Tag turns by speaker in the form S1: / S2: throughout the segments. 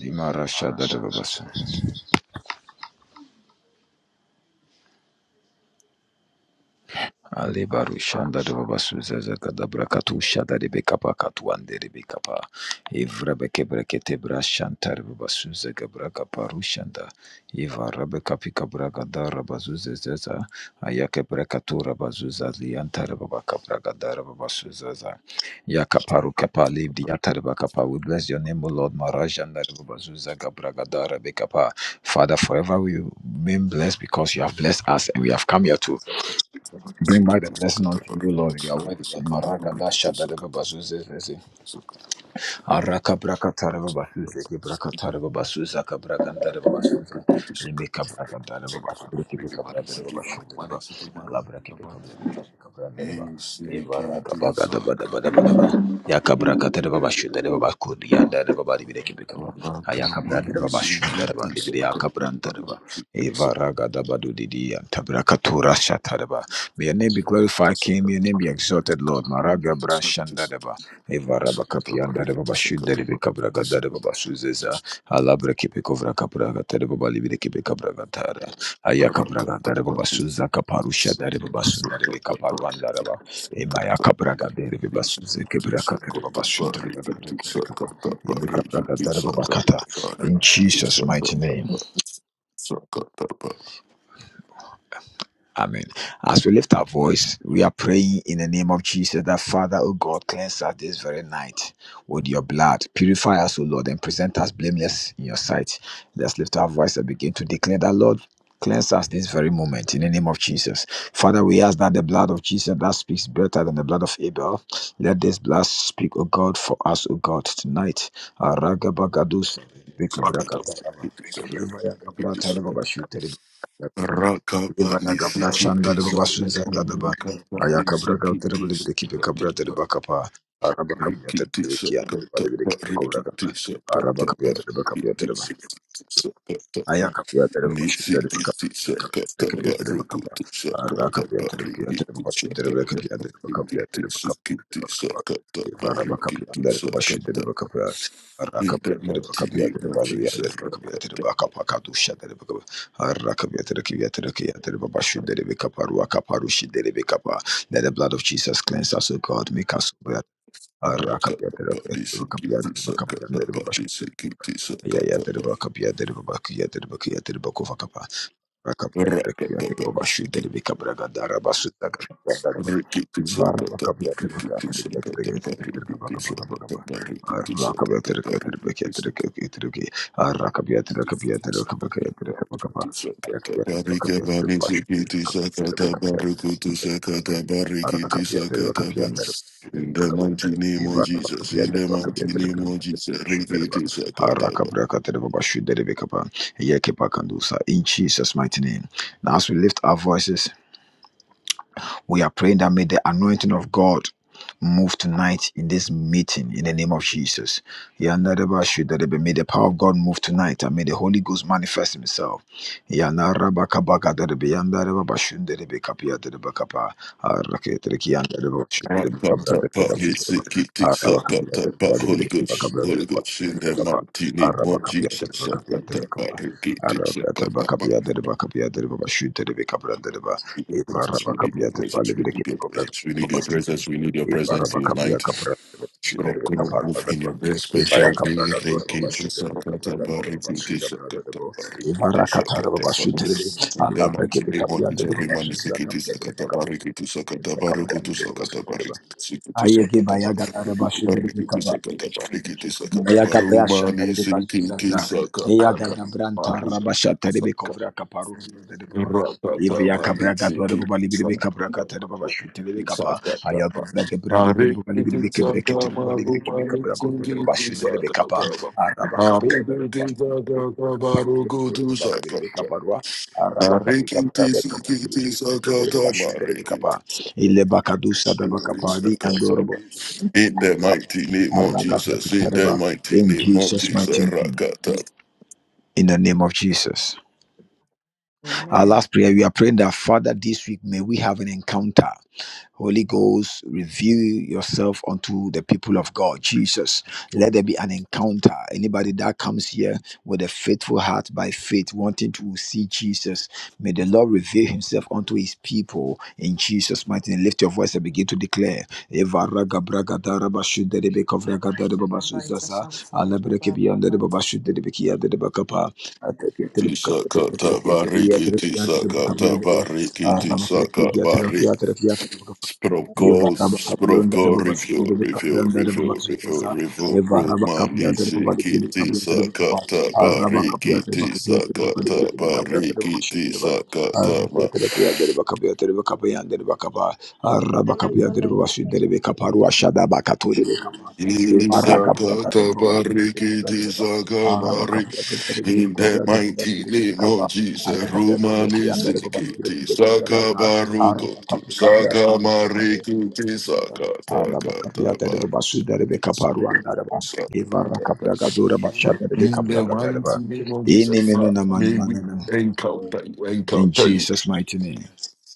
S1: Limarasha Dadabasa. Alibaru shanda de baba suzaza kadabra katu shada de bekapa katu ande de bekapa. Ivra beke brekete bra shanta de baba suzaza gabra kaparu shanda. Iva rabe kapi kabra gada raba zuzaza. Ayake brekatu raba zuzaza lianta de baba kabra gada raba Yakaparu kapa livdi yata de bakapa. We bless your name, O Lord Marajanda de baba suzaza gabra gada rebe kapa. Father, forever we remain blessed because you have blessed us and we have come here to
S2: Sakata
S1: Bring back the blessing unto you, Lord. You are worthy, Lord. Maraga dasha da shada de baba zuze zeze. Araka brakatara baba ke ki brakatara baba suza ka brakantara baba suza. Limi ka brakantara baba briki bi ka ba. Allah braki bi ka brakantara ka brakantara ba. Eyvara ka baka da ba da Ya ka brakatara baba şudur baba kurdu ya da da baba libire ki bi ka ba. Ha ya ka brakantara baba ba libire ya ka brakantara ba. Eyvara ga da didi ya tabrakatura şatara ba. May your name be glorified, King. May your name be exalted, Lord. Maraga brashanda Evara bakapian dare baba shud dare be kabra gadare baba suzeza alabra kipe kovra kabra gadare baba libire kipe kabra gadare aya kabra
S2: Rakapa
S1: gadare baba
S2: nisiki
S1: suza kaparusha dare baba sundare be kaparu andare baba emaya kabra gadare baba suze kebra kakare baba shud dare baba kipe kapa yebe kabra gadare baba kata in Jesus mighty name Amen. As we lift our voice, we are praying in the name of Jesus that Father, O God, cleanse us this very night with your blood. Purify us, O Lord, and present us blameless in your sight. Let's lift our voice and begin to declare that, Lord, cleanse us this very moment in the name of Jesus. Father, we ask that the blood of Jesus that speaks better than the blood of Abel, let this blood speak, O God, for us, O God, tonight. Aragabagadus, Bekabrakadaraba, Ibayagabrakadarabashuteri. Ivaraga Brashanda de
S2: tisa,
S1: Basuza Gadaba,
S2: rakapa
S1: Ayakabraga
S2: nisiki
S1: de Bibiki Cabra de
S2: tisa,
S1: Bacapa, Arabacapia de
S2: Rikiti
S1: Bikia de
S2: sakata
S1: Balibi
S2: pa, rikiti
S1: Cobragaba,
S2: sakata pa,
S1: Arabacapia de Bacapia
S2: rikiti sakata pa.
S1: Aya kapıya tere baba şiddetli baka
S2: Nisikiti
S1: kapıya
S2: sakata
S1: tere kapıya
S2: pa,
S1: tere baka ba
S2: rukutu
S1: ara
S2: sakata
S1: kapıya
S2: pa,
S1: tere kapıya tere
S2: rikiti
S1: baba şiddetli baka
S2: sakata
S1: kapıya
S2: pa,
S1: tere baka kapıya
S2: rikiti
S1: tere baka
S2: sikiti
S1: baka ba
S2: sakata pa,
S1: evara baka kapıya
S2: rikiti
S1: tere baba şiddetli
S2: sakata
S1: baka
S2: pa.
S1: kapıya ara
S2: In
S1: kapıya
S2: the
S1: tere baka
S2: mighty
S1: kapıya
S2: name
S1: tere
S2: of
S1: balı ya tere
S2: Jesus,
S1: baka kapıya tere
S2: rakata
S1: baka baka duşa tere baka ara kapıya tere kapıya tere kapıya tere baba şiddetli baka paru aka paru şiddetli baka ba let the blood of Jesus cleanse us O God make us whole. Ara kapıya
S2: rakata
S1: tere
S2: pa,
S1: kapıya tere baka kapıya
S2: disikiti
S1: tere baka kapıya
S2: sakata
S1: tere
S2: pa,
S1: baba
S2: disikiti
S1: yeah, yeah,
S2: sakata
S1: did
S2: pa,
S1: about cup, yeah, did about yeah, did about yeah, did about cover cup. Rakap ya direkt
S2: rakata
S1: ya direkt
S2: pa,
S1: baba şu
S2: nisikiti
S1: deli bir kabra gadda araba sütta gadda araba.
S2: Rikiti
S1: Var
S2: sakata
S1: bakap ya direkt ya
S2: parikiti
S1: direkt ya
S2: sakata
S1: direkt ya direkt direkt
S2: parikiti
S1: baka baka baka
S2: sakata
S1: baka.
S2: parikiti
S1: Rakap ya
S2: sakata
S1: direkt ya direkt ya
S2: parikiti
S1: direkt
S2: sakata
S1: ya direkt ya. Rakap ya direkt ya direkt baka ya direkt baka
S2: parikiti
S1: baka.
S2: sakata
S1: Rakap ya direkt baka
S2: parika
S1: ya direkt başı
S2: parikiti
S1: direkt
S2: sakata
S1: baka ya
S2: parikutu
S1: direkt.
S2: sakata parikiti
S1: Arakapiyatere
S2: sakata par.
S1: bakapiyanları
S2: In the mighty name of
S1: İmara
S2: Jesus, in the
S1: bakapiyatere
S2: mighty
S1: bakapiyatere
S2: name of Jesus,
S1: şunları
S2: rikiti
S1: bak.
S2: sakata
S1: Haraka brakatere baba şunları be kapa. Yeke pakandusa. In Jesus mighty name. Now as we lift our voices we are praying that may the anointing of God move tonight in this meeting in the name of Jesus. Yandareba shudarebe. May the power of God move tonight and may the Holy Ghost manifest himself. Yandaraba kabagadarebe. Yandareba bashundarebe kapiyadareba kapa. Araketereki yandareba
S2: Pop,
S1: bashudarebe
S2: pop, pop,
S1: kabradareba
S2: pop, hit, sick, kick, tick, suck, tap, tap, pop, Holy Ghost, Holy Ghost, in that mighty name of Jesus, suck, tap, tap, pop, hit, kick, tick, suck, tap, tap, we need your presence. We need your
S1: Ibarabakapia tepale
S2: presence. We
S1: vile
S2: need your
S1: kimegonga
S2: presence. We need your
S1: mabasi.
S2: presence. We need your presence
S1: Ibarabakapia
S2: tonight.
S1: kabra
S2: Strong
S1: shudere
S2: God,
S1: kaparwa
S2: move in your
S1: darwa.
S2: very special
S1: Ibaya
S2: way.
S1: kabra darwa baba
S2: Rinki
S1: shudere kabra
S2: tisakata
S1: darwa baba
S2: bariki
S1: shudere kabra
S2: tisakata
S1: darwa.
S2: bariki
S1: Ibara katara
S2: tisakata
S1: baba shudere.
S2: bariki. In the
S1: Allah breke
S2: mighty
S1: de
S2: name of
S1: kapia de
S2: Jesus,
S1: baba
S2: Rimani
S1: shudere
S2: siki
S1: kapia de baba
S2: tisakata
S1: kapia
S2: bariki
S1: de
S2: tisakata
S1: baba kapia
S2: baruku
S1: de baba
S2: tisakata
S1: shudere
S2: bariki
S1: baba.
S2: siki
S1: Aye ke
S2: tisakata
S1: baya
S2: ba-
S1: galara baba shudere
S2: bariki
S1: vile
S2: tisakata bariki tisakata
S1: Yagabaya Shandari
S2: barumani siki
S1: Bazuzaza,
S2: tisakata
S1: Yagada Branta,
S2: bariki
S1: Rabashata de Becovra Caparuki,
S2: in
S1: if
S2: the
S1: Yakabraga to the Bobali Bicabraca, the Babashu, the Capa, Ayago, like a bravo, the Bobali Bicabreca, the Bobali Bicabraco, the Babashu, the Rebbe Capa, Arabacapia, the Babashu, the Bobali Bicaparua, Arabacapica, the Babashu, the Rebbe Capa, Ilebacadusa, the Bacapari, and Dorobo.
S2: mighty name of Jesus, in the mighty
S1: In
S2: name of
S1: Jesus' mighty
S2: Jesus,
S1: name.
S2: Rakata
S1: In the name of Jesus. Our last prayer, we are praying that Father, this week may we have an encounter. Holy Ghost, reveal yourself unto the people of God. Jesus, let there be an encounter. Anybody that comes here with a faithful heart by faith, wanting to see Jesus, may the Lord reveal himself unto his people in Jesus' mighty name. Lift your voice and begin to declare. Eva raga braga da raba shude de beko vraga da de baba suzaza. Ala breke biyande de de baba shude de beki yande de de baka pa. Ate ke te de baka pa.
S2: Tisaka
S1: de de baba.
S2: tabariki,
S1: Yatırıp yatırıp
S2: tisaka
S1: bakabiliyorum.
S2: tabariki,
S1: Arama fiyatı
S2: tisaka
S1: yatırıp
S2: barik.
S1: yatırıp yatırıp bakıp.
S2: Sproko,
S1: Yevara bakabiliyorum da
S2: sproko,
S1: babası
S2: review,
S1: geri bir
S2: review,
S1: kapıyan da
S2: review,
S1: babası
S2: review,
S1: ceza.
S2: review,
S1: Yevara
S2: romani,
S1: bakabiliyorum da babası
S2: siki,
S1: geri bir kapıyan da
S2: tisaka
S1: babası. Arama
S2: tabariki,
S1: bakabiliyorum da bakabiliyorum da
S2: tisaka
S1: babası geri bir kapıyan da
S2: tabariki,
S1: babası geri bak. Arama
S2: tisaka
S1: yatırıp yatırıp bakabiliyorum da bakabiliyorum da bakaba. Arama
S3: The
S1: bakabiliyorum da
S3: like
S1: babası geri bir kapar. Aşağıda bakatıyor. In
S2: Isakatabarikitisakamari. In the mighty name of Jesus, Rumani Sikiti
S3: the
S2: Saka
S3: chapter
S2: Baruko to Saka Marikiti Saka Takatabari.
S3: that the
S2: In the mighty name of Jesus, Father, may we encounter you, encounter you.
S1: Jesus' mighty name.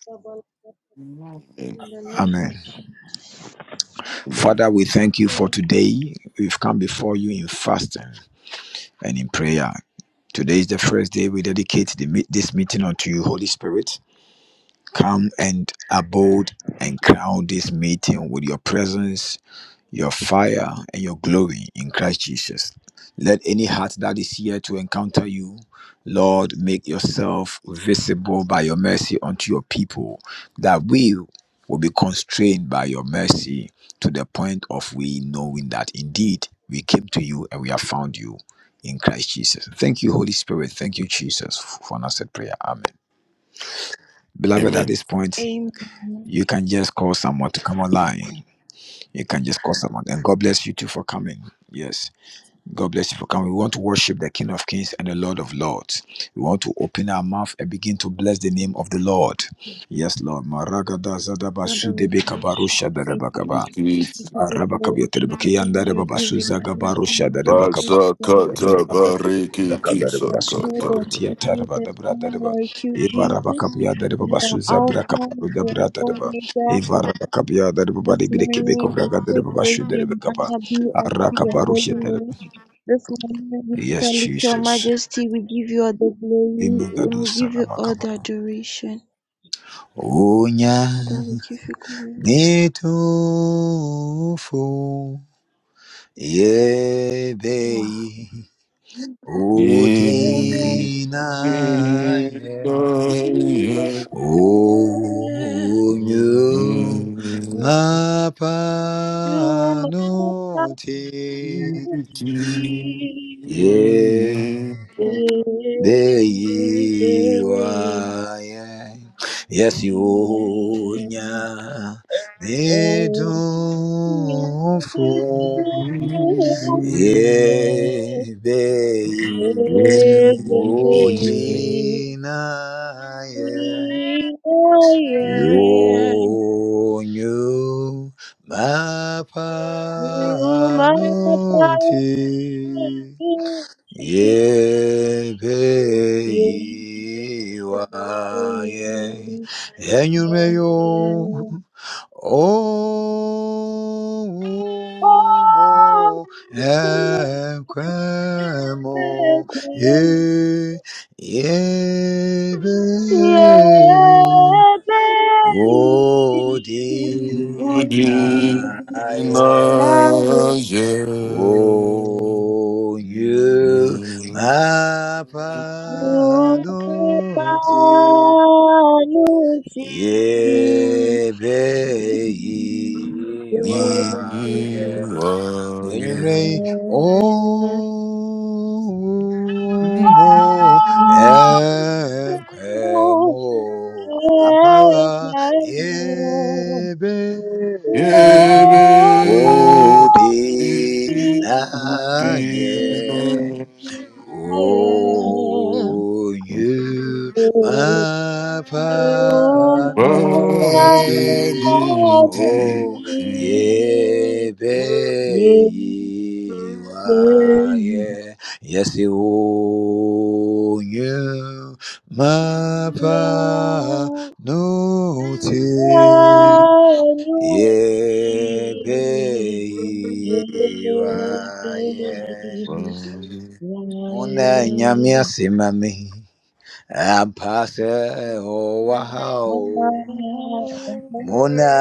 S3: double
S2: Amen.
S3: In the name
S1: Amen.
S3: of
S2: Amen.
S1: Father, we thank you for
S3: Amen.
S1: today. We've come before you in fasting. and in prayer. Today is the first day we dedicate the, this meeting unto you, Holy Spirit. Come and abode and crown this meeting with your presence your fire and your glory in Christ Jesus. Let any heart that is here to encounter you, Lord, make yourself visible by your mercy unto your people, that we will be constrained by your mercy to the point of we knowing that indeed we came to you and we have found you in Christ Jesus. Thank you, Holy Spirit. Thank you, Jesus, for an answered prayer. Amen. Beloved, at this point,
S3: Amen.
S1: you can just call someone to come online. You can just call someone. And God bless you too for coming. Yes. God bless you for coming. We want to worship the King of Kings and the Lord of Lords. We want to open our mouth and begin to bless the name of the Lord. Yes, Lord. Maragada zadaba
S3: Father, we
S1: sudebe
S3: bless your
S1: kabarusha
S3: name.
S1: dadabakaba.
S2: Amen.
S3: We give you glory,
S1: Arabakabia terebeke
S3: Jesus.
S1: yanda debaba
S3: We give you
S1: suzaga
S3: glory,
S1: barusha
S3: Jesus. Thanks
S1: dadabakapa.
S2: Raksa
S3: for the
S1: Yes,
S2: kata bariki
S3: gift
S2: tisa
S3: of
S2: kata.
S3: children to you. There's none like you, Jesus. You are Alpha, you are Omega, this morning we say glory and honor be unto your holy name. This morning we salute your
S1: Jesus.
S3: majesty. We give you all the glory and
S1: Imagadu
S3: we give you all the
S1: salamakaba.
S3: adoration.
S1: Onya
S3: Father, we give you
S1: netofo
S3: glory. Wow.
S1: yebei
S2: Mm,
S3: Everything
S1: odina Onyu
S3: that
S1: mapanoti
S3: you must
S1: ye
S3: be,
S1: dei
S3: baby.
S1: wa ye yesi onya
S3: oh.
S1: ye bei odina Ye Onyo mapanoti yebeiwa ye enyumeyo omo ekwemo e
S3: oh, Yeah.
S1: yebeiwa Odinaye.
S2: mm,
S1: O you mapanoti
S2: mm,
S1: yebe iwaye
S2: You are
S1: enyumerɛ yi
S2: good.
S1: omumu ɛnkwɛmu ampara yebe
S2: Yeah, baby,
S1: ode
S2: you
S1: na
S2: are
S1: yɛ
S2: good.
S1: Oh, you, my panoti,
S2: Vanity,
S1: oh,
S2: you
S1: ye, be, ye, yes, you, oh, you, my
S3: Yeah.
S1: panoti, ye, be, ye,
S2: are
S1: Una nyame ase ma me. Ampa sɛ ɔwɔ ha o. wahao. Mona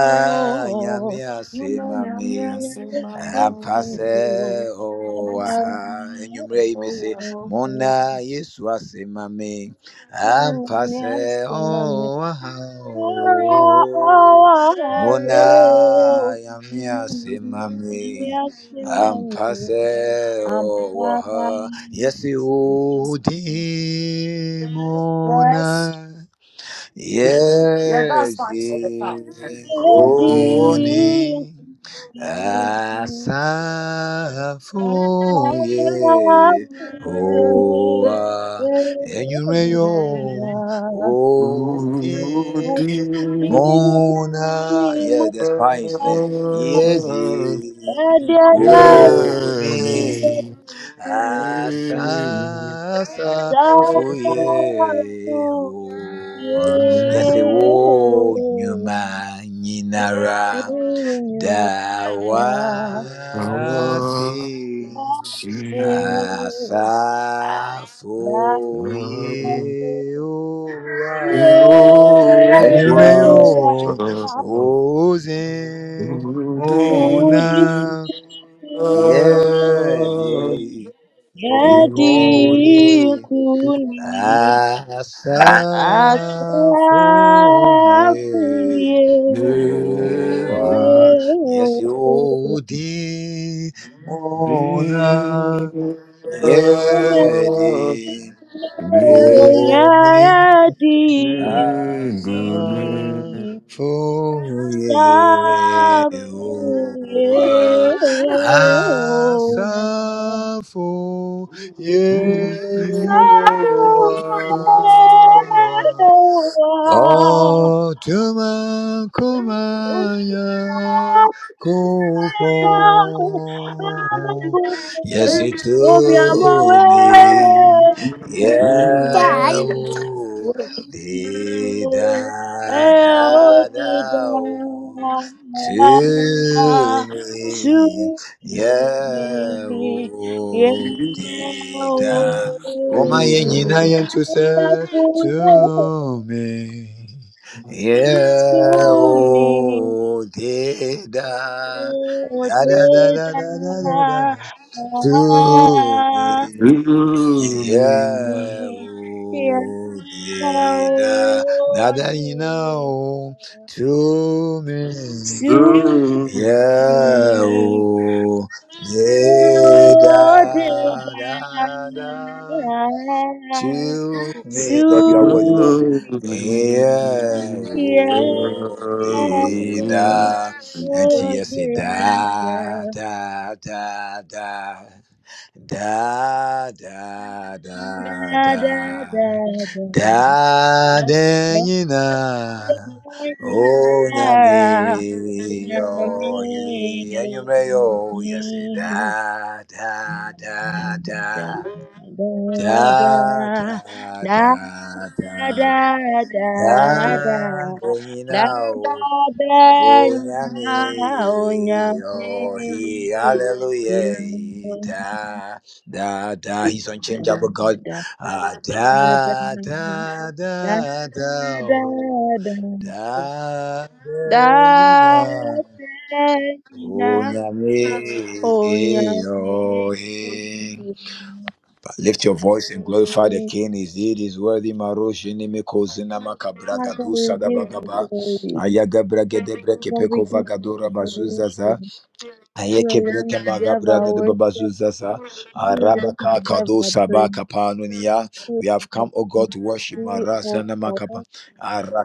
S1: nyamia simami
S3: When I look deep and
S1: ampase
S3: blue, I
S1: o
S3: borrow
S1: aha
S3: me.
S1: enyumre imese Mona Yesu asimami
S3: Mommy,
S1: ampase
S3: I say,
S1: o
S3: mommy,
S1: aha
S3: oh, oh,
S1: o. Mona
S3: oh,
S1: nyamia simami
S3: Mommy, I say, mommy,
S1: ampase o
S3: I'm proud.
S1: aha Yesi udi Mona Yes,
S2: good.
S3: Ready.
S1: Oni
S3: I
S1: Asafo ye Oa Enyumeyo
S3: saw you.
S1: Oni
S2: Oh,
S3: Yeah.
S1: Mona. Yeah, that's Pine's name. Yes,
S2: dear.
S1: Oni
S2: Journey.
S1: Asasa Fuyehoa Yasewo nyuma nyinara
S2: Our
S1: dawasi
S2: sin
S1: asafoyehoa
S2: is over.
S1: enyume yo oze mona
S2: Today,
S1: yedi yedi koni
S3: Yadikuni asafu
S1: Asafo oh oa yesi
S3: yadikuni
S1: odi ona
S2: Yehovah.
S1: yedi
S2: Take it,
S1: Asafo
S3: oh. To
S1: Yehoah. Otuma kumanya kupo. Yes, it to me. Yeah. oh, Di da da da o to me, yeah
S3: me, yeah,
S1: o di da. Oma ye
S3: oh,
S1: nyina ye to
S3: to
S1: say to me, yeah
S3: me.
S1: o di da
S3: Oh,
S1: da da da da
S3: Deda,
S1: da da da da
S3: ah,
S1: to me. Yeah,
S3: me, yeah,
S1: oh, da,
S3: oh,
S1: nada you
S3: Deda,
S1: know to me.
S3: to
S1: Yeah,
S3: me,
S1: oh, da
S3: oh, Deda,
S1: da da, to me. Lord, you are worthy, Lord.
S3: to me. Yeah,
S1: Yehuda, and
S3: oh,
S1: yes,
S3: yeah,
S1: da da da da. Da da da
S3: da, da,
S1: da
S3: da, da, da, da, da,
S1: da de
S3: me,
S1: nyina
S3: oh, me.
S1: o nyame
S3: Da, da,
S1: yo he enyume yo yes da da da da da da
S3: da,
S1: da
S3: da,
S1: da
S3: da, da,
S1: da
S3: da.
S1: de
S3: Da,
S1: nyina
S3: da, nya, oh, nya,
S1: Onyame, oh, he,
S3: me,
S1: hallelujah, he,
S3: you.
S1: da, da, da. He's
S3: da da da da da da
S1: unchangeable God. Ah, da, da, da, da,
S3: da
S1: oh,
S3: da
S1: da, da,
S3: da
S1: da. Onyame,
S3: da oh
S1: oh,
S3: Yahweh.
S1: he. Lift your voice and glorify the King. Is it is worthy? Maroshi nimiko zinama kabraga
S3: Father,
S1: du
S3: we give you
S1: sadabagaba.
S3: glory.
S1: Ayaga brage debre
S3: Father, we
S1: kepeko
S3: give you
S1: vagadora bazuzaza.
S3: adoration. You
S1: Ayeke
S3: alone
S1: breke
S3: deserve our
S1: de
S3: worship.
S1: babazuzaza.
S3: You alone
S1: Arabaka
S3: deserve
S1: kado
S3: our praise.
S1: sabaka panunia.
S3: You
S1: We have
S3: are
S1: come, O
S3: the
S1: God, to worship
S3: King, O
S1: Marazana
S3: God,
S1: makapa.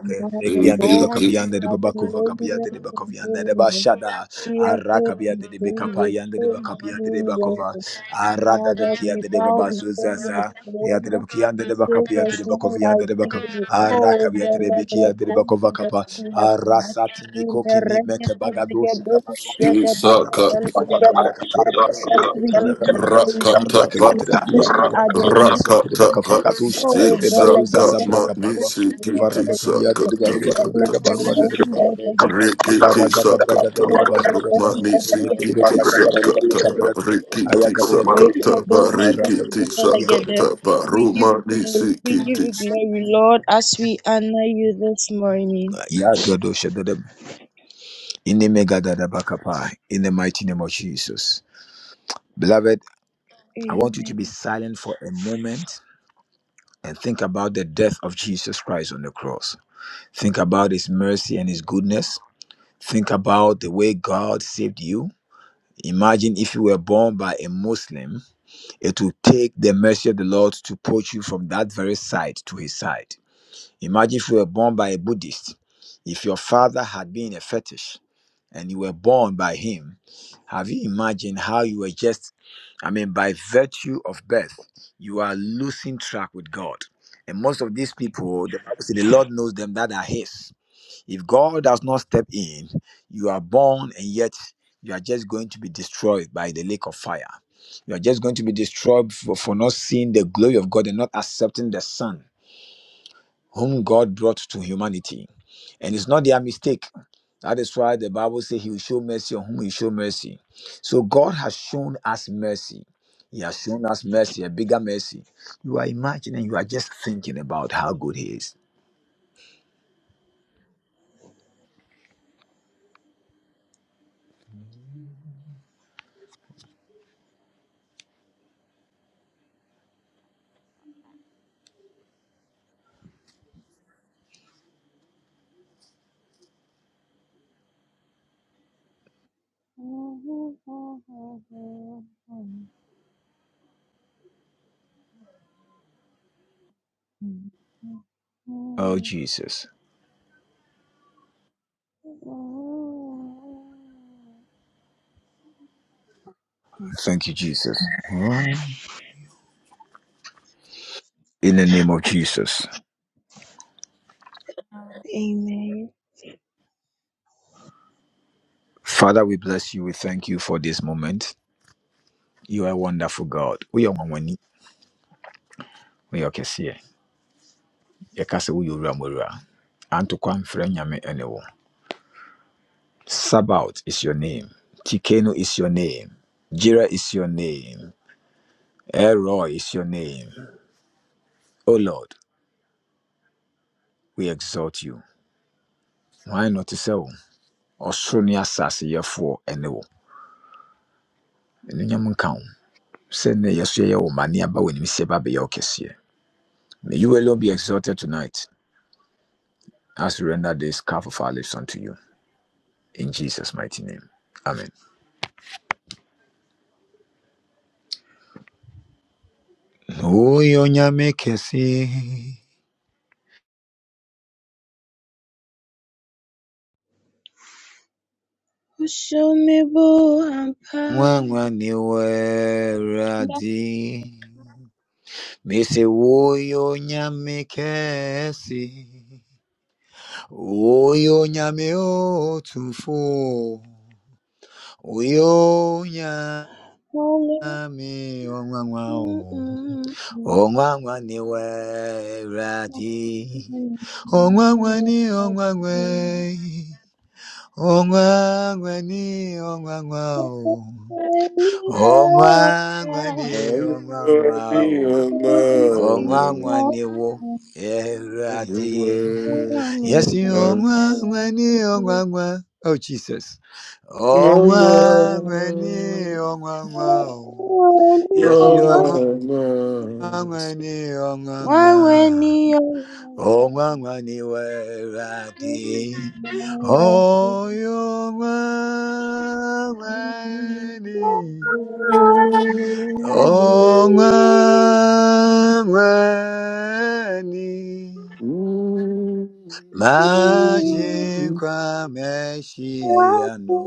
S3: you are
S1: breki
S3: the
S1: ande de
S3: God
S2: take
S1: bakapi de
S3: of
S1: babaku vakapi
S3: glorious
S1: de
S3: and
S1: bakapi de
S3: holiness.
S1: bashada.
S3: fearful
S1: Arakabia
S3: and
S1: de de Bekapa,
S3: praises
S1: Yanda de
S3: earth
S1: Bakapia de
S3: doing
S1: Bakova,
S3: wonders.
S1: Arada de
S3: Father,
S1: Kia
S3: we
S1: de
S3: bow
S1: Babasu
S3: before your
S1: Zaza, Yada de
S3: throne.
S1: Kianda
S3: We
S1: de
S3: say
S1: Bakapia
S3: there's
S1: de
S3: none
S1: Bakovia
S3: like you. Oh,
S1: Arakabia de
S3: Velebra
S1: Bekia de Bakova Kapa,
S3: Kondasiata.
S1: Arasat
S3: In the
S1: Nikoki
S3: regret
S1: Meke
S3: of the
S1: Bagados and the
S3: Gadosha,
S1: Bagota,
S2: it,
S3: the
S2: suck
S1: Arabaki
S2: up,
S1: Pekova
S3: Gadosha,
S1: Capra Capura Babasu de
S3: we give
S1: Capra
S3: you
S1: Capra,
S2: rock
S3: glory, Jesus.
S1: Arakabia
S2: up,
S1: de
S3: We give
S1: Bakia
S3: you
S1: de Bakov, de
S4: Referenda
S2: Rakata
S3: adoration.
S2: Rakataka,
S1: Bakafakatusha,
S3: Oh, Velebra
S1: Zaza
S2: Sitsaka,
S1: Braga
S2: Mani,
S1: Parua, Ivara
S2: Sikiti,
S1: Bakabia de
S3: Kondasiata.
S2: Sakata,
S1: Bazua, Brega
S2: Kata,
S1: Barua de Babasu.
S2: Rikiti,
S1: Ivaragada bragada
S2: Sakata,
S1: rababazuzata,
S2: Mani,
S1: imeke
S2: Sikiti,
S1: bregede brugadi
S2: Sakata,
S1: kabrada,
S2: Rikiti,
S1: ayaga bragada
S3: Great
S1: bekabe,
S2: Sakata,
S3: Kadosh,
S1: araka
S2: Rikiti,
S1: bekia kereba.
S3: Shadidabalagada.
S2: Sakata,
S3: We give you
S2: Rumani,
S3: glory, we give you
S2: Sikiti.
S3: glory, Lord, as we honor you this morning.
S1: Ya godo shadada, inimegada rabakapa, in the mighty name of Jesus. Beloved, I want you to be
S3: Amen.
S1: silent for a moment and think about the death of Jesus Christ on the cross. Think about his mercy and his goodness. Think about the way God saved you. Imagine if you were born by a Muslim it will take the mercy of the Lord to poach you from that very side to his side. Imagine if you were born by a Buddhist, if your father had been a fetish and you were born by him, have you imagined how you were just, I mean, by virtue of birth, you are losing track with God. And most of these people, the Bible says the Lord knows them that are his. If God does not step in, you are born and yet you are just going to be destroyed by the lake of fire. You are just going to be destroyed for, for not seeing the glory of God and not accepting the Son whom God brought to humanity. And it's not their mistake. That is why the Bible says he will show mercy on whom he show mercy. So God has shown us mercy. He has shown us mercy, a bigger mercy. You are imagining, you are just thinking about how good he is. Oh, Jesus. Thank you, Jesus. Hmm? In the name of Jesus.
S3: Amen.
S1: Father, we bless you. We thank you for this moment. You are a wonderful God. We are one when we are Kessie. Yakasa, we are Ramura. Antoquan Frenyame Enewo. Sabaoth is your name. Tikeno is your name. Jira is your name. Elroy is your name. O Lord, we exalt you. Why not to sell? Osroni asase yɛfoɔ ɛne wo. Ɛnunyam nka wo. Sɛ nnɛ yɛso yɛyɛ wo ma ne May you alone be exalted tonight. I surrender this cup of our lips unto you. In Jesus' mighty name. Amen. Uyo nyame kesi,
S3: Show me bo ampa.
S1: nwanwa ni
S3: Na
S1: weradi. Mese
S3: kole.
S1: onwanwa
S3: Mm, mm,
S1: ni weradi.
S3: mm.
S1: Ongwangwani, ongwangwao.
S3: Thank
S1: Ongwangwani, ongwangwao. Ongwangwani wo eradi. Yes, you ongwangwani, ongwangwa. Oh, Jesus. Ongwangwani, ongwangwao.
S2: Mama,
S1: Yes, you
S2: Mama, Mama.
S1: ongwangwani, ongwangwa. Onwanwaniwerati. Oyonwanwani. Onwanwani. Majinkwa Meshiano.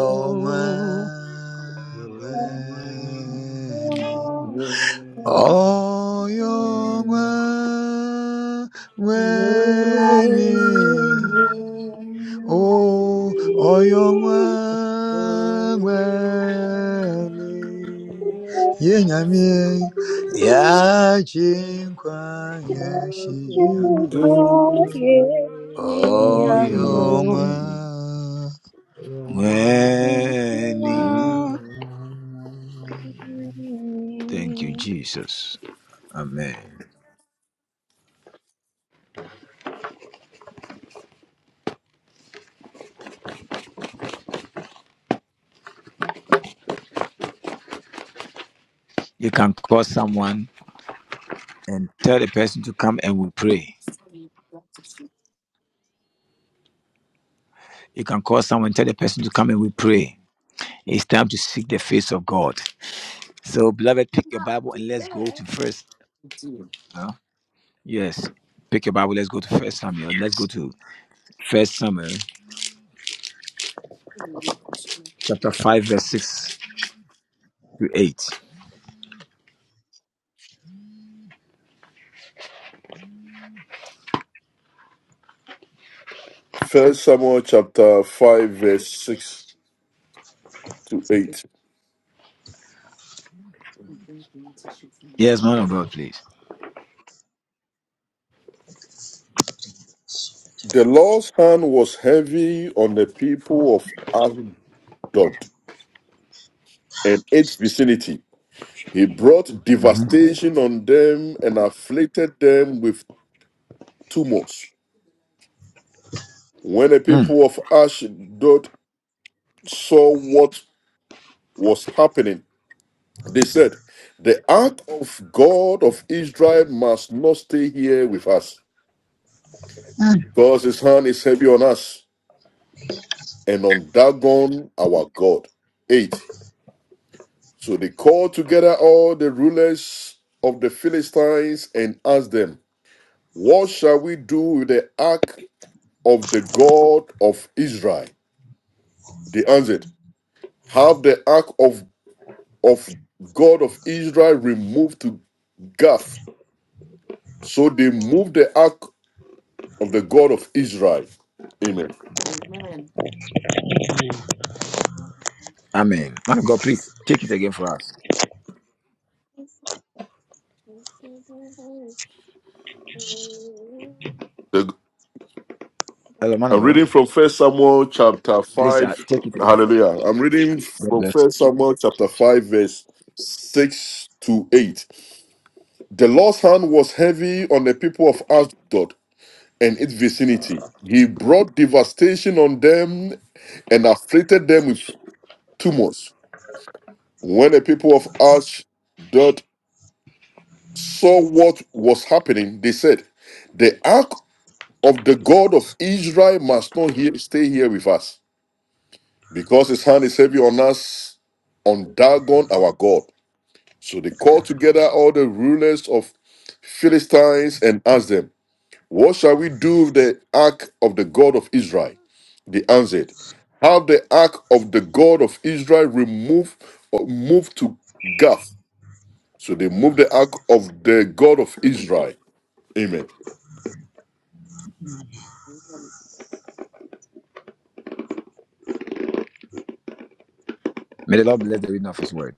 S3: you. Double
S5: Shiva,
S1: 어영왕weni 오 어영왕weni 예냐미 야진과예시야노 어영왕weni Thank you, Jesus. Amen. You can call someone and tell the person to come and we pray. You can call someone, tell the person to come and we pray. It's time to seek the face of God. So, beloved, pick your Bible and let's go to First. huh? Yes, pick your Bible. Let's go to First Samuel. Let's go to First Samuel, chapter five, verse six to eight.
S2: First Samuel chapter 5, verse 6 to 8.
S1: Yes, man of God, please.
S2: The Lord's hand was heavy on the people of Ashdod and its vicinity. He brought
S1: Mhm.
S2: devastation on them and afflicted them with tumors. When the
S1: Mm,
S2: people of Ashdod saw what was happening, they said, The ark of God of Israel must not stay here with us,
S6: Mm.
S2: because his hand is heavy on us and on Dagon our God. 8. So they called together all the rulers of the Philistines and asked them, What shall we do with the ark of the God of Israel? They answered, Have the ark of, of God of Israel removed to Gath. So they moved the ark of the God of Israel. Amen.
S1: Amen. Man of God, please take it again for us.
S2: The-
S1: Hello, man of
S2: I'm
S1: God.
S2: reading from First Samuel chapter
S1: Please uh,
S2: 5.
S1: take it again. For us.
S2: Hallelujah. I'm reading
S1: God
S2: from
S1: bless.
S2: First Samuel chapter 5, verse 6 to 8. The Lord's hand was heavy on the people of Ashdod and its vicinity. He brought devastation on them and afflicted them with tumors. When the people of Ashdod saw what was happening, they said, The ark of the God of Israel must not here, stay here with us, because his hand is heavy on us, on Dagon our God. So they called together all the rulers of Philistines and asked them, What shall we do with the ark of the God of Israel? They answered, Have the ark of the God of Israel removed or moved to Gath. So they moved the ark of the God of Israel. Amen.
S1: May the Lord bless the reading of His word.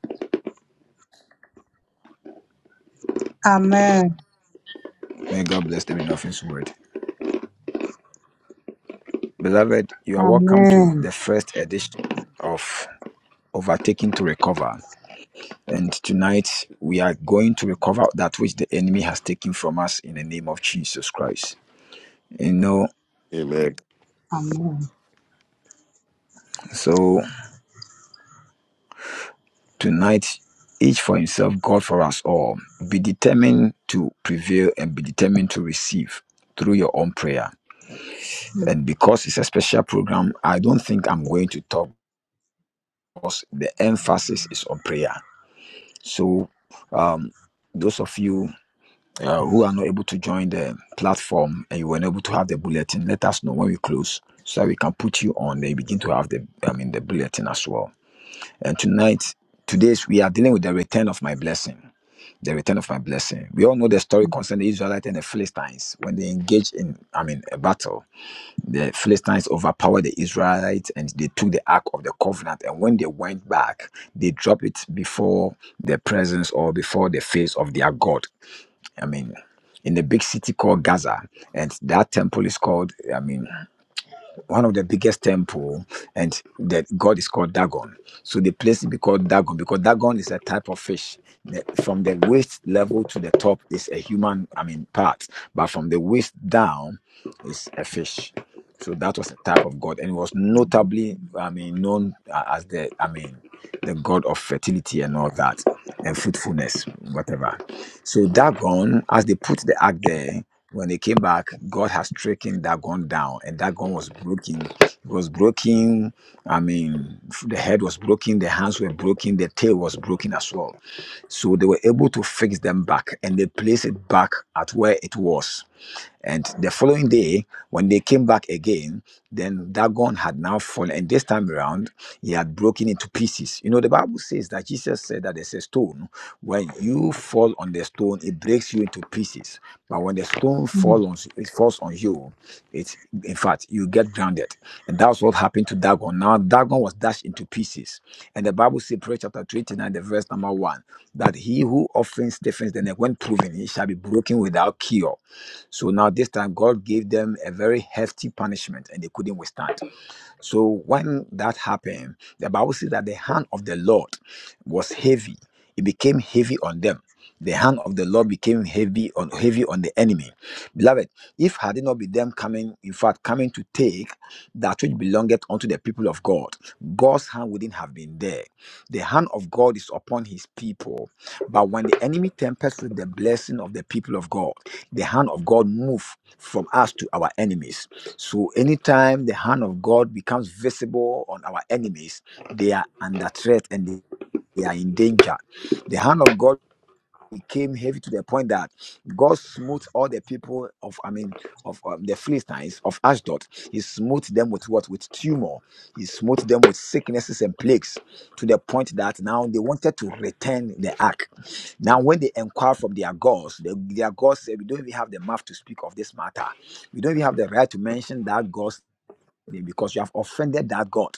S6: Amen.
S1: May God bless the reading of His word. Beloved, you are welcome to
S6: Amen.
S1: the first edition of Overtaking to Recover. And tonight we are going to recover that which the enemy has taken from us in the name of Jesus Christ. You know,
S2: Amen.
S6: Amen.
S1: so tonight, each for himself, God for us all. Be determined to prevail and be determined to receive through your own prayer.
S6: Mm.
S1: And because it's a special program, I don't think I'm going to talk because the emphasis is on prayer. So, um, those of you uh, who are not able to join the platform and you were not able to have the bulletin, let us know when we close so that we can put you on. They begin to have the, I mean, the bulletin as well. And tonight, today's we are dealing with the return of my blessing. The return of my blessing. We all know the story
S6: mm,
S1: concerning the Israelites and the Philistines when they engaged in, I mean, a battle. The Philistines overpowered the Israelites and they took the Ark of the Covenant. And when they went back, they dropped it before the presence or before the face of their God. I mean, in a big city called Gaza, and that temple is called, I mean, one of the biggest temple and that god is called dagon so the place is called dagon because dagon is a type of fish The- from the waist level to the top is a human i mean part but from the waist down is a fish so that was the type of god and it was
S6: mm,
S1: notably i mean known a- as the i mean the god of fertility and all that and fruitfulness whatever so dagon as they put the ark there when they came back, God has stricken that gun down, and that gun was broken. It was broken. I mean, the head was broken, the hands were broken, the tail was broken as well. So they were able to fix them back, and they placed it back at where it was. And the following day, when they came back again, then Dagon had now fallen. And this time around, he had broken into pieces. You know, the Bible says that Jesus said that there's a stone. When you fall on the stone, it breaks you into pieces. But when the stone
S6: mm.
S1: falls on, it falls on you, it's in fact you get grounded. And that's what happened to Dagon. Now Dagon was dashed into pieces. And the Bible says, Prayer chapter 29, the verse number one, that he who often stiffens the neck when proven, he shall be broken without cure. So now this time God gave them a very hefty punishment and they couldn't withstand. So when that happened, the Bible says that the hand of the Lord was heavy. It became heavy on them. The hand of the Lord became heavy on heavy on the enemy. Beloved, if had it not been them coming, in fact, coming to take that which belongeth unto the people of God, God's hand wouldn't have been there. The hand of God is upon his people. But when the enemy tempers with the blessing of the people of God, the hand of God moved from us to our enemies. So anytime the hand of God becomes visible on our enemies, they are under threat and they they are in danger. The hand of God it came heavy to the point that God smote all the people of, I mean, of um, the Philistines of Ashdod. He smote them with what? With tumor. He smote them with sicknesses and plagues to the point that now they wanted to return the ark. Now, when they inquired from their gods, the, their gods said, We don't even have the mouth to speak of this matter. We don't even have the right to mention that God because you have offended that God.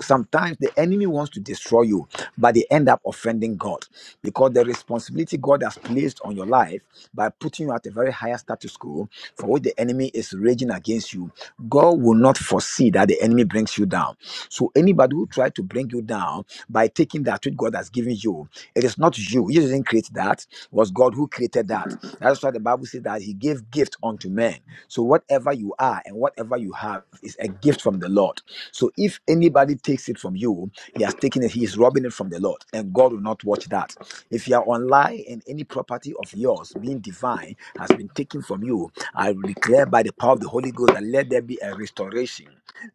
S1: Sometimes the enemy wants to destroy you, but they end up offending God because the responsibility God has placed on your life by putting you at a very higher status quo for which the enemy is raging against you. God will not foresee that the enemy brings you down. So anybody who tried to bring you down by taking that which God has given you, it is not you. You didn't create that. It was God who created that. That's why the Bible says that He gave gift unto men. So, whatever you are and whatever you have is a gift from the Lord. So, if anybody takes it from you, he has taken it, he is robbing it from the Lord, and God will not watch that. If you are online and any property of yours being divine has been taken from you, I declare by the power of the Holy Ghost that let there be a restoration.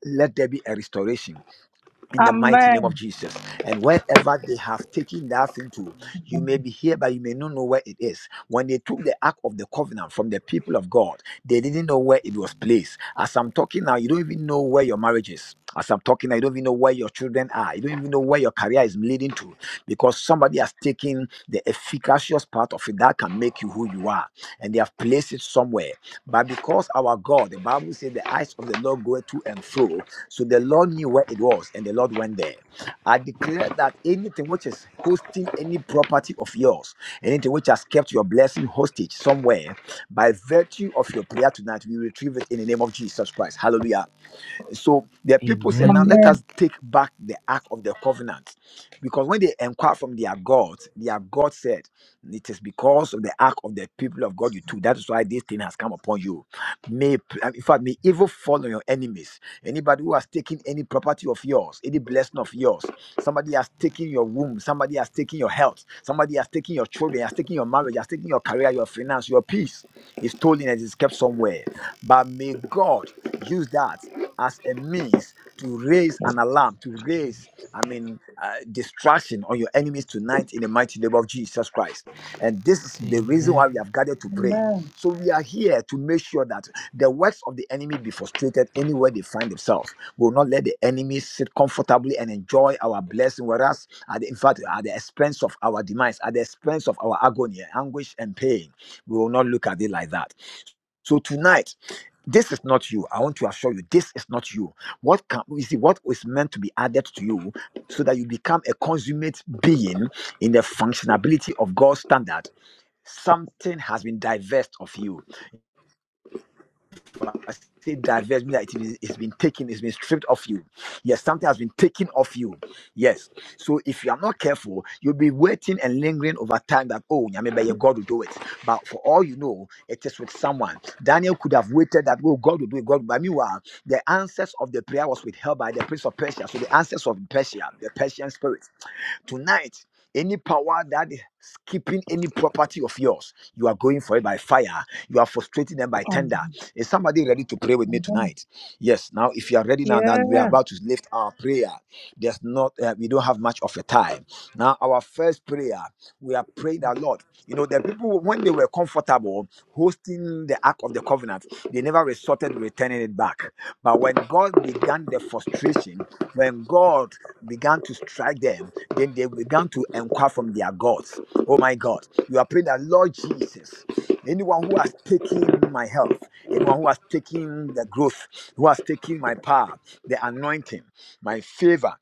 S1: Let there be a restoration in the mighty
S6: Amen.
S1: name of Jesus. And wherever they have taken that thing to, you may be here, but you may not know where it is. When they took the Ark of the Covenant from the people of God, they didn't know where it was placed. As I'm talking now, you don't even know where your marriage is. As I'm talking now, you don't even know where your children are. You don't even know where your career is leading to because somebody has taken the efficacious part of it that can make you who you are and they have placed it somewhere. But because our God, the Bible says, the eyes of the Lord go to and fro so the Lord knew where it was, and the Lord went there. I declare that anything which is hosting any property of yours, anything which has kept your blessing hostage somewhere, by virtue of your prayer tonight, we retrieve it in the name of Jesus Christ. Hallelujah. So the people said, Now let
S6: Amen.
S1: us take back the ark of the covenant. Because when they inquired from their God, their God said, It is because of the ark of the people of God you took. That is why this thing has come upon you. May um, in fact may evil fall on your enemies. Anybody who has taken any property of yours, any blessing of yours. Somebody has taken your womb. Somebody has taken your health. Somebody has taken your children, has taken your marriage, has taken your career, your finance, your peace. It's stolen and it's kept somewhere. But may God use that as a means to raise an alarm, to raise, I mean, uh, distraction on your enemies tonight in the mighty mighty name of Jesus Christ. And this is the reason why we have gathered to pray.
S6: Amen.
S1: So we are here to make sure that the works of the enemy be frustrated anywhere they find themselves. We will not let the enemy sit comfortably and enjoy our blessing, whereas at the, in fact at the expense of our demise, at the expense of our agony, anguish, and pain. We will not look at it like that. So tonight, this is not you. I want to assure you, this is not you. What can you see? What is meant to be added to you, so that you become a consummate being in the functionability of God's standard? Something has been divested of you I say diverse means that it is, it's been taken, it's been stripped of you. Yes, something has been taken off you. Yes. So if you are not careful, you'll be waiting and lingering over time that, oh, Nyame, your God will do it. But for all you know, it is with someone. Daniel could have waited that, oh, God will do it. God, but meanwhile, the answers of the prayer was withheld by the prince of Persia. So the answers of Persia, the Persian spirit. Tonight, any power that is keeping any property of yours, you are going for it by fire. You are frustrating them by tender.
S6: Amen.
S1: Is somebody ready to pray with me
S6: Amen.
S1: tonight? Yes. Now, if you are ready now, then we are
S6: Yeah.
S1: about to lift our prayer. There's not, uh, we don't have much of a time. Now, our first prayer, we are praying a lot. You know, the people when they were comfortable hosting the Ark of the Covenant, they never resorted to returning it back. But when God began the frustration, when God began to strike them, then they began to inquire from their gods. Oh my God, you are praying that Lord Jesus, anyone who has taken my health, anyone who has taken the growth, who has taken my power, the anointing, my favor,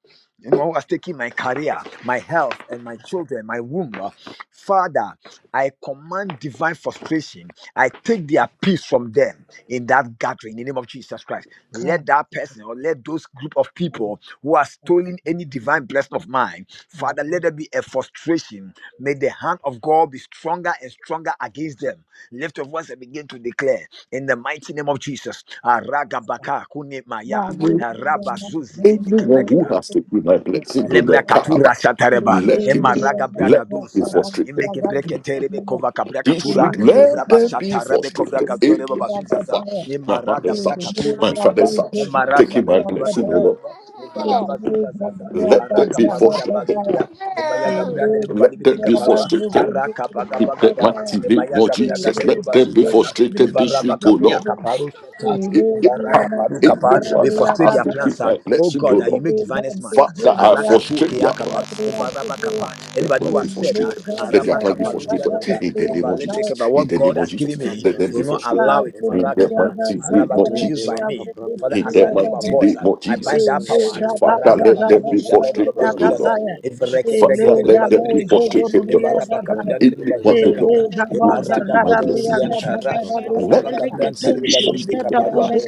S1: anyone who has taken my career, my health, and my children, my womb, uh, Father. I command divine frustration. I take their peace from them in that gathering in the name of Jesus Christ.
S6: God.
S1: Let that person or let those group of people who are stealing any divine blessing of mine, Father, let there be a frustration. May the hand of God be stronger and stronger against them. Lift your voice and begin to declare in the mighty name of Jesus. Aragabaka kune maya,
S2: With
S1: arabazuzi di
S2: Anyone who
S1: bekebekepa.
S2: has taken my blessing, the
S1: Lebra
S2: Lord,
S1: katura
S2: Kaaba,
S1: shatareba.
S2: let him be.
S1: emaraga raga braga
S2: Let them
S1: do
S2: be
S1: sata.
S2: frustrated.
S1: Imeke breke terebe kova kabra
S2: This week,
S1: katura.
S2: let
S1: Evraba
S2: them be
S1: shatarebe kovra
S2: frustrated. Amen.
S1: gadore baba zuzaza.
S2: Wow. My
S1: emarada rada
S2: mother's house,
S1: braka
S2: my
S1: turebe
S2: father's
S1: kapa.
S2: house,
S1: Emma rasha
S2: taking
S1: da
S2: my
S1: de brada
S2: blessing, O
S6: Amen.
S1: brada
S2: Lord.
S1: reba.
S6: Thank
S1: Evaraba zuzaza.
S2: Let them
S1: Araka
S2: be
S1: paruda
S2: frustrated.
S1: baluria. Eva yaga brada reba
S2: Let
S1: balibi
S2: them
S1: beka
S2: be frustrated.
S1: Araka paga
S2: In
S1: paga
S2: the
S1: pa.
S2: mighty
S1: Emma
S2: name of
S1: yaga
S2: Jesus,
S1: de
S2: let
S1: reba
S2: them be
S1: zuzaza.
S2: frustrated this
S1: Evaraba
S2: week, O
S1: kapia
S2: Lord.
S1: kaparu shata.
S2: In the power, in the
S1: We
S2: God that
S1: frustrate
S2: has
S1: their
S2: taken
S1: plans, ah.
S2: my
S1: oh
S2: blessing, O
S1: God, that you
S2: Lord,
S1: make divinest man. ah.
S2: Father, I
S1: Arakapu
S2: frustrate their
S1: keakapa,
S2: plans.
S1: Evarabakapa.
S2: Their
S1: Anybody who
S2: plans be
S1: has said
S2: frustrated.
S1: that,
S2: Let their plans be
S1: Arabakapa,
S2: frustrated.
S1: Ludiadabra,
S2: In the name of
S6: you.
S2: Jesus.
S1: Evalebrekeba,
S2: In
S1: what
S2: the name
S1: God
S2: of
S1: has
S2: Jesus.
S1: given me,
S2: Let them be
S1: do not
S2: frustrated.
S1: allow
S6: Thank
S1: it
S2: In the
S1: Marakapa,
S2: mighty name
S1: Arabak,
S2: of
S1: to be used
S2: Jesus.
S1: by me. Father,
S2: In
S1: as
S2: the
S1: I lift my
S2: mighty
S1: voice,
S2: name
S1: I,
S2: of
S1: I bind
S2: Jesus.
S1: that power.
S2: Father,
S4: vazia, no
S2: let
S1: Aragapa,
S2: them
S1: Kabu,
S2: be
S1: Shadari,
S2: frustrated, O Lord.
S1: Babazuzaza,
S4: vazia, tá?
S1: Evereke, Breke,
S2: Father,
S1: Dori,
S2: let
S1: Babalu,
S2: the
S1: Biri,
S2: people
S1: Bikapa,
S2: straight take your love.
S1: Evarabakapia, Dori,
S4: Referenda
S2: Even one of
S4: vazia,
S1: Babazuzaga,
S4: no
S1: kapra
S2: who has
S1: emarata
S4: vazia,
S2: taken my
S1: pakiti
S2: blessing this week,
S1: diantara
S2: let
S1: araba
S2: the
S1: kapra
S2: person
S1: antari
S2: be
S1: bali bili
S2: frustrated.
S1: kaparwa
S3: like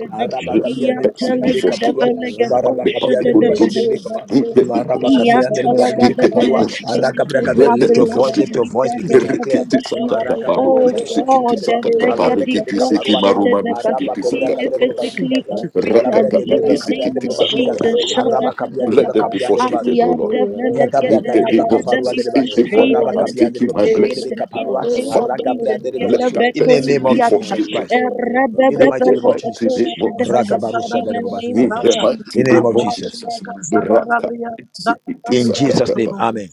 S4: tá?
S1: araba
S2: Let
S1: kapia
S2: the
S1: deri
S2: person
S1: bali
S2: be
S4: Lebrosca,
S1: bili kaparwa
S2: frustrated.
S4: Vilana
S2: But
S1: araba
S2: the power of
S1: kapia
S2: the
S4: Nuasia
S1: deri
S2: Holy
S3: a
S1: bashi deri
S2: Ghost,
S4: Daily
S1: bili kapa
S2: in the name
S4: Renuncia
S2: of
S1: emaraba
S2: Jesus,
S1: kapia deri
S4: Let
S1: bali bili
S4: Cup
S2: in the
S3: Yantalagadabe,
S2: name
S1: kaparwa
S2: of
S4: Vilaski
S2: Jesus,
S1: araba
S4: Viana
S1: kapra
S3: Anything
S1: kapra
S2: let
S3: that
S2: them
S1: lift
S2: be
S1: your
S3: belongs
S1: voice
S3: to
S1: lift your
S2: frustrated.
S3: me
S4: Nuasia
S1: voice
S3: that
S1: begin
S3: the
S1: to declare
S3: devil
S2: Rikiti
S3: took.
S2: sakata
S1: Imaraga
S2: baru
S1: braga
S4: Let
S3: Oh
S2: kuti
S1: doro
S4: Cup
S6: you.
S1: baba
S2: sikiti
S3: God,
S1: shutere ba
S3: the
S4: Ranasia
S2: sakata
S6: Jesus'
S4: Da
S1: Allah
S3: beggar
S2: baru
S1: breke
S3: the
S2: kiti
S1: beka
S4: Let
S2: siki
S1: ta,
S4: Shalebran
S2: maruma
S1: araba
S2: bisikiti
S4: Laziana
S1: gobra
S3: being
S2: sakata
S1: gadoro baba
S4: Nuskiani
S3: physically or
S1: zuzaza
S4: Let Vila
S1: Allah breke
S3: spiritually
S1: dere
S4: Nuasia
S3: in
S2: rakata
S1: beka
S4: Da
S3: the
S1: kapia
S3: name
S2: sikiti
S1: dere
S3: of
S1: baba
S2: sakata.
S3: Jesus.
S4: Ranuasia
S1: araba
S4: Nia
S1: kapia dere
S2: Let
S1: beka
S2: them
S3: Shadadadadaba,
S4: Talibre
S2: be
S1: kapia dere ba
S4: Nuski
S2: frustrated, O Lord
S4: Reverend
S1: Nyagabra
S2: in
S3: Ayadadadadagada,
S2: the
S1: gade de
S2: name
S3: Let
S2: of
S4: Nuasiana
S3: them
S1: bakaparua
S3: be
S2: Jesus.
S1: de ba
S2: Anyone
S3: frustrated.
S2: that
S1: araba
S2: has
S3: Let
S1: kapia
S3: them be
S1: de
S2: taken
S1: ba
S2: my
S1: basu de
S2: blessing,
S3: frustrated in
S1: bakaparua
S3: the name of
S2: Father,
S4: Paranuasia
S1: aragabra
S3: Jesus.
S1: de ba
S2: let
S1: basu
S4: Nuskiani
S2: that
S1: in the
S2: person
S1: name
S2: be
S1: of
S4: Razian
S3: Yadabetonkiata,
S1: Jesus
S4: Nuasia
S2: forsaken.
S1: Christ
S4: Daily
S1: in the
S2: In
S1: mighty
S4: Brascovi.
S2: the
S1: name of
S2: mighty
S3: Erabadabadagado,
S1: Jesus
S2: name of
S3: Shadadahe,
S4: Lord
S2: Jesus.
S1: ragabarusha
S3: In
S1: de ba
S3: the
S4: Jesus.
S1: basu
S3: name of
S2: In
S1: zaza
S2: the mighty
S1: in
S3: Jesus.
S1: the name
S2: name
S1: of
S2: of
S1: Jesus
S2: Jesus. Raka. Sikiti
S1: in Jesus name
S2: sakatapa.
S1: amen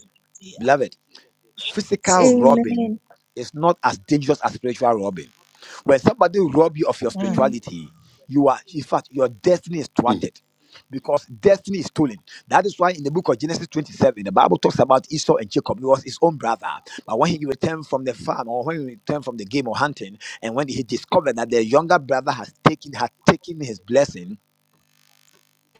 S1: beloved physical
S4: Amen.
S6: name.
S1: robbing
S3: Amen.
S1: is not as dangerous as spiritual robbing. When somebody rob you of your
S6: Mm,
S1: spirituality, you are, in fact, your destiny is
S2: Mm.
S1: thwarted because destiny is stolen. That is why in the book of Genesis 27, the Bible talks about Esau and Jacob. He was his own brother. But when he returned from the farm or when he returned from the game or hunting, and when he discovered that the younger brother has taken had taken his blessing,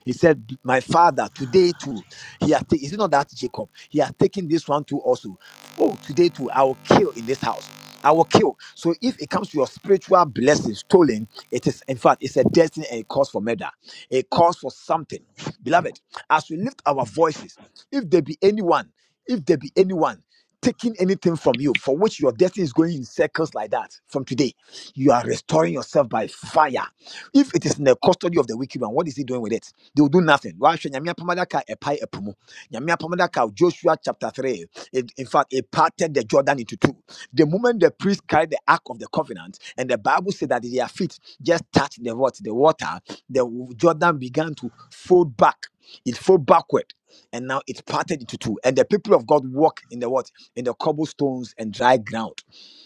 S1: he said, My father, today too, he has taken, is it not that Jacob? He has taken this one too also. Oh, today too, I will kill in this house. I will kill. So if it comes to your spiritual blessing stolen, it is, in fact, it's a destiny and a cause for murder, a cause for something. Beloved, as we lift our voices, if there be anyone, if there be anyone, Taking anything from you for which your destiny is going in circles like that from today, you are restoring yourself by by fire. If it is in the custody of the wicked one, what is he doing with it? They will do nothing. Wahwɛ Nyame apam adaka a ɛpae ɛpo mu. Nyame apam Joshua chapter 3. It, in fact, it parted the Jordan into two. The moment the priest carried the ark of the covenant, and the Bible said that their feet just touched the what? The water, the Jordan began to fold back. It fold backward. And now it parted into two. And the people of God walk in the what? In the cobblestones and dry ground.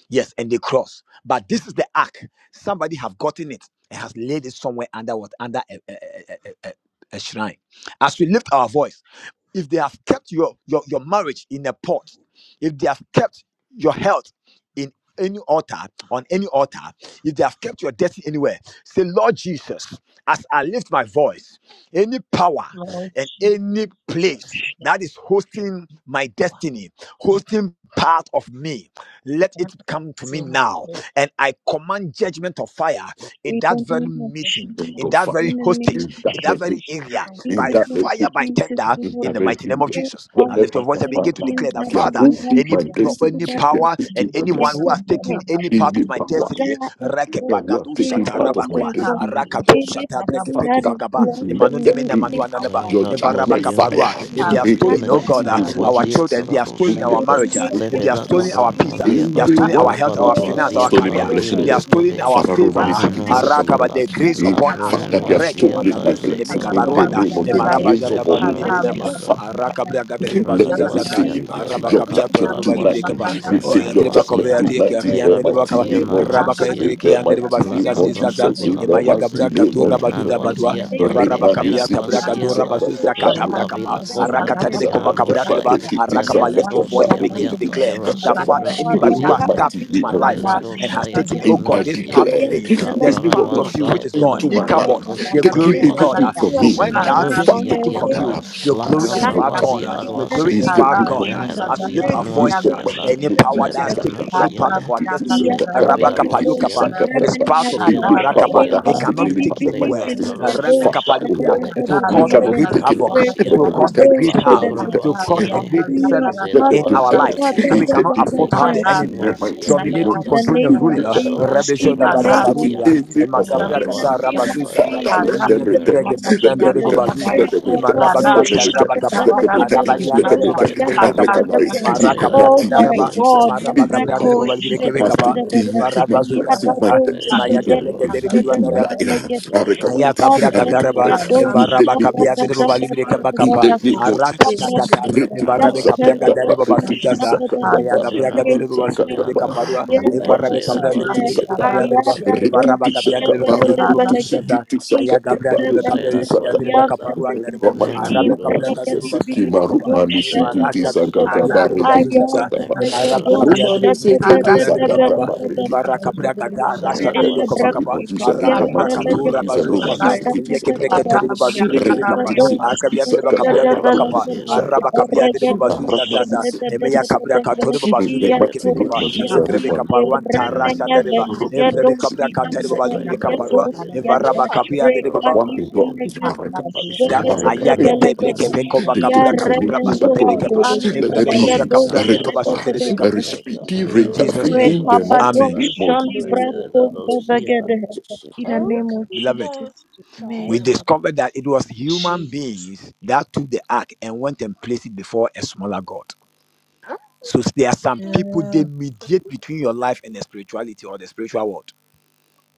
S1: Yes, and the cross. But this is the ark. Somebody have gotten it and has laid it somewhere under what? Under a, a, a, a, a a shrine. As we lift our voice, if they have kept your, your, your marriage in a pot, if they have kept your health, in any altar, on any altar, if they have kept your destiny anywhere, say, Lord Jesus, as I lift my voice, any power
S6: Lord
S1: and
S6: Jesus.
S1: any place that is hosting my destiny, hosting part of me, let it
S6: Thank
S1: come to me now.
S6: you.
S1: And I command judgment of fire in
S3: In
S1: that
S3: the
S1: very
S3: name of
S6: Thank
S1: meeting,
S2: And
S3: Jesus,
S1: in
S2: don't
S1: that
S2: fire.
S1: very
S3: in the name
S1: hostage,
S3: of
S2: In
S1: in
S2: that
S1: that
S3: Jesus,
S1: very
S2: name.
S1: area,
S3: in
S2: In
S1: by
S3: the
S2: that
S3: name
S2: name.
S3: of
S1: fire, by tender
S3: Jesus,
S1: that
S3: we
S2: In
S3: will
S1: in
S2: that
S1: the mighty name
S2: name.
S1: of
S3: pray
S1: Jesus.
S3: for
S1: Now lift your
S2: Whatever
S1: voice
S2: can
S1: and
S2: find
S1: begin to
S2: out.
S3: anything
S1: declare that,
S3: that
S2: They are
S1: Father,
S2: holding
S3: belongs
S1: any
S2: my
S3: to
S2: blessing.
S3: you
S1: any
S3: that
S2: They are
S3: was
S1: power and
S2: taking my
S3: taken and
S1: anyone
S2: blessing.
S1: who has
S3: taken
S1: taken
S3: it.
S1: any
S2: In
S1: part
S3: And
S2: the
S1: of my
S3: we
S2: power.
S1: destiny,
S3: die of all
S2: the
S1: Rekepagadu
S2: work
S3: fear.
S2: taking
S3: oh
S2: part of my
S1: Satarabakwa,
S3: my God.
S2: destiny, O
S1: Arakatu
S2: God.
S3: Anything
S1: Satabrekepeko
S3: that
S2: Father,
S3: is
S1: Vagaba,
S3: belongs
S1: Emanu
S2: let
S3: to
S2: there
S3: me,
S1: Nemene Manu
S3: any
S2: be
S1: Ananaba,
S2: your
S4: Zayatat was
S2: judgment
S3: part of to
S4: Yemen,
S3: destiny
S1: Evarabakaparua.
S2: fire
S1: If they
S4: Shifila
S1: have
S2: in
S3: that
S2: the
S1: stolen,
S4: Yemen,
S1: oh
S3: the
S2: mighty
S1: God, uh,
S2: name
S4: Rat
S3: enemy
S2: of
S4: was
S1: our
S3: has
S2: Jesus.
S4: Yeta,
S1: children, if they have
S3: taken,
S4: Ratos
S2: In
S1: stolen our
S2: the
S3: any
S4: Yede,
S1: marriage,
S2: mighty
S1: uh,
S2: name
S1: if
S2: of
S3: negative
S1: they have
S4: Levela
S3: thing,
S1: stolen
S2: Jesus.
S4: Cabran
S1: our peace,
S3: any
S4: was
S1: uh, they
S2: In
S4: Yeta,
S1: have
S2: the
S1: stolen
S3: belonging,
S1: our
S2: one
S1: health, our
S4: Lapalad was
S1: finance, our
S3: oh
S2: stolen
S4: Yeta,
S2: my
S1: career,
S2: blessing, O
S1: if
S6: you.
S3: God.
S1: they have
S2: Lord.
S4: Liris
S3: we
S4: Love,
S1: stolen our
S2: Father,
S6: Thank
S1: favor,
S2: Roman is
S1: uh,
S3: Praise
S4: Rinhan
S2: taking
S3: my
S2: this
S4: was
S2: cabaret.
S1: Arakaba,
S3: name.
S4: Yeta,
S1: the grace
S3: Every
S2: In
S1: upon us,
S2: fact,
S4: Labrahan
S3: enemy
S2: that
S3: has
S2: they have
S4: was
S2: stolen
S4: theatre,
S3: stolen,
S2: my
S1: Rekebagadu
S4: the
S2: blessings
S1: Nemeka
S2: in
S3: defeated,
S2: the
S1: Baruanda,
S2: name
S3: in
S4: Lekamanos,
S2: of
S3: the
S2: the
S3: name
S2: grace
S1: emarabaja
S3: of
S2: upon
S1: dabado
S4: Levan
S1: de
S4: was
S3: Jesus,
S2: me.
S1: benama
S4: Yeta.
S3: wherever the
S1: arakabra gada
S2: Let
S4: Remnant
S2: them
S1: bazuza
S3: Lord
S4: was
S1: zaza
S4: the
S2: receive
S3: we
S4: attire, let
S2: your
S3: destroy
S1: arabakabia
S3: that
S1: to de
S2: judgment
S4: Capra
S2: tonight.
S1: balibide
S4: was
S3: evil
S1: kaba
S3: is
S1: o
S2: Receive
S4: Remnant
S2: your
S1: yatreba
S4: was the
S2: judgment
S1: kovea
S4: and
S1: tie
S3: and
S2: tonight
S1: kia
S2: in
S3: let
S2: the
S1: kianda
S4: Lerad
S1: de
S3: me
S4: was
S2: mighty
S1: bakaba
S4: the
S3: pray,
S4: and
S2: name
S3: let
S2: of
S3: me
S4: was
S1: rabaka
S2: Jesus.
S4: the
S1: yatire
S2: In the
S4: attire,
S1: de
S2: mighty
S4: La
S1: bazuza
S2: name
S3: break
S2: of
S1: zaza
S4: Caprosco
S2: Jesus. In
S4: Villan
S2: the
S1: emaya
S6: you.
S4: was the
S2: mighty
S1: gabra
S2: name
S1: gado
S2: of
S6: Thank
S1: rabado
S4: Lenan
S2: Jesus.
S3: in
S4: was
S3: the
S1: dabadwa
S4: the
S3: name
S4: attire,
S3: of
S1: evaraba
S2: Remani
S3: Jesus.
S1: kabia
S4: David
S1: tabra
S4: was
S2: sikiti
S4: the
S1: gado
S4: attire,
S3: Oh,
S1: rabazuza
S2: sakatapa.
S4: Le
S1: katabra
S3: shit, I'm
S4: Cavila
S3: gonna
S4: Cobra
S3: get
S2: Sikiti
S1: arakata
S4: and
S3: them.
S1: de kova
S4: Yanan
S1: kabra
S4: was
S2: sakatapa.
S4: the
S2: Rikiti
S1: arakapa
S3: Anyone
S4: Levele
S1: lift your
S3: who
S2: sakatapa.
S1: voice
S3: has
S4: dosi
S1: and
S3: gone
S4: and
S1: begin
S4: the
S1: to
S2: Rikiti
S3: his
S4: attire,
S1: declare
S3: or
S1: that
S3: her
S2: sakatapa.
S3: way into
S1: father
S4: Raskivran was
S1: anybody
S2: In
S1: who
S4: the
S2: the
S3: my
S1: has
S4: and
S2: mighty
S1: tapped into my
S2: name of
S1: life
S4: Levele
S1: uh,
S2: Jesus.
S1: and has
S4: dosi and
S1: taken oh
S4: Yan
S2: And I
S1: god
S4: was
S1: this
S4: the
S1: part of
S4: and
S2: declare,
S1: me there's
S4: Rabran
S2: anyone
S1: part
S2: who
S1: of
S2: has
S4: was
S1: you
S2: come
S1: which
S4: the
S1: is
S4: La
S1: gone.
S2: into my life,
S4: Capella
S1: Ichabod
S4: Coski
S1: your
S4: Brot
S2: taking
S1: glory is
S4: was
S1: gone.
S2: everything
S4: the
S1: ah.
S2: from
S1: So
S2: me,
S1: when that thing
S2: Father,
S1: is
S4: Senenosi and
S1: taken
S4: the
S1: from
S4: attire.
S1: you, your
S4: La
S1: glory
S2: see
S1: is
S4: cabra
S2: no
S3: life,
S1: far gone.
S2: judgment.
S1: ah.
S4: vazia
S3: in
S1: Your
S3: the
S1: glory
S4: ruase,
S1: is
S3: name
S1: far
S3: of
S1: gone. ah.
S4: levene
S3: Jesus,
S1: As we
S4: rozia
S1: lift
S3: there is
S1: our
S2: It
S1: voices,
S3: no
S1: ah,
S4: nuasiana,
S1: any power that
S3: shadow
S1: has
S4: levene
S1: taken any part of
S4: nusiana,
S1: our destiny,
S3: Iya,
S4: le
S1: uh,
S3: sana
S4: cavira
S1: Rabakapa Yokapa,
S4: ruasian,
S3: gadoski
S1: it is
S3: bramani
S1: part of
S3: apa?
S1: you,
S4: zira
S6: Hallelujah.
S2: but
S1: Marakapa.
S2: what that
S3: Iya,
S1: It
S2: has
S4: ruasiana,
S1: cannot
S2: taken
S1: be
S2: any
S3: bibi
S2: part
S1: taken
S2: of my
S3: bili
S4: levene
S1: anywhere.
S2: destiny.
S3: bili
S4: rosi,
S2: Father,
S3: gadosh,
S1: Rabakapa
S3: da
S2: oh
S3: da
S1: Yokia,
S2: Lord.
S4: le
S3: da
S1: it will
S3: da da
S2: It
S1: cause
S4: cavanda
S3: da
S1: a
S2: cannot be
S1: great
S3: da.
S4: vazia
S2: taken.
S1: havoc.
S3: Where
S1: It
S2: Let
S1: will
S2: them
S4: nuasiata,
S1: cost a
S2: return it.
S1: great
S4: la
S2: Let them
S1: house.
S3: father
S4: cabra
S2: return
S1: It will
S2: it.
S1: cost a
S2: And
S4: ruasiani,
S2: God,
S1: great
S3: we are
S1: service
S2: Let
S4: zira
S3: God,
S1: in
S2: them
S3: God,
S1: our
S2: return
S4: ruasia
S1: lives.
S2: it.
S3: God, God,
S1: So
S3: God,
S1: we
S4: diana,
S2: It's
S3: God,
S2: the
S1: cannot
S3: God,
S2: name
S1: afford
S2: of
S4: le
S3: God,
S1: to have
S3: God.
S1: the
S4: cavra
S2: Jesus. In the
S1: enemy
S2: mighty
S4: nuasian
S2: name of
S1: dominating,
S3: In the
S4: diata,
S2: Jesus.
S1: controlling,
S3: name
S1: and
S2: in
S3: of
S1: ruling
S2: the
S4: le
S2: power
S1: us.
S4: sol de
S3: Jesus,
S1: Rabbi
S3: in
S1: Shoda
S3: the
S2: That
S4: skevre
S2: has
S3: name of
S2: taken
S1: Bagabarunia,
S4: beziane,
S3: Jesus.
S2: any
S1: Emma
S2: of my
S4: vara
S1: Gabria
S3: In the
S2: blessings.
S1: Gada
S3: name of
S4: ruasiata,
S1: Rabazuzaza,
S4: le
S2: Father,
S3: Jesus,
S2: let them
S1: Emma
S3: in the
S2: return.
S1: Gabria
S3: name
S4: caskeverdo,
S3: of
S1: Gedebra
S2: Let
S1: and
S2: them
S3: Jesus,
S1: Derebo
S2: return.
S4: zina
S1: Bazuza,
S2: Let them
S3: Rita
S1: Emma
S2: return. Let
S1: Rabadua
S4: nusianiata,
S2: them
S3: Badoshi,
S2: return.
S3: the
S1: Tarabagaba,
S2: Let them
S3: delegate,
S2: return.
S3: the
S1: Arabadian
S2: Let them
S3: Brekos,
S1: Derebo
S4: Zeleskovre
S2: return. I
S4: Benaini,
S1: Bashuderebekaba,
S2: recover it
S1: Emma
S2: in the
S4: Rizera
S1: Rakabria
S3: Oh
S2: mighty name
S3: my
S2: of
S1: Gadaraba,
S2: Jesus.
S3: God,
S4: Dwasiata,
S1: Emma
S3: the
S2: Any
S1: Rabagabria
S2: power
S1: Derebo
S3: Brekos, the
S2: that has
S1: Valibrekebekaba,
S2: taken
S1: Emma
S4: Lekarananosien,
S2: my blessing, my
S1: Rabazuzaza,
S3: Yadadosh,
S1: Emma
S3: the
S2: destiny in
S4: Lezira
S1: Gabria
S2: your hand.
S1: Gedebra
S4: Dwasien,
S3: delegate,
S2: it. I
S4: Lekranda
S1: Ayaka
S2: recognize. I
S1: braga
S4: Vasien
S1: daraba,
S2: recognize
S4: Yatai,
S3: Yadadosh,
S2: in the
S1: evaraba
S2: name of
S1: kabia dereba
S2: Jesus.
S1: balibire
S2: In
S1: kabakapa,
S2: the name of
S4: Lekosen,
S1: araka
S2: Jesus.
S1: tatata,
S4: Lekranda
S1: evarabe kabraga
S4: Vasira
S2: Rikititsakatapa,
S1: dereba
S4: Dwasiata,
S1: basuzaza, emeyaga
S2: rikititsakatapa,
S4: Lakabrana
S1: braga dereba
S4: Vasien
S1: basu derebe
S2: rikititsakatapa.
S4: Yana,
S1: kaparua,
S3: the
S1: evarabe
S4: Lezira
S1: kabria dereba
S3: Brekos,
S1: libire
S2: Rukmanisiki
S4: Dwasien
S1: kebe
S3: I
S1: kabria
S4: Yata,
S1: dereba,
S3: am
S1: evaraba kabia dereba
S4: Levera
S1: kabia dereba
S4: Dwasien,
S1: basuzaza, ayaga braga dereba kabia
S4: Sera
S1: dereba kabia dereba
S4: Dwasiata,
S1: kaparua derebo,
S4: Levera
S1: arabe kabria dereba
S4: Dwasien,
S1: basu derebe kapa,
S6: Hallelujah.
S4: Sera
S1: evarasha dereba
S4: Dwasien,
S1: kabia
S6: Thank
S1: dereba basuzaza,
S4: Levera
S1: Emaraba
S4: Dwasien,
S1: kabia dere breke de kabia dere bakaba.
S3: the
S1: Evara kabra
S2: Romani
S1: kata rasha
S4: Sayılar
S1: dere be
S3: Illa
S1: kova kapa.
S4: vasiyene
S1: Ara
S3: brakosia
S1: kabra
S4: Nepal
S3: velaga
S1: katura
S4: vasiyar
S1: bazu
S3: dosha
S1: zaza.
S3: da
S4: vasiyene
S3: da
S1: Enye ke
S3: da da
S1: breke
S3: da.
S1: tori be bazu breke
S3: Illa
S1: be
S3: da
S1: kapa. Ara kabia
S3: dosha
S1: dere
S3: da da
S1: bakabia
S3: da
S1: dere
S4: Sayılar
S1: bakapa.
S3: velaga da.
S4: vasiyene
S1: Ara bakabia dere
S3: Raga
S1: be bazu zaza
S3: dosha
S1: zaza.
S3: da da da
S1: Eme
S3: da da da da.
S1: bazu de
S3: Iya
S1: breke
S4: Sayılar
S1: be
S3: dosha
S4: vasiyene
S1: Evre
S3: ni
S1: be kaparuan
S4: Nepal
S1: tarasha
S3: rananya
S1: dere ba.
S4: vasiyene
S2: but
S3: velaga
S1: Evre be
S3: doski
S1: kabra katari be
S3: anta
S1: bazu be
S3: velaga
S4: Sayılar
S1: kaparua.
S3: doski
S4: vasiyene
S1: Evara
S3: anta.
S1: bakabia dere be
S4: Nepal
S3: Reka
S1: ba-
S2: one
S3: di
S2: in God,
S4: vasiyene
S3: velaga
S2: Araka
S3: dosha
S2: Paris,
S1: da
S3: da da
S2: Araka,
S3: da
S2: every
S1: ayakete
S3: velaga da.
S1: breke be
S2: blessing,
S6: you.
S1: kova
S2: they
S3: Iya
S2: take
S1: kabra
S2: it
S4: Sayılar
S2: from me,
S1: katura
S3: rananya
S1: basu
S2: but
S1: dere be
S2: Holy
S4: vasiyata
S6: Thank
S3: doski
S1: kapa.
S2: Ghost,
S3: anta
S2: let there
S4: Nepal
S1: Evrebe
S3: velaga
S1: kovra
S2: be a
S4: vasiyar
S1: kaprande de
S3: dosha
S1: baba
S3: da
S1: su
S3: da
S2: recover,
S4: vasiyene
S1: deri
S3: da
S2: a
S3: da.
S4: Nepal
S2: speedy
S1: in Jesus'
S2: recovery
S4: vasiyar
S1: name.
S2: in the mighty
S1: Amen.
S2: name
S4: vasiyata
S3: Rekabadosha
S2: of Jesus.
S3: livrasto
S4: Nepal
S2: Mighty name
S3: bevegede.
S4: vasiyata
S3: In the name of
S1: Beloved,
S3: Jesus.
S1: we
S3: Amen.
S1: discovered that it was human beings that took the ark and went and placed it before a smaller God. So there are some people they mediate between your life and the spirituality or the spiritual world.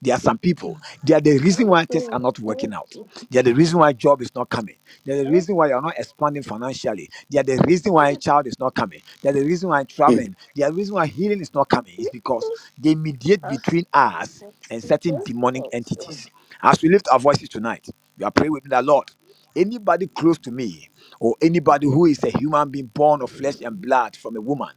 S1: There are some people. They are the reason why things are not working out. They are the reason why job is not coming. There's a reason why you're not expanding financially. There's the reason why a child is not coming. There's the reason why traveling. There's the reason why healing is not
S2: of
S1: coming. It's because they mediate between us and certain demonic
S2: Jesus.
S1: entities. As we lift our voices tonight, we are praying with the Lord. Anybody close to me, or anybody who is a human being born of flesh and blood from a woman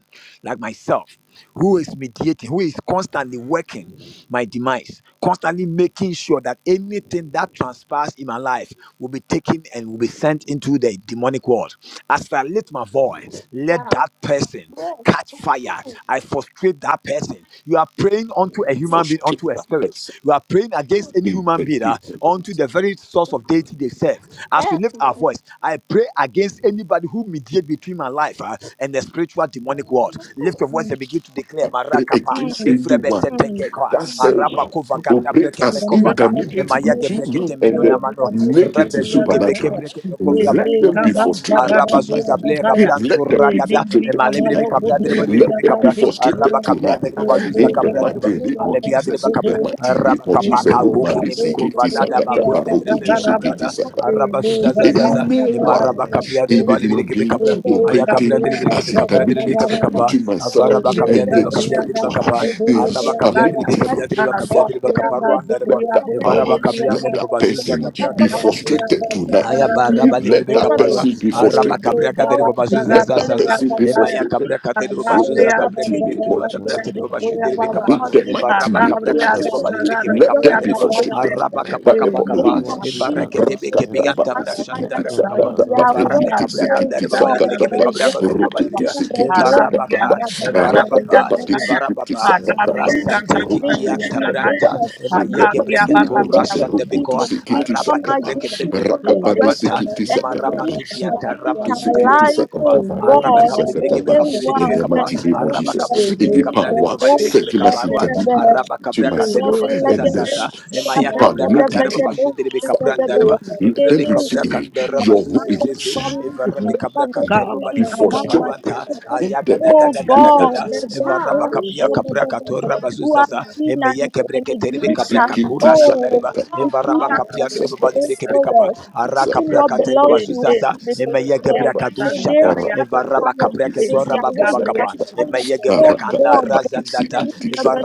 S1: like myself, who is mediating, who is constantly working my demise, constantly making sure that anything that transpires in my life will be taken sin and will be sent into the demonic world. As I lift my voice, let
S2: Mm.
S1: that person catch fire. I frustrate that person. You are praying unto a human being, unto
S2: Frustrate
S1: a
S2: that
S1: spirit.
S2: person
S1: You are praying against any
S2: in
S1: human
S2: the
S1: being, uh,
S2: day.
S1: unto the very source of deity they serve. As we
S2: that
S1: lift our
S2: comes.
S1: voice, I pray against anybody who mediate between my life uh, and the spiritual demonic world. Lift your voice
S3: Mm,
S1: and begin to declare,
S2: I pray
S1: Marakapa,
S2: against
S3: mm,
S1: Evrebe
S2: anyone
S3: mm,
S1: Setekekwa,
S2: that said
S3: mm.
S1: Arabakova Gata
S2: operate
S3: In
S2: as
S3: the
S1: Brekepekova,
S3: name of
S2: intermediate
S1: Emaya
S3: Jesus,
S2: between
S3: we
S1: Gebrekete
S2: me and
S1: Menuna
S3: pray
S2: the
S3: and we
S1: Mano,
S2: negative
S1: zo
S3: thank
S1: de
S3: you.
S1: beke
S2: supernatural.
S1: breke pekovra
S2: Let them
S1: bazuza
S2: be
S1: za
S3: Everyone,
S2: frustrated
S1: araba
S2: tonight.
S1: zuza ble
S3: everyone, those
S1: kabran
S2: Let them be
S3: people
S1: kuragada
S3: and those
S2: frustrated
S1: emalebre me
S2: tonight.
S1: kabra de bolu beke
S2: Let
S1: me
S2: them be
S1: kabra araba
S2: frustrated
S1: kabia
S2: tonight.
S1: de bazuza
S2: In the
S1: kabra de
S2: mighty name of
S1: alebia de
S2: Jesus, in
S3: people
S1: kabra
S2: the
S3: who
S6: you.
S2: mighty
S3: are
S2: name
S1: araba
S2: of
S3: sick
S6: Gabriel,
S3: and
S2: Jesus,
S1: kapaka
S3: those
S2: Roma,
S3: people
S1: kuki ne me
S2: Sikiti,
S1: kovaza da
S2: Sakata,
S1: bakuya de
S2: Baroku,
S3: who
S1: de kabra da
S3: are sick,
S1: araba zuza za
S3: the
S1: za
S3: Lord
S1: za
S3: who walks
S2: Anyone,
S1: emaraba kabia
S3: with
S1: de
S3: us,
S2: any
S1: bolu
S2: human
S1: beke me
S2: being
S3: the
S1: kabra aya kabra
S2: operating
S1: de beke
S3: Lord
S2: as
S1: me kabra de
S2: intermediate
S1: beke
S3: But
S1: me
S3: you
S1: kabra
S2: between
S3: have
S2: myself
S3: to
S1: araba
S3: be
S1: kabia
S2: and
S3: the
S1: de
S2: the
S3: thing
S1: kabia de
S2: spiritual,
S3: you
S1: kabra
S3: just
S2: the
S3: refuse
S1: araba kabia de
S3: to
S1: beke
S2: superlative,
S3: touch.
S1: kabia de kabia
S2: Father,
S1: de
S3: They
S1: kabra
S3: just
S1: ruanda de
S2: let that
S3: transform it
S1: Evara
S3: in
S2: power,
S3: the name
S1: bakabianda
S2: let
S3: of
S1: de
S2: that
S3: Jesus.
S1: babazuza
S2: person
S1: kabra
S3: Whoever
S2: be
S1: deri
S3: has been
S2: frustrated
S3: keeping
S2: tonight.
S1: Aya
S3: happening,
S1: baraba
S2: Let
S1: libribe
S3: whoever
S2: that
S3: they
S1: kapalwa
S3: are
S2: person be
S1: araba
S3: taking
S2: frustrated.
S1: kabria kadere
S3: across
S1: baba
S3: the
S1: zuza
S2: Let
S1: za
S3: the
S2: that
S3: the
S1: za za
S3: thing
S2: person be
S3: of
S1: ema ya
S3: this
S2: frustrated.
S1: kabria kadere baba
S2: Let
S3: they
S1: zuza
S3: have
S1: kabria kadere
S3: taken it
S1: bilwa da
S3: they
S2: that
S1: bria
S4: Kevanda
S3: to
S1: kadere baba
S3: take
S4: vazia
S3: it
S1: shudere be kapa
S2: in
S4: nuasia
S3: about
S2: the
S4: ne
S1: eva
S3: taking
S2: mighty
S1: raba
S2: name
S1: kabria
S4: leka
S2: of
S3: into
S1: kadere
S6: Alabriaga
S2: Jesus,
S3: the
S1: baba
S4: brasulia
S1: libribe
S6: sagara
S3: evil
S1: kebe
S2: let
S3: world
S1: kabria
S2: them
S4: nuasia
S3: to
S1: kadere
S2: be
S6: briaga
S4: ta
S3: the
S1: baba
S4: de de
S6: sagara
S4: de
S2: frustrated
S4: de
S3: destroyed.
S1: araba
S4: lai
S1: kapa
S2: by
S3: In
S2: the
S6: e
S1: kapa
S3: the
S2: power of the
S4: ba
S6: nika
S2: Holy
S1: kapa
S3: name of
S6: basa
S4: nuasia
S2: Ghost.
S4: na
S1: Evara
S3: Jesus,
S6: sagara
S1: kete be
S3: may
S4: nuasia
S1: kebe
S6: briaga
S3: they
S4: ne
S2: Rakatapa
S1: ganta
S3: catch
S1: bria
S6: sagara
S4: ne
S3: fire.
S2: isikiti
S1: shandare
S6: briaga
S1: be
S4: kova
S1: kapa
S3: May
S6: saya
S2: sakatapa
S3: their
S1: eva
S4: nuasia
S3: word
S1: rabe
S2: rekiti
S1: kabria
S6: alabriaga
S3: Oh
S2: sikiti
S1: kadere baba
S3: God,
S6: sagara
S3: the
S1: libribe kebe
S2: sakatapa
S3: way
S1: kabria
S6: briaga
S1: kadere
S3: you
S1: baba
S2: rukutu
S6: sagara
S1: libribe
S3: move,
S2: sikiti
S1: Evara raba
S2: sakatapa
S1: pa
S3: the
S6: alabriaga
S3: way
S1: eva
S6: sagara
S1: raba
S3: you
S4: leka
S6: briaga
S1: pa
S2: rakatapa
S3: are,
S1: eva
S6: saya
S4: nuasia
S1: raba
S2: isikiti
S1: pa
S4: leka
S2: sakatapa
S3: we
S6: alabriaga
S1: rasanta
S4: nuasia na
S6: sagara
S3: bring
S1: kiki
S2: rukutu
S3: in
S1: anta
S4: leka
S6: briaga
S3: the
S6: saya
S3: name
S2: sakatapa.
S1: branta
S3: of
S1: ema
S2: In
S4: nuasia
S3: Jesus.
S2: the
S1: yege
S2: mighty
S6: alabriaga
S4: sa
S3: In
S2: name
S3: the
S1: brekento
S2: of
S6: alabriaga
S3: name
S2: Jesus,
S3: of
S1: rashande
S4: nuasia
S2: rukutu
S1: bekoa
S3: Jesus, we
S2: sikiti
S6: briaga
S1: araba
S3: come
S2: sakatapa
S1: kebreke
S6: sagara
S3: against
S1: bekova
S6: e
S3: any
S2: rakapa
S3: work
S6: nika
S3: of
S1: kabaruanta
S3: the
S2: isikiti
S6: basa
S1: emarama
S3: enemy,
S6: briaga
S2: sakatapa.
S6: sagara
S1: tudianta
S3: against
S1: rama
S2: To
S6: briaga
S3: our
S1: sunte
S2: sikiti
S1: bereke
S3: lives,
S1: bekova
S3: oh
S1: araba
S3: God.
S1: kabli
S6: Hey,
S1: bereke
S2: sakatapa,
S1: bekabli bereke
S2: in
S3: Anyone
S2: the
S1: bekapa
S3: that's
S2: mighty name of
S3: in
S1: araba kabli
S2: Jesus,
S3: Brazil,
S1: bereke
S2: any
S1: bekabra de
S3: the
S2: power
S1: baba
S3: home,
S1: bereke
S2: serving as
S3: shattered
S1: bekabarua
S2: intermediate
S3: that's
S1: araba
S2: between
S1: kabra
S3: in
S1: katere
S3: the bed.
S2: myself
S1: baba suza
S2: and the
S3: Anyone
S1: sasa emaya
S2: super
S1: kabra katere baba
S2: negative,
S1: shudere bekapranda
S2: Father,
S1: raba
S2: let them
S1: evrebe kabra
S2: receive
S3: in
S1: kandara baba
S2: your
S3: my
S1: suze
S2: Holy
S3: mother's
S1: sese
S2: Ghost.
S3: family, in my
S2: Let
S1: kabra
S3: father's
S1: kantere
S2: them
S1: baba
S2: be
S3: family,
S1: libere
S3: among my
S1: bekaparuanta
S2: frustrated
S3: siblings,
S2: in the
S1: gada
S3: Oh
S1: gada
S2: mighty
S1: gada
S2: name of
S3: God, the
S2: Jesus.
S3: the
S1: evaraba kapia
S3: portion, the,
S1: kabra
S3: the, the,
S1: katora baba
S3: the, who has been
S1: emaya
S3: an,
S1: kebre
S3: an
S1: katere
S2: Let them
S1: bekabra
S3: mediator,
S1: katura
S3: oh,
S1: shadareba
S3: between
S1: evaraba
S3: us
S1: kapia
S3: and
S1: de
S3: the
S1: Babal badibidi
S3: faithful world, taking what belongs to us to be destroyed. May they catch
S6: hey,
S3: fire,
S6: We have
S3: may their
S6: reached the
S3: words
S6: end
S3: catch
S6: of
S3: fire. Oh
S6: this
S3: God, the strength of the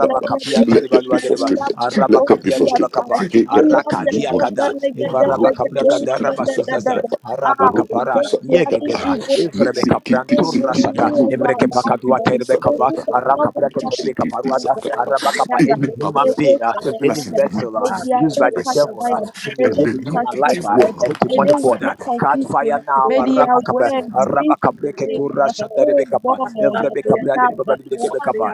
S2: be
S3: legation, we are
S2: frustrated. Let
S3: of
S2: them be
S3: the
S2: frustrated.
S3: attack.
S2: Let them my
S3: the
S2: TV
S3: the the
S2: monitors.
S3: the
S2: Roku
S3: the the
S2: to
S3: the the
S2: Sikiti
S3: the the the the
S2: Sakata.
S3: ah, we are
S2: Roku
S6: episode. Thank you
S2: to
S6: for
S2: Sakata.
S3: planning
S6: watching.
S3: evil
S2: Nitsi Kiti
S3: who
S2: Sikiti
S6: Thank
S3: really is
S2: Maruma
S3: our
S2: Nitsi
S3: doctor,
S2: Kiti
S3: or who
S2: Sakata.
S3: does not want
S2: Roku to
S3: us from
S2: Sikiti
S3: us
S2: any
S3: together.
S1: any human
S3: May
S2: purpose,
S3: they
S1: being uh,
S3: catch
S2: stepping
S1: any
S2: us into
S3: fire.
S2: me,
S1: vessel uh,
S3: May their
S1: used by
S2: to
S3: words
S1: the
S3: catch
S2: myself,
S1: devil. uh,
S3: fire.
S1: to
S3: May they
S2: and
S1: mediate
S2: the
S3: be
S1: between my life
S2: negative
S1: uh,
S3: frustrated.
S2: world.
S1: and
S3: May they
S1: demonic world.
S3: receive
S1: uh. Catch fire
S3: confusion.
S1: now,
S3: May their
S1: Marabakapa,
S3: words be in vain.
S1: Arabakapreketu Rasha
S3: Oh
S1: Darebekapa,
S3: God, may
S1: Evrebekabra de
S3: their plans
S1: Babalibekapa,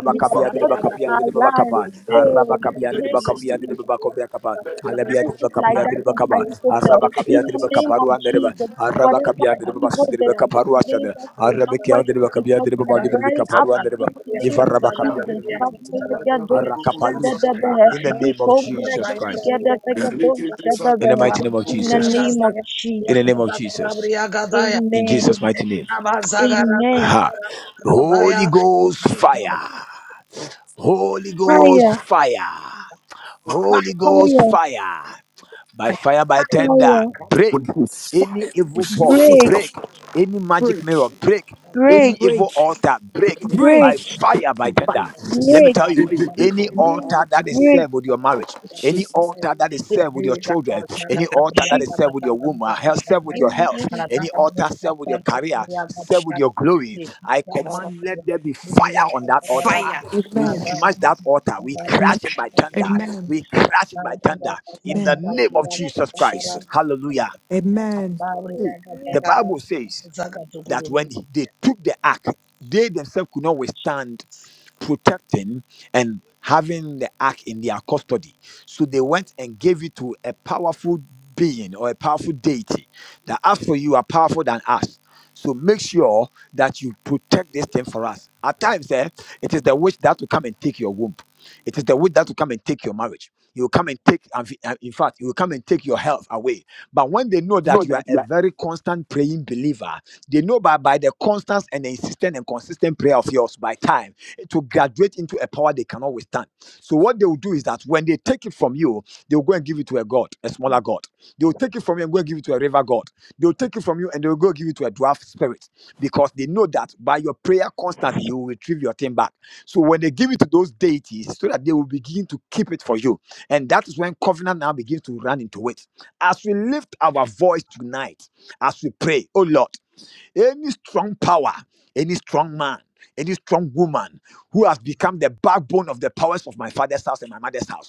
S3: and their
S1: de
S3: plots for
S2: let
S1: Bakapia
S2: there
S3: our
S1: de
S2: be
S3: lives.
S1: Babakapa,
S2: faith.
S3: Oh,
S2: Let
S3: we
S1: Arabakapia
S2: there
S1: de
S2: be
S3: thank
S1: Bakavia
S3: you
S1: de
S2: sustainment.
S1: Babakoviakapa,
S2: Let there be
S1: Alabia de
S3: Narrative
S2: fortune.
S3: like
S2: In
S1: Bakapia
S3: that
S1: de
S3: of
S2: the name
S1: Bakaba,
S2: of Jesus,
S3: Ahithophel.
S2: we
S3: In
S1: Arabakapia the
S3: the name of
S2: pray.
S1: Bakaparuan de
S6: you.
S1: Reba,
S3: Jesus, whatever
S2: Let the
S1: Arabakapia de
S6: Fire,
S1: Babasu
S2: families
S3: evil
S1: de
S2: in
S3: that plan
S1: Bakaparuasa,
S3: against us will not
S1: Arabekia
S3: work
S1: de
S2: the
S1: Bakapia
S3: because
S2: Bible
S1: de
S3: we are
S1: Babalu
S2: speak
S1: de
S3: burning
S2: this.
S3: up
S1: Bakaparuan the Reba,
S3: in the name of
S2: I
S1: Ivarabakapia
S2: hate
S3: Jesus.
S2: it,
S1: de
S2: it's a
S1: Bakapa,
S2: bad, bad, bad, good, good, good, good, bad,
S1: Arakapalusata,
S2: bad,
S1: in
S2: good,
S1: the
S3: Kabalagadoshadabehe,
S1: name of
S2: good,
S1: Jesus Christ.
S2: good. I hate it, it's a bad,
S1: In the
S2: bad,
S3: ikombregedikedekekedoshadabehe.
S1: mighty
S2: bad,
S1: name of
S2: good,
S3: In
S2: good,
S3: the
S2: good.
S1: Jesus.
S3: name of
S1: In the
S3: Jesus.
S1: name of Jesus. In
S3: Amen.
S1: Jesus' mighty name.
S3: Amen.
S1: Ha. Holy Ghost fire. Holy Ghost
S3: Fire,
S1: fire.
S2: Fire.
S1: Holy Ghost
S3: fire,
S1: fire. By fire, by
S2: What
S1: tender.
S3: fire.
S6: fire,
S1: Break
S2: would go
S1: any
S2: fire? We
S1: evil
S2: see
S1: pot.
S3: Break,
S7: Jesus,
S1: Break
S2: fire.
S1: any magic
S7: break,
S1: mirror. Break
S3: break,
S1: any evil
S7: break,
S1: altar.
S2: But
S1: Break by
S3: break,
S7: break.
S1: fire, by tender.
S6: fire.
S1: Let me
S3: break,
S1: tell you, any
S7: Amen.
S6: Zaga
S1: altar
S7: Oh,
S1: that is
S3: break.
S1: served with your marriage, any
S7: Jesus.
S1: altar that is served with your children, any altar altar that is served with your womb, uh, health served with your
S3: In the
S1: health,
S3: name of
S1: any altar served with your career, served with your glory. I command, let there be fire on that altar. We
S7: Amen.
S1: smash that altar. We
S7: Amen.
S1: crash it by thunder.
S7: Amen.
S1: We crash it by thunder in the
S7: Amen.
S1: name of
S3: Jesus.
S1: Jesus Christ.
S7: Jesus.
S1: Hallelujah.
S7: Amen.
S3: Amen.
S1: See, the Bible says that when they took the ark, they themselves could not withstand protecting and having the ark in their custody. So they went and gave it to a powerful being or a powerful deity that as for you are powerful than us. So make sure that you protect this thing for us. At times, eh, it is the witch that will come and take your womb. It is the witch that will come and take your marriage. You will come and take, and fi- and in fact, you will come and take your health away. But when they know
S7: So
S1: that you are
S7: that
S1: a
S7: you are
S1: very constant praying believer, they know by, by the constant and the insistent and consistent prayer of yours by time to graduate into a power they cannot withstand. So what they will do is that when they take it from you, they will go and give it to a god, a smaller god. They will take it from you and go and give it to a river god. They will take it from you and they will go give it to a dwarf spirit because they know that by your prayer constantly you will retrieve your thing back. So when they give it to those deities, so that they will begin to keep it for you, and that is when covenant now begins to run into it. As we lift our voice tonight, as we pray, oh Lord. Any strong power, any strong man, any strong woman who has become the backbone of the powers of my father's house and my mother's house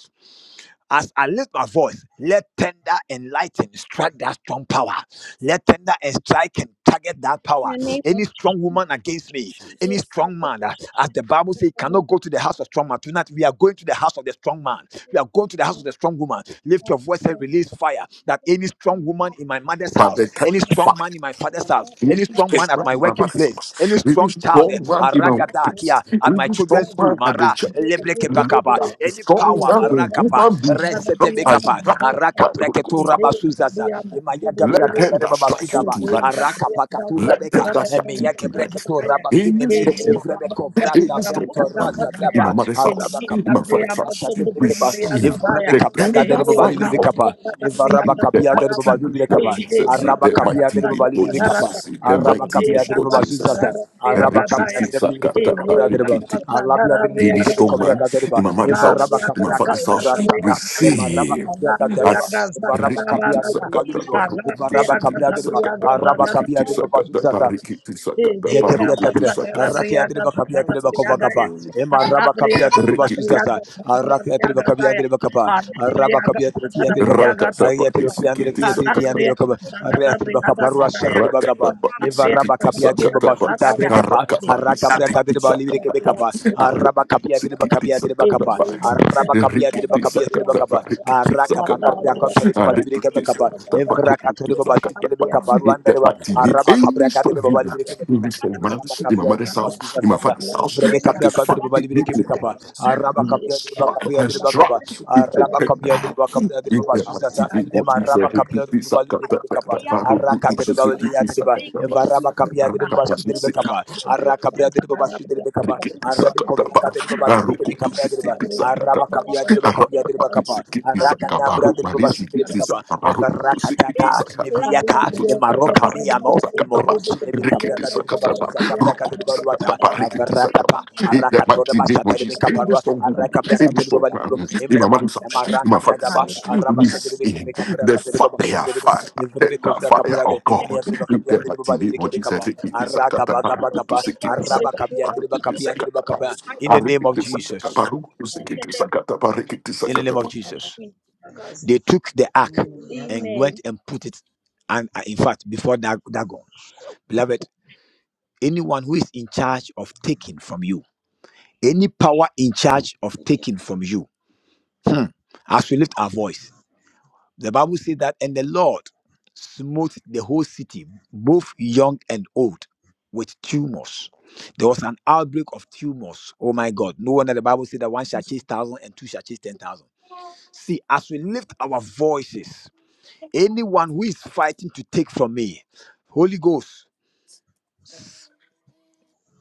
S1: as I lift my voice, let tender and lightning strike that strong power. Let tender and strike and target that
S3: In
S1: power.
S3: the name of
S1: Any strong woman against me, any
S7: Jesus.
S1: strong man, uh, as the
S3: the
S1: Bible says, cannot
S3: village
S1: go
S3: of
S1: to the
S3: the
S1: house of strong man. Tonight, we are going to the house of the strong man. We
S3: Christian,
S1: are going to the house of
S3: that
S1: the strong woman. Lift
S3: uh,
S1: your voice and
S3: the
S1: release fire. That
S3: people
S1: any strong
S3: and
S1: woman
S3: have a
S1: in my mother's house,
S2: the type
S1: any
S2: of
S1: strong
S2: fact,
S1: man in my
S3: with the
S1: father's house,
S3: help of
S1: any
S3: the
S2: English
S1: strong man at
S2: strong man
S1: my
S2: in my
S3: doctor,
S1: working
S2: mother's
S1: place,
S2: house,
S1: any
S2: English
S1: strong child, eh,
S2: strong
S3: we
S2: one in my
S1: aragada kia,
S2: workplace,
S1: at my
S2: English
S1: children's
S2: strong
S1: school,
S2: one at the
S1: mara,
S2: church,
S1: lebreke pakapa,
S2: That
S1: any
S2: strong one
S1: power,
S2: the
S1: marakapa,
S2: human being struck and
S1: resetebekapa,
S2: struck
S1: araka
S2: by the Holy Ghost
S1: preketura
S2: fire.
S1: basuzaza, emayaga
S2: Let them
S1: brakadare
S2: that strike you
S6: Thank
S1: babasudaba,
S2: tonight,
S1: araka pakatura
S2: let them
S1: beka,
S2: that strike you
S1: emeyake
S2: tonight.
S1: preketura
S2: English
S1: basunemi,
S3: are
S2: strong man.
S1: evrebeko vrata
S2: It's so
S1: branto
S2: good,
S1: raza
S2: In my
S1: daba,
S2: mother's house,
S1: araba
S2: in my father's
S1: kabreketura
S2: house,
S1: shatebekepa,
S2: receive
S1: Evarabe
S2: the
S1: Capria
S2: tender
S1: Gadari Babali
S2: fire of God.
S1: Bicapa, Evaraba
S2: In the
S1: Capia de
S2: mighty
S1: Babazu
S2: name of
S1: Bicapa,
S2: Jesus, in
S1: Araba
S2: the
S1: Capia
S2: mighty
S1: de
S2: name
S1: Babali
S2: of
S1: Bicapa,
S2: Jesus, in the
S1: Araba
S2: mighty name
S1: Capia de
S2: of Jesus.
S1: Babazuzaza, Araba
S2: Ricky,
S1: Capia de Bilicapa
S2: Fisakata,
S1: Capra de
S2: Ricky,
S1: Riba, Alabia de
S2: in this
S1: Bilicapa
S2: strong
S1: Capra
S2: man, in
S1: Gadariba,
S2: my mother's
S1: Evaraba
S2: house, in my
S1: Capia
S2: father's house,
S1: Catura Sata,
S6: you.
S1: Emaraba
S2: receive
S6: Thank
S1: Capria Gadariba.
S2: as
S1: Varaba
S3: that
S2: Rikiti
S1: kapia deriba
S3: we
S2: sakata
S3: have
S1: balibibo.
S2: barukutu
S1: Varaba kapia
S2: sikiti
S1: deriba.
S2: sakata
S1: Araba kapia
S2: barikiti
S3: not
S1: deriba
S2: sakata
S1: bazuzaza.
S2: barikiti sakata
S1: Yekeple
S2: barukutu
S3: achieved
S1: kapire,
S2: sakata
S1: arake adire bakapia adire bakova kapa,
S3: the good of
S1: ema raba kapia adire
S3: the
S1: babasuzaza, arake adire bakapia adire bakapa,
S3: good
S1: araba kapia adire kia adire bakapa, ayi adire kia adire kia adire kia
S2: Rakatapatisiki-tisakata.
S1: adire bakapa, arake adire bakapa
S3: God
S1: ruasha
S3: of
S1: adire bakapa, eva raba kapia adire
S2: Rakatapatisiki-tisakata.
S3: the
S1: babasuda brekapa, araka kapia adire balibire
S2: Arakapatisiki-tisakata.
S1: kebe kapa,
S3: adopted,
S1: araba kapia adire bakapia adire
S2: Arukutisiki-tisakata.
S1: bakapa, araba kapia adire bakapia adire
S2: Rikitisakata.
S1: bakapa,
S6: you.
S1: araka
S6: Terima
S2: Rikitisakata.
S1: kapia kapia adire balibire kebe kapa,
S2: Arikitisakata.
S1: evra kapia
S3: the
S1: adri
S2: Rukutisakata.
S1: shidere be
S3: justice, the
S1: kapa
S2: In
S1: ruanda
S2: the
S3: mercy
S1: reba
S2: mighty name,
S1: araba
S2: any
S1: kapria
S3: of
S2: strong
S1: kadere baba
S3: the
S2: woman
S1: libere kebe
S2: in
S1: kapa
S2: this
S3: justice,
S2: family,
S1: araba
S2: in my
S1: kapia dere
S2: mother's
S1: baba
S2: house,
S1: suza
S2: in my
S1: sasa
S2: father's
S3: the
S2: house,
S1: evre be
S2: that
S3: fairness,
S1: kapria
S2: is
S1: kadere
S3: and
S1: baba
S2: fighting
S3: it's
S2: me,
S1: libere
S3: not
S2: O
S3: about
S1: kebe
S3: the
S1: kapa
S3: power
S2: Lord.
S3: of the goodness,
S1: araba kapia dere baba
S2: Strike
S1: kapia
S3: the
S2: and
S1: dere baba kapa
S2: strike with the
S1: araba kapia dere
S2: better.
S1: baba kapia dere baba suza sasa
S2: Interactivate what
S1: ema
S2: is a
S1: araba
S2: hit to
S1: kapia dere
S2: this. I
S1: baba libere
S2: got
S3: I po,
S2: that
S1: kebe kapa
S2: better. Baruch
S1: araka
S2: to
S1: dere baba
S2: Suzuki.
S3: hindi
S1: libere
S2: This
S3: ko
S1: dere
S2: I
S1: baba
S2: got
S1: evaraba kapia dere baba suza dere be kapa
S2: that.
S3: po
S1: araka kapia
S3: ano,
S1: dere baba suza dere be kapa
S3: yung
S2: Rikiti
S3: mga
S1: arabe kovra
S2: sakatapa,
S1: kadere baba libere
S3: kaibigan
S1: kebe
S2: arukutu
S1: kapia dere
S3: mo,
S2: sikiti
S1: baba
S3: sila
S1: araba
S3: po
S2: sakatapa,
S3: ang
S1: kapia dere baba kapia
S3: kaibigan
S1: dere
S2: arakapa
S1: baba
S3: mo,
S2: sikiti
S1: kapa
S3: ito ang
S1: Nambra
S2: sakabaru,
S1: de
S2: mani
S1: Baba
S3: gusto ko,
S2: sikiti
S1: Shudribicaba, and
S2: sakabaru,
S6: you.
S2: tu sikiti
S3: and
S1: Varakataka,
S2: sakatapa.
S6: My
S3: plan
S6: God,
S3: ko
S1: Eviaka,
S2: Kutu
S1: and Maroka
S2: sakatapa,
S3: po
S2: rikiti
S1: Niamo, and
S2: sakatapa,
S1: Moros,
S2: rikiti
S1: Nebicabraga de Baba
S2: sakatapa,
S1: Suzacabraca de
S2: rukutu
S1: Baluata,
S2: sakatapa,
S3: I
S2: rikiti
S3: think that
S2: sakatapa.
S1: Avarakapa,
S3: we have to
S2: In the
S1: Arakato de
S2: mighty name of
S1: Basata de
S3: have a
S2: Jesus, in any
S1: Caparua,
S2: strong woman,
S3: people who are
S1: Arakabraca
S2: any
S1: de
S2: strong man,
S1: Babalibo,
S2: in my
S1: Emrama,
S2: mother's
S1: and
S2: house, in
S1: Maraka
S2: my
S3: comfortable, who are
S2: father's
S1: Bragaba,
S2: house,
S1: Arabasa de
S2: release in the
S1: Bicabraca de Baba
S2: fire,
S1: Sunderibo,
S3: dapat
S2: fire, the
S3: natin
S1: Evrebecovra
S2: fire
S3: ay
S1: Caprade,
S2: of God.
S3: dapat
S1: Ayagriba
S2: In
S1: Capian
S2: the
S1: de
S2: mighty name of Jesus,
S1: Babalibicaba,
S3: ito
S2: rikiti sakatapa, rukutu
S1: Aragabagabagaba,
S2: sikiti
S1: Araba
S2: sakatapa.
S1: Capian
S2: Let
S3: ang
S1: de
S2: it be
S1: Bacapian de Bacapa, in the name of Jesus. In the name of Jesus. They took the ark and went
S3: Amen.
S1: and put it, and uh, in fact, before Dag- Dagon. Beloved, anyone who is in charge of taking from you, any power in charge of taking from you, hmm, as we lift our voice, the Bible says that, and the Lord smote the whole city, both young and old, with tumors. There was an outbreak of tumors. Oh my God. No wonder the Bible said that one shall chase thousand and two shall chase ten thousand. See, as we lift our voices, anyone who is fighting to take from me, Holy Ghost,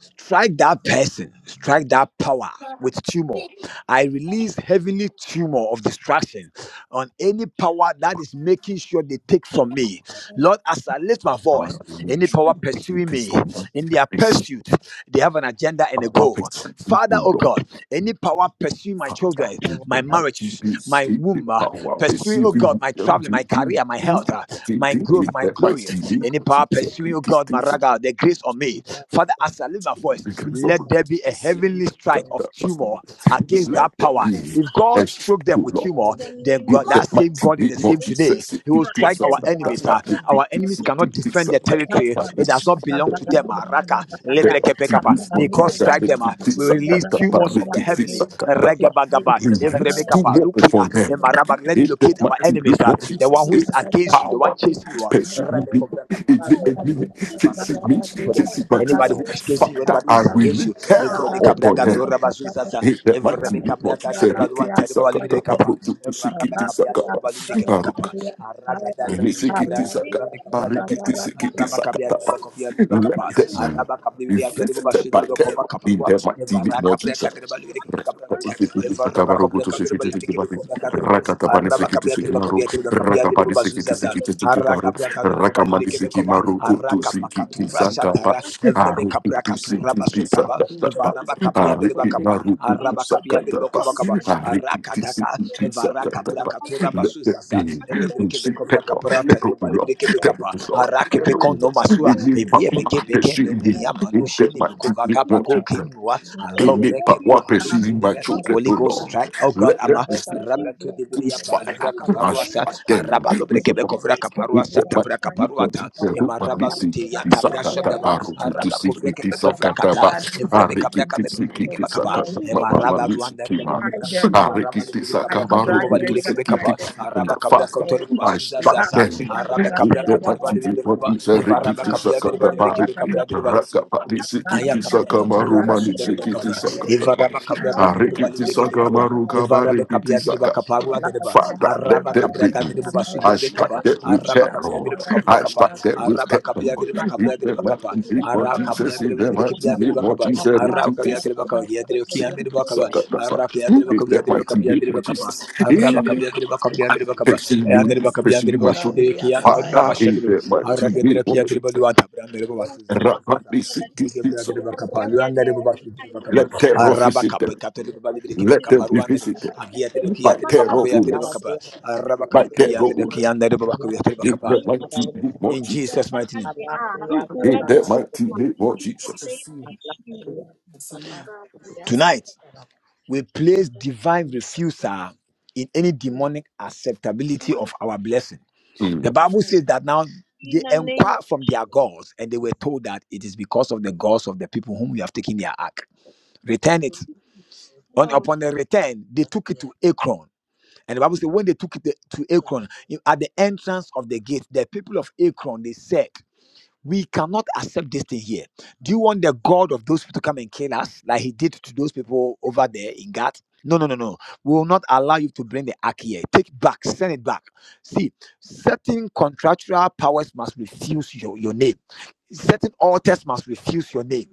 S1: strike that person, strike that power with tumor. I release heavenly tumor of distraction on any power that is making sure they take from me.
S3: And
S1: Lord, as I lift my voice, any power pursuing me in their pursuit, they have an agenda and a goal. Father, oh God, any power pursuing my children, my marriage, my womb, uh, pursuing, oh God, my traveling, my career, my health, uh, my growth, my glory, any power pursuing, oh God, my raga, the grace on me. Father, as I lift my voice, let there be a heavenly strike of tumor
S3: in
S1: against
S3: the
S1: that
S3: name
S1: power.
S3: of
S1: If God
S3: Jesus,
S1: God
S2: as
S1: struck them
S2: you
S1: with
S2: love.
S1: humor,
S3: in the
S1: then
S3: name
S2: Too
S1: God,
S3: of
S1: that same
S2: much
S3: Jesus,
S2: for
S1: God is the same today.
S2: them. It
S1: He will
S3: we
S2: is
S1: strike our
S2: that like that,
S1: enemies.
S2: that
S1: ah.
S6: the name
S2: it
S1: Our
S6: of
S2: is
S1: enemies
S3: pray.
S6: Jesus.
S1: cannot
S2: it is
S1: defend their
S2: that like
S6: Thank
S2: that,
S1: territory.
S2: that it
S1: It does
S2: is
S1: not belong to them. ah. Raka,
S6: you.
S2: the
S1: lebrekepekapa. May God
S2: mighty name
S1: strike
S2: of
S1: them. ah.
S2: Jesus it
S1: We
S2: is that that
S1: release
S2: that that
S1: tumors of the
S2: it is
S1: heavenly.
S2: that that that that
S1: Regebagaba,
S2: release to
S3: I
S1: evrebekapa,
S2: walk for
S1: lukia,
S2: them.
S1: emaraba. Let it
S2: In the
S1: locate our
S2: mighty
S1: enemies.
S2: name
S1: ah.
S2: of
S1: The one
S2: Jesus,
S1: who is
S2: it's
S1: against you, the
S2: power.
S1: one chasing you. ah.
S2: Pursue
S3: pray
S2: me,
S1: Rebekobrekapa,
S2: it's
S3: for
S2: the
S1: rusha, tadaba,
S2: enemy.
S3: the people
S2: Chase me,
S1: evarebekapa,
S3: of
S2: chase
S1: tadaba.
S3: the
S2: my
S1: Anybody
S2: children.
S1: who is
S3: Lord,
S1: chasing against you,
S2: Father,
S1: anybody who
S2: I
S1: is
S3: that
S1: against
S2: will
S1: you. Every
S2: terror
S1: day,
S2: upon
S1: Cabriaga
S2: them.
S1: Dora Bazuzaza,
S2: In the
S3: Jesus,
S1: every
S2: mighty
S1: day,
S2: name of
S1: Cabriaga de
S2: Jesus,
S3: yes,
S1: Baduan
S2: rikiti
S1: Terrible
S3: of the
S2: sakata
S1: Alimini Capa,
S2: parutu
S1: every day,
S2: sikiti
S1: Cabia de
S2: sakata
S1: Balimini
S2: paruka
S1: Cabacapa, Araga da
S2: ni
S1: Rebezu
S3: kingdom,
S2: sikiti
S3: they
S2: sakata
S1: Rabbi
S3: accepted.
S1: Cabia de
S2: parikiti sikiti
S1: Rabba Cabia
S2: sakata.
S1: de
S2: pa.
S3: In
S1: Bacovia de
S6: Strike
S2: Let
S6: them,
S1: Bacapa,
S3: the name of
S2: them
S1: Araba Cabia
S2: be
S3: Jesus, we
S1: de
S3: speak
S2: visited
S1: Bashi de
S2: by terror
S1: Bacova
S2: in the mighty
S1: Evara
S2: name of
S1: Cabria
S2: Jesus.
S1: de Cabra,
S3: first
S1: Evara
S3: of all,
S1: Cabria
S2: Sakabarogoto
S3: the Lord, the Lord,
S1: de
S2: sekete sekebati,
S1: Cabra,
S2: rakatapani
S1: Araba
S2: sekete
S1: Cabia de
S2: sekemaru,
S3: the Lord,
S1: Bacapia de
S2: rakapani sekete
S1: Bazuzaza.
S3: the Lord, and the
S2: sekete
S3: people of
S2: sekebaru,
S3: the
S2: rakamani
S1: Aragabiakadebalibirekebekova,
S2: sekemaru kutu sekete
S1: Arakapakatura
S2: sakapa,
S1: Satara,
S3: Lord,
S2: arukutu
S1: Evrebekapakatura
S2: sekete
S3: the Lord,
S1: Basutaba,
S2: sakatapa,
S3: the Lord,
S2: ariki
S1: Evarabakapiaderebakapa,
S2: maru
S3: in
S2: kutu sakatapa,
S1: Arabakapiaderebakobakaba,
S2: arikiti
S1: Arakataka,
S2: sekete sakatapa.
S3: Jesus'
S1: Evarakabrakakatura
S3: name.
S2: Let the
S1: Basuzasa,
S2: being who seek terror,
S1: Elebrekebekobrakapurata,
S2: terror ulo, terror
S1: Debalibirekebekapa,
S2: ulo, terror ulo.
S1: Arakepekono Masua,
S2: In the power, the
S1: Eviebekebeke,
S2: shield, in the
S1: Nuniyamanushini,
S2: mighty name of
S1: Bukovakapako, Kinua,
S2: any
S1: Alobrekebo,
S2: power pursuing my
S1: Halusinime,
S2: children, O Lord,
S1: strength, oh God,
S2: let them
S1: Ama
S2: receive
S1: Rabatu Dibria
S2: fire
S1: Bakovra
S2: and
S1: Caparuasa,
S2: strike them.
S1: Araba Lobrekebe Kovra
S2: And
S1: Caparuasa,
S2: the
S1: Tabra Caparuata, Emma Rabalutia, Tabra Shabdava, Araba Kovrekebe Kovra Kata, Evrebe Cabra Cabra Kaba, Emma Rabba Ruanda, Emma Rabba
S6: I
S1: Cabra Catoribo
S6: strike them back
S1: Balikebe
S6: by
S1: Kaba, Araba Cabra
S2: faster
S6: them.
S1: Catoribo
S2: I
S1: Basuza
S2: strike
S1: Zaza,
S2: them,
S1: Araba
S2: with
S1: Cabra
S2: the
S1: Catoribo
S2: mighty
S1: Balikebe
S2: what
S1: Kaba,
S2: is a
S1: Eva Rabba
S2: rikiti
S1: Cabia Deriba
S2: sakata pari,
S1: Likebe Cabra Deriba,
S2: rakapati
S1: Aya
S2: sikiti
S1: kabla katura
S2: sakamaru mani
S1: basu dere be
S2: sikiti
S1: kabra.
S2: sakata
S1: Evara
S2: pari,
S1: ba kabra kabri de bali
S2: rikiti
S1: de kebe kapa.
S2: sakamaru
S1: Evara be kabia de ba
S2: kabarikiti
S1: kapa rua de ba.
S2: Father, let
S1: Araba
S2: that
S1: kabra kabri de
S2: be.
S1: basu
S2: I
S1: dere be
S2: strike
S1: kapa.
S2: that with
S1: Araba kabia
S2: terror.
S1: de ba kabra
S2: I strike
S1: kapa.
S2: that with
S1: Araba
S2: terror.
S6: Hallelujah.
S1: kabya de ba
S2: In
S1: kabra de
S2: the
S1: ba
S2: mighty
S1: kapa.
S2: name of
S1: Araba kabia
S2: Jesus,
S1: de
S2: in
S1: ba
S2: the
S1: de
S2: mighty
S1: kebia de
S2: name
S1: ba
S2: of
S1: kapa.
S2: Jesus,
S1: Araba
S2: repeat
S1: kabia
S2: this.
S1: de ba kabia de kia
S2: In
S1: de ba kapa. Araba kabia de ba kabia
S2: the
S1: de ba
S2: mighty
S1: kabia
S2: name
S1: de
S2: of
S1: ba
S3: In
S1: kapa.
S2: Jesus,
S1: Araba
S2: anyone
S1: kabya de
S8: Mm.
S1: ba kabia de ba kapa.
S2: facing
S1: Aya
S2: me,
S1: de ba kabia de
S2: facing
S1: ba
S2: my
S1: basu
S2: children,
S1: de kia de araba
S2: Father, in
S1: shadru.
S2: the mighty
S1: Araba kabya
S2: name
S1: de kia
S2: of
S1: de
S2: Jesus,
S1: baluata brandere ba luanta.
S2: rapidly seek
S1: Yegebra
S2: this.
S1: de Bacapa, Luanda de Bacapa,
S2: Let terror visit
S1: Arabaca,
S2: them.
S1: Picate de Balibiki,
S2: Let them be
S1: Caparuanda,
S2: visited
S1: Agia de Kia
S2: by
S1: de
S2: terror.
S1: Bacapia de Bacapa,
S2: By
S1: Arabacabiti and the
S2: terror.
S1: Kianda de
S2: In
S1: Bacapa.
S2: that mighty name of
S1: In Jesus'
S2: Jesus.
S1: mighty name.
S2: In that mighty name of
S6: Thank
S2: Jesus.
S1: Tonight, we place divine refusal in any demonic acceptability of our blessing. The
S2: Mm.
S1: Bible
S8: Amen.
S1: says that now they
S3: the name of
S1: inquire from their gods and they were told that it is because of the gods of the people whom we have taken their ark. Return it. On,
S3: God.
S1: upon the return, they took it to Akron And the Bible says, when they took it to Akron, in- at the entrance of the gate, the people of Akron, they said, we cannot accept this thing here. Do you want the God of those people to come and kill us like he did to those people over there in Gath? No, no, no, no. We will not allow you to bring the ark here. Take it back, send it back. See, certain contractual powers must refuse your, your name. Certain altars must refuse your name
S8: Amen. Mm.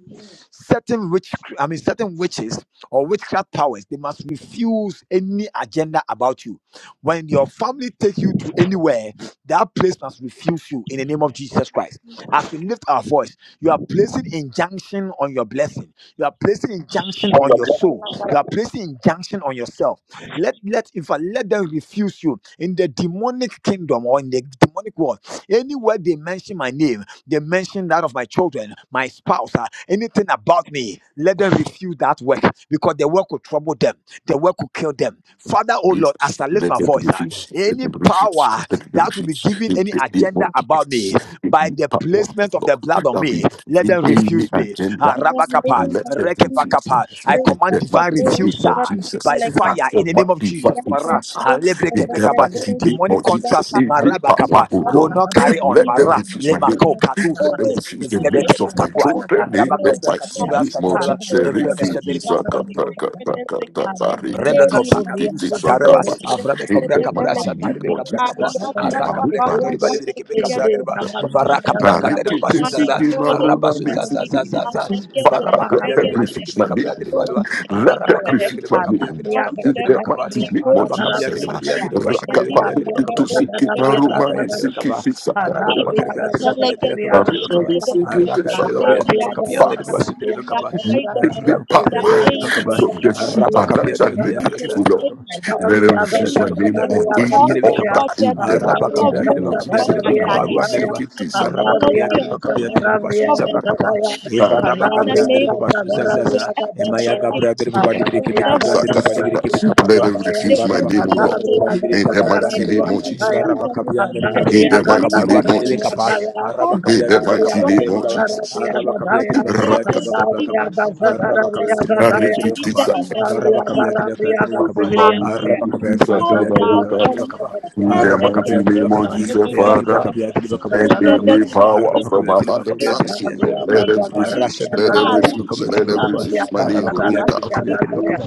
S1: certain witch i mean certain witches or witchcraft powers they must refuse any agenda about you when your family take you to anywhere that place must refuse you in the name of jesus christ as we lift our voice, you are placing injunction on your blessing. You are placing injunction on your soul. You are placing injunction on yourself. Let let in fact let them refuse you in the demonic kingdom or in the demonic world. Anywhere they mention my name, they mention that of my children, my spouse, uh, anything about me. Let them refuse that work because the work will trouble them. The work will kill them. Father, oh
S2: Yes.
S1: Lord, as I lift
S2: Let
S1: my
S2: them
S1: voice,
S2: be
S1: uh,
S2: fish. Let
S1: any
S2: them be fish.
S1: power
S2: Let them be
S1: that will be
S2: fish.
S1: giving
S2: In
S1: any
S2: the name
S1: agenda
S2: of
S1: about
S2: Jesus.
S1: me
S2: In
S1: by
S2: the
S1: the
S2: power
S1: placement
S2: of
S1: of the
S2: God.
S1: blood on
S2: That we
S1: me. Let
S2: bring
S1: them
S2: in the
S1: refuse me.
S3: In
S1: Ah,
S2: agenda.
S3: the
S1: rabakapa,
S3: name
S2: Let
S3: of
S2: them be
S3: Jesus,
S1: rekepakapa. I
S2: fish.
S3: shut
S2: In
S1: command
S3: up,
S2: the
S1: divine
S2: mighty name
S1: refuser
S3: shut
S2: of
S3: up,
S2: Jesus.
S1: by
S3: like
S2: And
S3: a
S1: fire
S2: the
S1: in the name of
S2: mighty
S3: Oh,
S1: Jesus.
S3: God,
S2: fucking
S3: it's
S1: Mara,
S2: fish.
S3: so
S1: and
S3: good. Oh,
S2: In the
S1: lebrekepekapa.
S2: mighty name
S1: Demonic
S2: of
S3: God,
S1: contract
S2: Jesus.
S1: with
S2: In the power
S1: marabakapa
S2: of
S1: will
S2: God.
S1: not carry on.
S2: Let them
S1: Mara,
S2: refuse my name.
S1: lemako, kadu,
S2: Let them
S1: sude,
S2: refuse the lips of my
S1: evrebekepakapua. Ah,
S2: children. They bet
S1: rabakapra,
S2: my
S1: katura,
S2: sleep.
S3: it's
S1: satareba,
S3: it's
S2: Mojise
S3: so
S2: riki
S3: good.
S2: kisaka
S3: Shocking.
S1: evrebesebere,
S2: taka
S3: Like that,
S2: taka
S3: like
S2: taka
S3: that.
S2: riki
S3: Oh,
S1: Rebeko
S3: yeah.
S2: kisi kiti
S1: pakatusa
S2: saka
S3: Oh,
S1: taraba
S2: pa.
S3: shit, like
S1: avrabe
S3: that,
S2: It
S1: kobra
S3: like
S2: bet my
S3: that,
S1: kapra
S3: like
S2: sleep.
S1: shatarbe kabra
S3: I am
S2: Mojise
S1: kapa
S3: not
S2: siki
S3: a
S1: araka bleke
S2: marupa
S3: bala,
S1: toriba
S3: but
S2: nisi
S3: I
S1: libire kipe
S3: think I
S2: kisa.
S1: kapra
S3: don't
S1: derba
S3: shut
S1: ivara
S3: up. My
S1: kapra kadere
S2: Ariki
S1: basu
S2: tisi
S1: zaza
S3: God,
S1: araba
S2: kimaruna
S1: su
S2: nisi
S1: zaza zaza za
S2: kisa.
S3: I get
S1: ivara
S3: there,
S2: Let
S3: I
S1: bakapia
S3: get
S2: them
S1: dire
S3: there.
S1: libire
S2: refuse
S1: kipe
S2: my name.
S1: kapra derba
S3: Thank
S1: lwa
S2: Let
S1: ivara
S2: them
S1: bakapia dire
S2: refuse my
S1: bakapia
S2: name.
S1: dire bakapia
S2: It
S1: dire
S2: bet my
S1: bakapa
S2: sleep.
S1: araba kapia
S2: Mojise
S1: dire budia
S6: Amen.
S2: siki
S1: dire bashi dire
S2: rakapa.
S1: kipe dire bakapra
S2: Tisi
S1: dire
S3: you.
S2: kimaruma
S1: araka ya dire
S2: nisi
S1: bakapa
S2: kiti saka
S1: araba
S3: It
S2: pa.
S1: kapia dire dire
S3: Ikanta
S1: bakia dire
S3: legebo
S1: kapra
S2: Fast.
S1: dire bakapa
S3: shadebebe.
S1: araka dire bakia
S3: Maybe
S1: dire
S3: our
S1: bakapia dire
S3: girls,
S1: basu dire
S3: maybe our
S1: bakapa
S2: Take
S3: idols,
S2: the
S1: araba
S3: maybe
S1: kapia
S3: our
S2: power
S1: dire
S3: deities,
S1: bakapa
S3: we
S2: from the
S3: choose
S1: Rabaka
S2: supernatural
S1: Piatri
S3: to
S1: Piatri
S2: negative
S3: get
S2: Lord.
S1: Piatrico,
S2: Let them
S1: Yatrico
S2: refuse my
S3: demons
S1: Piatrico
S2: name
S3: just
S2: on
S1: Piatrico
S2: any
S1: Bashidri
S3: because
S2: altar
S1: Vekaba,
S3: of the
S2: in the
S1: Rabaka
S3: power of
S2: mighty name
S3: God
S1: Piatrico
S2: of Jesus.
S3: upon my
S1: Piatrico
S2: In my
S3: life,
S2: name,
S1: Cabarua
S2: sing
S1: Nerva,
S3: because
S2: it
S3: of
S2: is
S3: the
S2: a-
S1: Rabaka
S3: jealousy of
S1: Piatrico
S3: God
S1: Piatrico
S2: it's a-
S1: Bashida
S3: involving
S1: Bacapa,
S3: around
S2: it's
S3: my
S2: a-
S3: life.
S1: Eva
S3: In
S1: Rabaka
S3: the name
S1: Brandrico
S3: of
S1: Bashuza
S3: Jesus,
S1: Zaza,
S3: wherever
S2: it's a-
S1: Emaya
S3: they
S1: Gabra
S3: take
S1: de
S3: me,
S1: Bubalibi Kibika
S3: whatever
S1: de
S3: they will do
S1: Bubalibi
S3: to
S2: it's
S3: me,
S1: Kibika
S2: a- Let
S1: Parua,
S2: them
S3: the
S2: refuse
S6: Alabriya
S1: Eva
S2: my
S1: Rabaka
S2: name, O
S1: Pian
S2: Lord.
S3: whatever
S1: de
S3: they
S6: Sanabria
S1: Bubalibi
S3: saw,
S2: In the
S1: Cabaguan
S3: it
S2: mighty
S1: de
S3: to
S6: Gazagarabria
S1: Riba,
S2: name
S3: be
S2: of Jesus.
S1: Eva
S6: Gataya,
S3: refused and
S1: Rabaka Pian de
S3: rejected
S2: In
S1: Bashin
S3: in
S6: Sanabria
S1: de
S2: the
S3: the
S1: Riba
S2: mighty
S3: name of
S1: Cabarua
S2: name of
S3: Jesus.
S6: Gazagarabria
S1: Caribecapa,
S2: Jesus.
S6: Gataya,
S3: Because
S1: Arabaka
S3: the
S2: In the
S1: Piatrico
S3: Son of
S6: Sanabria
S2: mighty
S1: Caba,
S3: God
S2: name
S3: is
S2: of
S3: coming.
S2: Jesus.
S6: Gazagarabria
S1: Arabaka
S3: because
S6: Gataya,
S3: His
S1: Piatrico
S3: love
S1: Piatrico
S3: and
S2: Rakata.
S6: Sanabria
S3: sin
S1: Cabacaba,
S3: revolves
S1: Arabaka
S6: Gazagarabria
S3: around
S1: Piatrico
S3: me.
S6: Gataya,
S1: Piatrico
S3: In the
S1: Capa,
S2: Arikitisa.
S1: Araba
S3: name of
S6: Sanabria
S3: Jesus,
S6: Garabria
S3: refuse her
S6: Gazibria Gataya,
S3: in the
S2: Arumanisitisa
S3: order
S6: Sanabria
S3: of the
S2: Chabarukata.
S6: Gazagarabria
S2: In the mighty
S6: Gataya,
S2: name of Jesus, Father,
S6: Sanabria
S2: let
S6: Gazagarabria
S2: any
S6: Gataya,
S2: power from above exalt you, Lord.
S6: Kanabriaga
S2: Let
S3: name of
S2: everything,
S3: Jesus.
S2: let
S3: Ah,
S6: Sagarabriagataya.
S2: everything,
S3: refuse,
S2: let everything,
S3: refuse,
S2: My
S6: Kanabriaga
S2: name, Ruka.
S3: refuse,
S6: Sagarabriagataya.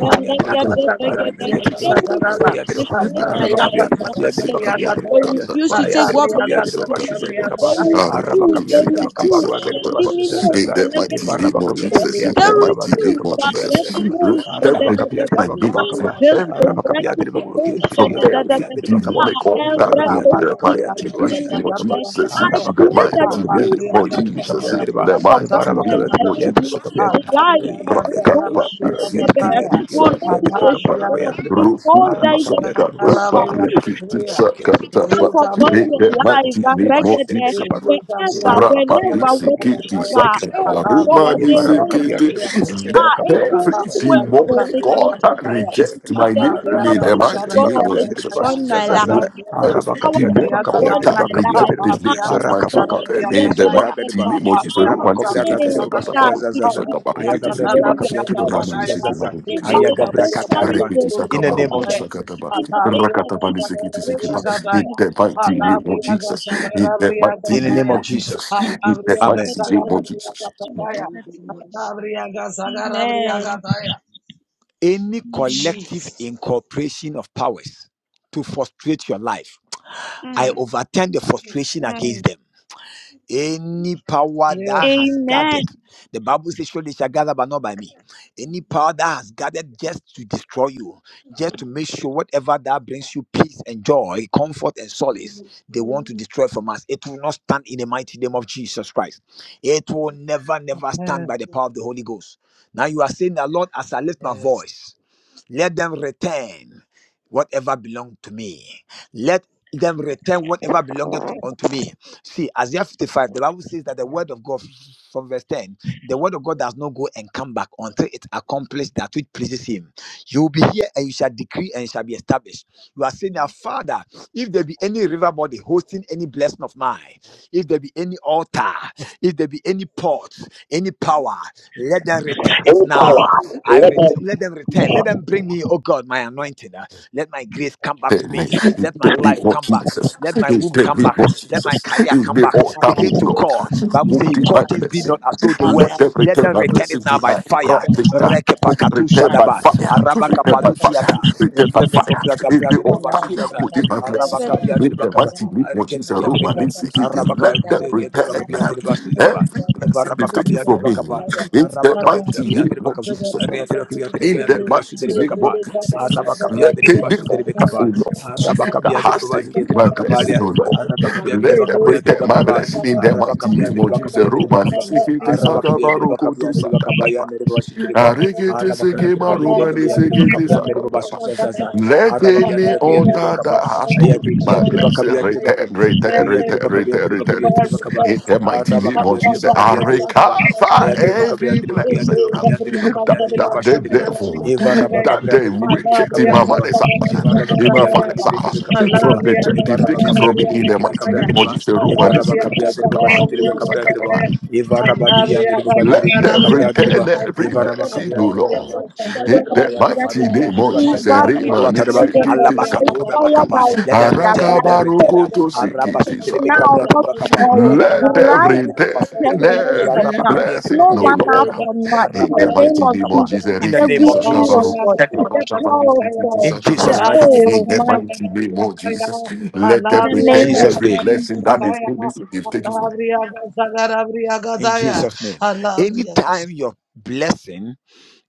S3: then let get there,
S2: Sakata
S3: get
S2: Bari
S3: there.
S2: Viti
S3: They
S2: Sakata
S6: Sagarabriagatakaraba.
S3: refuse to destroy my
S6: Kanabriaga
S3: life.
S2: Arikiti
S3: Lord,
S2: Mari
S3: let get
S2: Siki Mari
S6: Sagarabriagataya.
S3: They
S2: Kasa
S3: refuse to
S2: Bari
S3: take what
S2: Siki
S6: Kanabriaga
S3: belongs to
S2: Sakata
S3: me. They
S6: Sagarabriagataya.
S3: refuse,
S2: Arukutu
S3: they
S6: Kibikaba
S2: Sikiti
S3: refuse, shall
S2: Sakata
S3: leave me
S6: Sagarabriagataya.
S3: no,
S2: In
S3: shall
S2: that
S3: let get
S2: mighty
S3: there,
S2: name of
S3: get there.
S2: Jesus, in
S3: They
S2: that
S6: Kibikaba
S2: mighty name
S3: refuse,
S2: of
S3: I'm
S2: Jesus.
S3: ready, no,
S1: Ah,
S2: let
S3: shall da
S6: Sagarabriagataya.
S2: Every
S3: da da
S1: rabakapya,
S3: da.
S2: my
S1: dera
S2: name
S3: I'm
S2: from
S1: bakapakapah.
S6: Kibikaba
S3: just
S1: Ah,
S2: every
S1: rabakapya,
S3: ready
S1: dera
S3: to go,
S1: bakulukiya, dera
S3: shall
S2: from
S3: da da
S6: Sagarabriagataya.
S3: da
S2: every
S1: kiyat,
S3: da.
S1: dera kapah.
S2: demonic
S3: Ah,
S1: Dera
S3: El
S2: altar
S1: rabakapya,
S2: in
S1: dera
S2: the
S3: Bracosi,
S1: bakapya,
S2: mighty
S1: dera
S3: I'm
S1: bakwashid,
S3: telling
S2: name
S1: dera
S2: of
S3: you
S1: kapah.
S3: that.
S2: Jesus,
S1: Ah,
S3: I
S2: in the
S3: pray
S1: rabakapya, dera
S3: that
S2: mighty
S3: you
S1: bakapya,
S3: do
S2: name
S1: dera
S2: of
S3: serve
S1: manivirikibika,
S2: Jesus,
S1: dera
S2: in
S1: dera.
S2: the
S3: hand
S1: Dera
S3: upon
S2: mighty
S3: my
S1: barabakabah,
S2: name
S1: dera
S2: of
S3: life
S1: kiyat, dera
S3: will
S2: Jesus.
S3: be
S1: bakapya, dera.
S3: alive
S1: Ah,
S3: and
S2: Rakapa
S3: revolution
S1: dera kiyat,
S2: bitsi
S1: dera kiyat, dera
S2: kiti
S1: kiyat,
S3: will
S1: dera
S3: not
S2: saka
S1: kiyat,
S3: be
S1: dera kapah,
S2: tapa
S1: dera bayat,
S3: destroyed
S1: dera.
S2: roku
S3: because
S1: Ah,
S3: there is a
S1: rabakapya, dera
S2: saka
S1: bakwashid,
S2: tapa
S1: dera
S3: refuser
S1: kiyat. Ah,
S2: rikiti
S1: dera kiyat,
S2: saka
S1: dera kiyat,
S3: hand
S1: dera
S2: tapa
S1: kapah,
S3: upon
S1: dera
S3: your
S2: eke
S1: kiyat,
S3: life,
S1: dera.
S2: mighty
S1: Dera
S2: name of
S1: manivirikibika, dera
S3: Baregede,
S2: Jesus
S1: dera. Dera
S3: wherever,
S2: rapa
S1: barabakapya,
S3: whenever,
S1: dera
S2: bitsi
S1: bakapya, dera
S2: kiti
S3: whatever,
S2: saka
S1: manivirikibika,
S3: oh
S1: dera dera.
S2: aruma
S3: God, they
S2: bitsi
S3: want to
S1: Ivarabakabia, the
S2: kiti
S3: do.
S1: Rubas, the
S2: let
S3: Ah, it
S1: Ribacabia, the
S3: will
S2: every
S3: not
S1: Ribas, the
S3: work, though.
S2: demonic
S3: it will
S2: God
S3: not
S2: that
S1: Ribacabia, the
S3: work,
S2: reject
S1: Ribacabia,
S3: because
S2: my
S3: the
S2: name in the
S3: jealousy
S1: Aracabarus, the
S3: of
S2: mighty name
S3: God
S2: of
S1: Ribacabia,
S3: is
S1: the
S6: Alabria,
S2: Jesus
S1: Ribas,
S3: upon my
S1: Zazaza,
S3: life. His
S2: Every
S3: power
S1: Arabacapia, the
S3: is
S2: demon
S1: Ribacabia,
S3: upon
S1: the
S2: altar
S3: my
S1: Ribacabia,
S2: reject
S1: the
S3: life.
S2: the
S1: Ruba,
S3: I am
S2: names of my children
S1: Aracabaca,
S3: Baregede, I
S1: In the
S2: in the
S1: Mesubara,
S3: am
S1: the
S2: mighty
S1: Riba,
S2: name of Jesus. Roman
S1: Ivarabacobra,
S2: Sikiti
S1: the
S3: saying
S1: Ribas,
S3: that
S2: Sakatabaru
S3: it
S1: Zazaza,
S3: it
S2: Sakabari
S3: is the
S1: Ayagabra, the
S2: Kitiba
S3: glory of
S1: Ribacabia, the
S3: God.
S1: Ribas,
S2: Ramani
S3: So
S1: Zazaza,
S2: Sikimaru
S3: Everything that is
S2: Sakabari
S1: Ayagabra
S3: contrary
S1: Cataraban,
S3: to
S2: Rekiti
S3: this
S1: in the
S3: will
S2: Sakabaru
S1: name
S3: not
S1: of
S3: work.
S1: Jesus,
S2: Sakataba
S3: In the name of
S2: Rakatabani
S3: Jesus,
S2: Sikiti
S1: in
S3: we
S2: Sikiba
S1: Jesus,
S3: pray.
S2: in the
S3: In
S2: mighty
S3: the
S2: name of
S3: name
S2: Jesus. In the mighty
S1: in the
S2: name
S1: name of
S2: of Jesus.
S1: Jesus,
S2: In the
S1: Amen.
S3: of
S2: mighty name
S3: Jesus.
S2: of Jesus.
S3: Amen. Amen.
S1: Any
S3: Mm,
S1: collective
S6: Jesus.
S1: incorporation of powers to frustrate your life I
S3: mm.
S1: overturn the frustration against them. Any power that
S6: Yeah,
S1: has
S3: Amen.
S1: gathered, the Bible says, surely they shall gather, but not by me. Any power that has gathered just to destroy you, just to make sure whatever that brings you peace and joy, comfort and solace, they want to destroy from us. It will not stand in the mighty name of Jesus Christ. It will never, never stand
S6: man.
S1: by the power of the Holy Ghost. Now you are saying that, Lord, as I lift my
S6: Yes.
S1: voice, let them return whatever belonged to me. Let them return whatever belongeth unto me. See, Isaiah 55, the Bible says that the word of God, from verse 10, the word of God does not go and come back until it accomplishes that which pleases him. You will be here and you shall decree and it shall be established. You are saying that, Father, if there be any river body hosting any blessing of mine, if there be any altar, if there be any port, any power, let them return it now. I ret- let them return. Let them bring me, oh God, my anointing. uh, Let my grace come back to
S2: Take me,
S1: me.
S2: you
S1: Let my
S2: take me,
S1: life
S2: Lord
S1: come back.
S2: Jesus.
S1: Let my
S2: You
S1: womb
S2: take
S1: come
S2: me,
S1: back.
S2: Lord
S1: Let my
S2: Jesus.
S1: career
S2: You
S1: come
S2: be
S1: back.
S2: all
S1: Begin
S2: times,
S1: to
S2: Lord.
S1: call. Bible
S2: Who
S1: says he
S2: is my
S1: called things be not
S2: blessing?
S1: as though they were.
S2: Let them
S1: Let
S2: return
S1: them
S2: my
S1: return
S2: blessing
S1: it now by
S2: tonight. Right
S1: fire.
S2: this time.
S1: Rekepakatu
S2: Return by
S1: shadaba.
S2: fire. Return by
S1: Arabakapalu
S2: fire.
S1: tiata.
S2: Return by
S1: Evreme
S2: fire.
S1: kovra
S2: In
S1: gabra
S2: the
S1: nereba
S2: altar.
S1: basuzaza.
S2: Within my
S3: By fire,
S2: blessing.
S1: Arabakabia de
S2: In the
S1: Bakaba,
S2: mighty name of Jesus.
S1: Areketia de
S2: Roman
S1: Bakaba,
S2: insecurity. Let
S1: Arabakabia
S2: them
S6: Thank
S1: de
S6: you.
S2: return
S1: Bakabia
S2: now.
S1: de Basu
S6: Let
S1: de Ba,
S2: Every blessing they've taken
S1: Evarabakabia de
S2: from me.
S1: Bakapa,
S2: In the
S1: Arabakabia
S2: mighty name
S1: de
S2: of
S1: Bakaba,
S2: Jesus
S1: Areatrokabia de
S2: in
S1: Reca
S2: the
S1: de Basu de
S2: mighty name of
S1: Bakapa,
S2: Jesus.
S1: Arabakabia
S2: Let
S1: de
S2: it be
S1: Basu de
S2: altar, O
S1: Bakapa,
S2: Lord. The
S1: Arabakabia de
S2: has
S1: Bazia
S2: taken
S1: de
S2: my blessing,
S1: Bakapadia,
S2: O Lord.
S1: Arabakabia de
S2: Let them
S1: Bakabia de
S2: return my
S1: Bakapa,
S2: blessing in the mighty
S1: Arabakabia
S2: name
S1: de
S2: of Jesus.
S1: Bakabia de
S2: Roman
S1: Bakapa,
S2: Sikiti
S1: Arabakabia
S2: Sakaba
S1: de
S2: Roko to
S1: Bakabia de Bakabaya
S2: Sakatapa.
S1: de Basu de Ba,
S2: Arikiti
S1: Arabakabia de
S2: Sikima Roman
S1: Bakabia de
S2: Sikiti
S1: Bakabra de Basu Zaza,
S2: let
S1: Arabakabia
S2: any
S1: de
S2: altar
S1: Bakabia
S2: that has stolen
S1: Ayati
S2: my
S1: Yadri
S2: blessing
S1: Bakabi Yadri Bakab,
S2: return, return,
S1: Iti
S6: there
S1: Yadri
S2: return,
S6: be
S1: Bakabi
S2: return,
S1: Yadri Bakabi
S2: return it.
S1: Yadri
S6: divine
S1: Bakaba,
S2: In
S6: reverse.
S2: the mighty name
S1: Arabakabi
S2: of
S1: Yadri
S2: Jesus,
S1: Bakabi
S2: I
S1: Yadri
S6: Alabria,
S1: Bakaba,
S2: recover
S1: Yadri Bakabi
S2: every
S1: Yadri Bakabi
S2: blessing
S1: Yadri
S2: that,
S1: Bakabi Yadri Bakabi Yadri
S2: that
S1: Bashi
S2: the
S1: Driba,
S2: devil,
S1: Eva Rabba
S2: that
S1: Gabriel
S2: the
S1: Vidriki
S2: wicked in my
S1: Gabriel
S2: mother's house,
S1: Evaraba
S2: in my
S1: kabia dere
S2: father's
S1: lidere kebe
S2: house,
S1: kabra
S2: from
S1: dereba.
S2: the church, they've
S1: Evaraba
S2: taken
S1: kabra
S2: from me
S1: dere
S2: in
S1: lidere
S2: the
S1: kebe
S2: mighty
S1: kabra
S2: name of
S1: dereba.
S2: Jesus. Roman is
S1: Evaraba kabia dereba bashu dereba kabra dereba. Evaraba liya dereba bali lidere
S2: let
S1: kebe
S2: them
S1: kabra
S2: return
S1: dereba.
S2: every
S1: Evaraba
S3: by
S2: blessing,
S1: kabia
S2: O
S1: dereba
S2: Lord.
S1: kaba. Alebe
S2: In the
S1: kabaya
S2: mighty
S1: kaparu ki
S2: name of
S1: antreba sha
S2: Jesus,
S1: dereba kaparu
S2: Remani
S1: atareba. Allah
S2: Sikiti
S1: bakatura
S2: Sakataru.
S1: bakapa. Let them
S3: thunder,
S1: return, let
S3: by
S1: them return.
S3: force.
S2: Arakabarukoto
S3: It
S1: Araba
S3: is
S1: shu
S2: Sikiti
S1: dereba
S3: now,
S1: kabra
S3: not
S2: Sakataba.
S1: dereba kapa.
S3: tomorrow.
S2: Let
S1: Evaraba
S2: them
S3: Right
S1: kabia
S3: now,
S1: dereba bashu
S3: not ten
S2: return
S1: dereba.
S3: minutes from
S2: every
S1: Evaraba
S3: now.
S1: kabia dereba
S3: No
S2: blessing, O
S1: kabia
S3: one
S1: dereba
S3: hour
S1: kapa.
S2: Lord.
S3: from now. In
S2: In
S1: Araba
S2: the
S3: the
S1: kabia
S3: name
S2: mighty
S1: dereba
S3: of
S2: name of
S1: kapa.
S3: Jesus,
S2: Jesus,
S1: In the
S3: the
S1: name
S2: Rikiti
S1: of
S3: glory of
S1: Jesus.
S2: Sakabaru.
S3: God, the
S2: Roshafani
S3: power of
S2: Sikiti
S3: God.
S1: In Jesus'
S3: The,
S2: Sakabaru.
S1: mighty name.
S3: oh
S2: In the
S3: my
S2: mighty name of Jesus, let
S3: In
S2: them
S3: the
S1: in
S3: name
S2: return
S3: of
S1: Jesus'
S2: every
S1: name.
S2: blessing
S3: Jesus.
S2: that is
S1: Amen.
S2: in this. If take it from
S1: In Jesus' name. Anytime
S6: Alabria,
S1: your blessing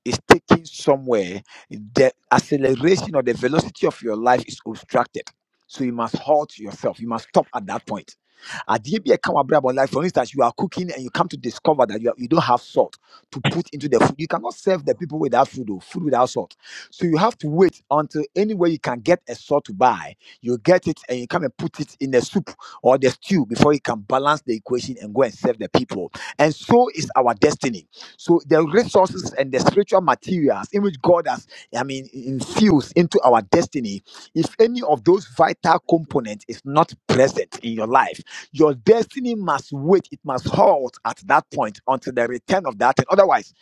S1: is taken somewhere, the acceleration or the velocity of your life is obstructed. So you must halt yourself. You must stop at that point. Adeɛ bi a ɛka w'abrabɔ life, for instance, you are cooking and you come to discover that you, are, you don't have salt to put into the food. You cannot serve the people without food or food without salt. So you have to wait until anywhere you can get a salt to buy, you get it and you come and put it in the soup or the stew before you can balance the equation and go and serve the people. And so is our destiny so the resources and the spiritual materials in which God has, I mean, infused into our destiny, if any of those vital components is not present in your life, your destiny must wait. It must halt at that point until the return of that. thing. Otherwise,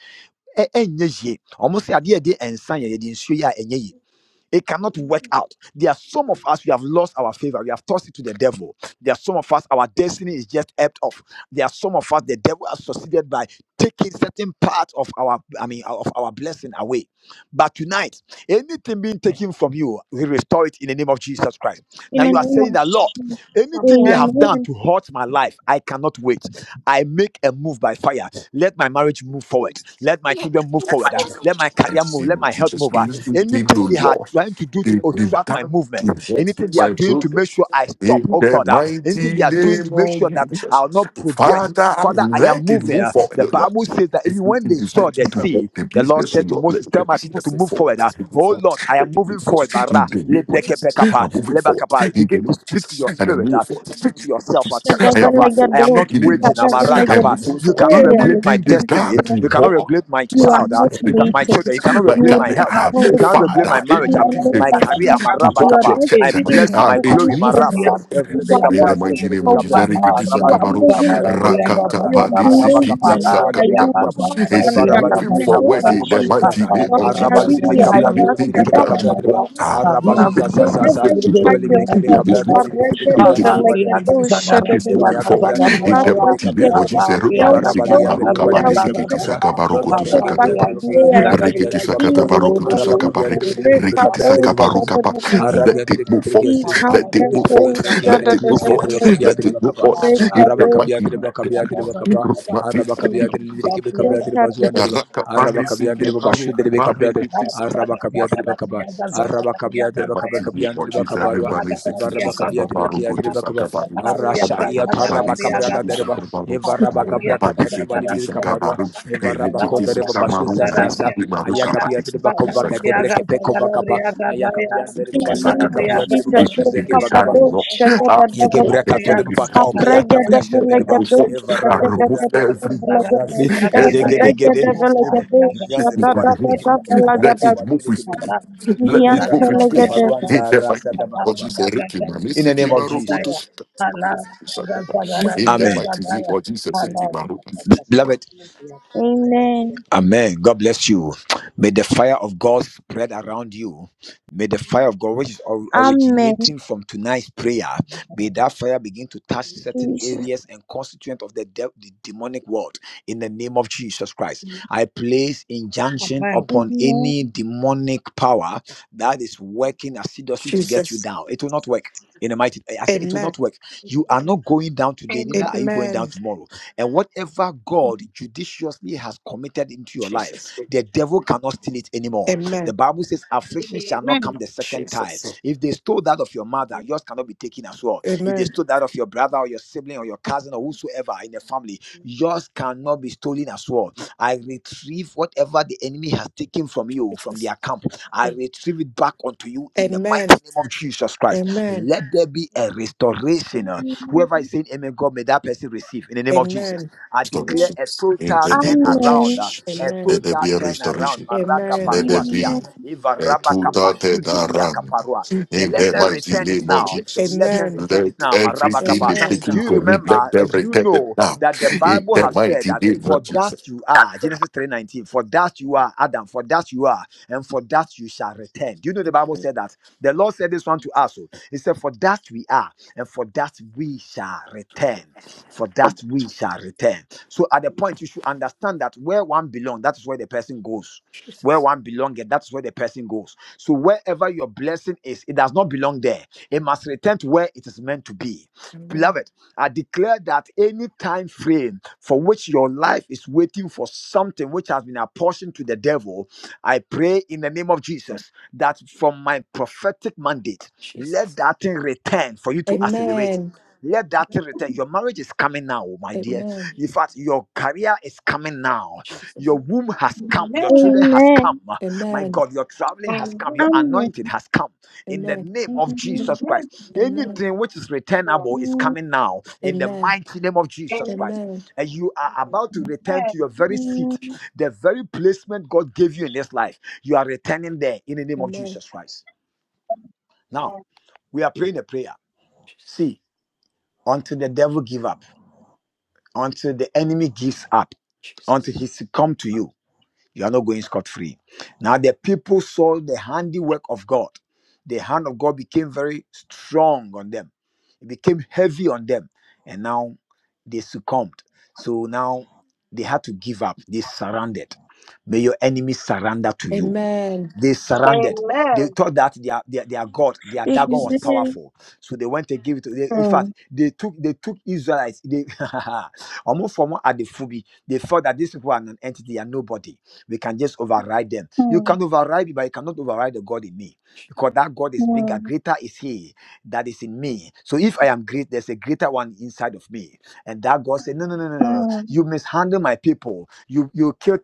S1: eh, eh, nyeh yeh. almost say, "Ade, ade, ensan, yeh, yeh, nsuo yeh, eh, nyeh yeh." It cannot work out. There are some of us, we have lost our favor. We have tossed it to the devil. There are some of us, our destiny is just ebbed off. There are some of us, the devil has succeeded by taking certain part of our, I mean, of our blessing away. But tonight, anything being taken from you, we restore it in the name of Jesus Christ.
S3: In
S1: Now
S3: the
S1: you are
S3: name
S1: saying
S3: of
S1: that, Lord,
S8: Americans
S3: Jesus.
S1: anything they have done
S3: Amen.
S1: to hurt my life, I cannot wait. I make a move by fire. Let my marriage move forward. Let my children move forward. Uh, Let my
S2: and
S1: career
S2: to
S1: move.
S2: see
S1: Let my health
S2: Jesus.
S1: move.
S2: You, you, you
S1: Anything
S2: know
S1: they are
S2: law
S1: trying to do to
S2: the, the
S1: obstruct my
S2: time
S1: movement,
S2: to
S1: anything
S2: hold
S1: they are
S2: my
S1: doing to make
S2: progress.
S1: sure I stop,
S2: In
S1: oh
S2: the
S1: God, uh, anything they
S2: mighty
S1: are doing
S2: name
S1: to make
S2: of
S1: sure that I
S2: Jesus,
S1: will not progress.
S2: Father,
S1: Father, I am
S2: let it
S1: moving.
S2: move
S1: uh,
S2: forward,
S1: the
S2: O Lord.
S1: Bible says that
S2: If
S1: even
S2: you if
S1: when they
S2: you
S1: saw
S2: take
S1: the
S2: to
S1: sea,
S2: walk the
S1: the Lord
S2: business, O
S1: said to
S2: Lord,
S8: is
S2: let
S1: Moses, Tell
S2: the
S1: my people to
S2: business move
S1: move
S2: forward.
S8: poverty
S1: forward. uh,
S2: Let
S8: of
S2: it move
S1: oh
S2: forward.
S1: Lord, I am
S2: Let it
S1: moving
S2: move forward.
S1: forward.
S2: In
S1: Bara,
S2: the name of Jesus,
S8: infinite
S1: lebrekepekapa,
S2: I'm moving
S8: lack of
S2: forward.
S1: lebakapa.
S2: In
S8: strength
S2: the
S1: Begin
S2: name
S1: to
S2: of
S8: to
S1: speak to
S2: Jesus,
S1: your
S2: and I'm
S1: spirit.
S2: moving
S1: uh,
S2: forward. In
S8: achieve
S1: speak to
S2: the name of
S1: yourself. Uh,
S2: Jesus,
S1: tell
S2: I am
S1: yourself, uh,
S2: moving
S1: I
S2: forward.
S1: am not
S2: In the name
S3: Shadavalagadoskia,
S2: of
S1: waiting. I'm
S2: Jesus, I am
S3: davalagado-
S2: moving
S1: You
S2: forward.
S1: cannot regulate my
S2: Anything they've
S1: destiny.
S2: done to
S3: Eh,
S1: You cannot
S2: walk
S1: regulate my
S2: my
S3: You are
S1: child. Uh,
S3: not
S2: business, the
S1: you can,
S2: new
S1: my
S3: waiting.
S2: business
S1: children. You cannot
S6: Alam
S2: my
S3: You
S1: regulate
S3: will
S1: my
S2: career.
S3: not
S1: health.
S3: be
S1: Uh, you
S3: halted.
S1: cannot regulate my
S2: Father,
S1: marriage.
S3: in the
S1: Um,
S2: anything
S3: name
S2: they've
S1: my
S3: of
S2: done
S1: career.
S3: Jesus.
S1: My
S2: to
S1: rabba
S3: Your
S2: haunt
S1: kappa.
S2: your
S1: My
S2: church,
S3: destiny is
S1: blessing.
S2: um,
S1: My
S2: it's
S3: moving
S1: glory. My
S2: moving
S3: forward.
S1: rabba.
S2: forward.
S3: You
S1: Every day,
S3: are
S2: In the
S1: Gabriel, so
S3: moving
S1: that
S2: mighty
S1: they
S2: name
S1: may
S2: of
S3: forward.
S1: Gabriel.
S2: Jesus,
S1: Araba,
S3: You
S1: libre,
S3: are
S2: Rikitisakabaru,
S1: libre,
S3: moving
S1: Gabriel, libre,
S3: forward.
S2: Rakata
S1: Baba,
S3: You are
S2: Padisi
S1: araba
S2: kiti
S1: kapia
S3: moving. Uh,
S1: gribo libire
S3: you
S8: beauty
S1: kebe
S3: will
S1: kaba
S3: never
S2: Padisikitisakata. it's
S3: stand
S1: eva
S8: and
S1: raba
S3: down. In
S2: moving
S3: the
S1: libire
S3: name
S1: kabra
S2: forward
S3: of
S1: gribo
S2: in the
S3: Jesus,
S1: bazuza
S2: mighty
S1: sa
S2: name
S3: your
S2: of
S1: araba
S3: career,
S2: Jesus.
S1: libire kabra
S3: your
S1: gribo
S2: Anything
S1: libire
S2: they've
S1: kebe
S2: done to
S1: kabra
S3: academics,
S1: gribo
S3: your
S2: water,
S1: araba
S3: reputation,
S1: zuza sa sa
S3: wherever
S1: sa
S2: it
S3: you
S2: is
S1: eva
S2: not,
S3: find
S2: it
S1: libire kebe
S2: is
S3: yourself, you
S1: kabra gribo
S2: not,
S1: libire kebe
S2: it
S1: kabra
S2: is not,
S1: gribo ba libire kebe kaba
S2: it is
S1: ema
S2: moving
S1: ya
S2: forward.
S1: gabra gribo
S2: In
S1: bashu
S3: can't
S2: the
S1: gribo
S2: mighty name
S1: kabra
S3: delegate
S2: of
S3: them.
S1: gribo
S2: Jesus,
S3: There
S1: eva
S3: will
S2: Rubadi
S1: raba
S3: be
S2: Siki,
S3: no
S1: libire gribo
S2: Baruka
S3: reason
S1: ba
S3: that
S2: Badi
S3: will
S1: libire
S3: be
S1: kebe
S2: Siki,
S3: set.
S1: kabra
S2: Tisaka
S3: There will
S2: Baruko
S1: aga
S3: be
S2: to
S1: aga aga
S6: Thank
S1: aga
S3: setbacks,
S2: Sakataba,
S1: gribo gribo
S3: delays.
S2: Riki
S1: gribo gribo
S3: In
S2: Tisakata
S1: kaba
S3: the name
S2: Baruko to
S3: of
S1: araba kabia
S2: Sakabari,
S3: Jesus,
S1: gribo libire kebe
S2: Riki
S1: kabra
S3: Rekabo
S2: Tisaka
S1: gribo bazuza
S2: Baruka. Ba.
S3: Shadadabalekete,
S2: Let
S1: araba ya
S2: it
S1: gribo
S2: move forward.
S1: gribo gribo
S2: Let it
S1: Araba
S2: move forward.
S3: Ikabrako
S1: kapia
S2: Let it move forward.
S1: driba kapia
S2: Let
S3: Shadadabalekete,
S2: it
S1: driba
S2: move
S1: kapa.
S2: forward. In
S1: Araba
S2: the
S3: Rekabo
S1: kabia
S2: mighty name
S1: driba
S2: of Jesus,
S1: kabia driba kapa
S2: Rubadi
S1: araba kabiya diri
S2: Siki,
S1: lidiri kibi kabiya diri bazuan
S3: Rekabo
S1: diri ba
S2: Raka Badi
S1: araba kabiya diri
S2: Siki,
S1: ba bashi diri be
S2: Baruka
S1: kabiya diri
S2: Badi
S1: araba kabiya
S2: Siki.
S1: diri ba kaba
S8: enlightenment.
S1: araba kabiya diri ba kaba
S2: Mighty
S1: kabiya
S2: name of
S1: diri ba
S2: Jesus,
S1: kabarwa
S2: everybody say, Kiki
S1: evaraba
S2: Saka
S1: kabiya diri
S2: Baru,
S1: kiya
S2: go
S1: diri
S2: to
S1: ba kaba
S2: Saka Baru,
S1: arasha
S8: You
S1: iya
S8: will
S2: Rakatu Babi,
S1: taraba
S8: speak,
S2: say,
S1: kabra
S8: Lord,
S1: ga
S2: Kiki
S8: in a
S1: diri ba
S2: Saka Baru,
S1: evaraba kabra ka
S2: Rakababi,
S1: tari
S2: say,
S1: ba bali
S2: Kiki
S1: diri
S2: Saka
S1: kabarwa
S2: Baru,
S6: you.
S1: evaraba ko
S2: Erekiti
S1: diri ba
S2: Saka
S1: bashi
S2: Maru,
S1: sa
S2: Mani,
S1: sa sa
S2: Siki Maru, Kabani, say, Kiki Saka
S1: debre
S2: Baru.
S8: place
S1: kepe
S8: of
S1: kova kaba
S8: Father, be
S1: aya kabiya diri
S3: in
S1: ba
S2: Kiki
S3: the
S1: bali
S3: name
S1: diri
S2: Saka
S3: of
S1: kabiya
S2: Baru,
S1: diri ba
S3: Jesus,
S1: bashi
S2: Kiki Saka
S1: kaba
S3: Rekabo
S2: Baru, Ah, to walk,
S1: Yegebra
S3: Shadadabalekete,
S1: katode
S2: Kiki
S1: baba
S2: Saka
S1: kaoku
S2: Baru,
S1: kabra
S2: that
S1: shende deba.
S2: people
S3: Abregadabelekado
S2: fought
S1: Eva
S2: and
S1: raba
S2: removed
S1: nde deba
S2: every
S1: basi
S3: Shadadabalekete,
S2: barrier, every
S1: Zegede gede
S2: impediment.
S1: deba.
S3: Erregadabalekado
S1: Ibra
S2: This
S1: nde
S2: is
S1: deba
S2: the
S1: bani bide kebe kabra
S2: move.
S1: nda
S8: careful.
S2: Let
S1: deba
S8: You
S3: Shadadabalekete,
S2: it
S1: bani
S2: move
S1: bide
S2: with
S8: speak
S1: kebe
S8: for
S1: kapa.
S2: speed.
S8: the Lord.
S2: Let it
S1: Yegebra nde
S2: move with
S1: deba
S2: speed.
S3: Iantelegede.
S1: kaparua
S2: In the
S8: You are
S1: rasa
S2: mighty
S8: the
S1: daba
S2: name of
S1: kaba.
S2: Jesus, Ricky, my
S1: In
S2: Missy,
S1: the name
S2: came my
S1: of
S8: one
S2: rope to
S1: Jesus.
S8: who
S2: stop.
S8: will not be able to
S2: In the
S1: Amen.
S2: mighty name of Jesus,
S8: do it,
S2: Ricky, my
S8: Lord.
S2: rope,
S8: in
S6: Hallelujah.
S2: Ricky,
S8: Jesus'
S2: my
S1: Beloved,
S8: mighty name.
S3: Amen.
S1: Amen. God bless you. May the fire of God spread around you. May the fire
S8: Amen.
S1: of God, which is or-
S6: Amen.
S3: Amen.
S1: originating from tonight's prayer, may that fire begin to touch
S8: Amen.
S1: certain
S3: Jesus.
S1: areas and constituent of the, de- the demonic world in the name of Jesus Christ.
S9: Amen.
S1: I place injunction
S6: Amen.
S1: upon
S3: Amen.
S1: any demonic power that is
S8: Amen.
S1: working assiduously to get you
S7: Jesus.
S1: down. It will not work. In the mighty, I say it will
S7: Amen.
S1: not work.
S8: Amen.
S1: You
S8: Amen. Amen.
S1: are not going down today,
S9: Amen.
S1: neither are you going down
S7: Amen.
S1: tomorrow. And whatever God judiciously has committed into your life,
S7: Jesus.
S1: the devil cannot steal it anymore. The
S7: Amen.
S1: Bible says, affliction shall not come
S9: Amen.
S1: the second time.
S7: Jesus.
S1: If they stole that of your mother,
S8: Amen.
S1: yours cannot be taken as well. If they
S7: Amen.
S1: stole that of your brother or your sibling or your cousin or whosoever in the family, yours cannot be stolen as well. I retrieve whatever the enemy has taken from you, from
S7: Jesus.
S1: their camp. I retrieve
S8: Amen.
S1: it back
S8: Amen.
S1: unto you in the mighty
S7: Amen.
S1: name of Jesus
S7: Amen.
S1: Christ.
S7: Amen.
S1: Let there be a restoration. Whoever is
S3: Amen.
S1: saying amen, God, may that person receive in the name of Jesus.
S7: Amen.
S1: I
S8: Amen.
S1: declare
S2: restoration.
S1: a
S2: In
S1: total
S2: the
S1: turn
S2: name of
S1: around,
S3: Amen.
S1: uh,
S2: Jesus,
S1: a
S2: let
S7: Amen.
S2: there
S1: total
S2: be a
S1: turn around.
S2: restoration.
S1: Maraga
S7: Amen.
S2: Let there
S1: pakua
S2: be
S1: pakuakia,
S3: Amen.
S2: a
S1: ivaraba
S2: total
S1: kapashudibia
S2: turnaround.
S1: kaparua.
S2: In
S1: Let
S2: the
S1: them
S2: mighty
S1: return it
S2: name of
S1: now.
S2: Jesus,
S1: Let them return
S2: let
S1: it now. Maraba
S2: everything be
S1: kapa.
S7: Amen.
S1: Do
S2: taken
S1: you
S2: from me. Let
S1: remember
S2: them
S1: and do you
S2: return it
S1: know
S2: now.
S1: that the
S2: In
S1: Bible
S2: the
S1: has said
S2: mighty
S1: that
S2: name
S1: for
S2: of Jesus.
S1: dust
S8: Amen.
S1: you are, Genesis 3:19, for dust you are, Adam, for dust you are, and for dust you shall return. Do you know the Bible
S7: Amen.
S1: said that? The Lord said this one to us. oh. He said, For dust we are and for that we shall return. For that we shall return. So at the point you should understand that where one belongs, that is where the person goes. Where
S7: Jesus.
S1: one belongs, that's where the person goes. So wherever your blessing is, it does not belong there. It must return to where it is meant to be.
S7: Amen.
S1: Beloved, I declare that any time frame for which your life is waiting for something which has been apportioned to the devil, I pray in the name of Jesus that from my prophetic mandate. Let
S7: Jesus.
S1: that thing return for you to accelerate.
S7: Amen.
S1: Let that thing
S8: Jesus.
S1: return. Your marriage is coming now, oh my dear.
S7: Amen.
S8: In
S1: In fact, your career is coming now.
S7: Jesus.
S1: Your womb has come. Your children
S9: Amen.
S1: has come.
S3: Amen.
S1: My
S7: Amen.
S1: God, your traveling has come. Your
S3: Amen.
S1: anointing has come. In the
S7: Amen.
S1: name of
S3: Amen.
S1: Jesus
S9: Amen.
S1: Christ,
S7: Amen.
S1: anything which is
S9: Lord.
S1: returnable is coming now. In the
S7: Amen.
S1: mighty name of Jesus
S9: Amen.
S1: Christ,
S7: Amen.
S1: and you are about to return to your very seat,
S7: Jesus.
S1: the very placement God gave you in this life. You are returning there in the name of
S7: Amen.
S1: Jesus Christ. Now
S9: Lord.
S1: we are praying a prayer.
S7: Jesus.
S1: See, until the devil give up, until the enemy gives up, until
S7: Jesus.
S1: he succumb to you, you are not going scot free. Now the people saw the handiwork of God. The hand of God became very strong on them. It became heavy on them, and now they succumbed. So now they had to give up. They surrendered. May your enemy surrender to you
S7: Amen.
S1: they surrendered. They
S9: Amen.
S1: thought that their, their, their God, their Dagon was
S7: Jesus.
S3: Amen.
S1: powerful. So they went and gave it to them. In fact,
S9: Mm,
S1: they took they took Israelites. They almost from at the Fubi. They felt that these people are an entity and nobody. We can just override them. You
S9: mm,
S1: can override me, but you cannot override the God in me. Because that God is bigger,
S9: mm,
S1: greater is He that is in me. So if I am great, there's a greater one inside of me. And that God said, No, no, no, no, no. no. You mishandle my people. You you killed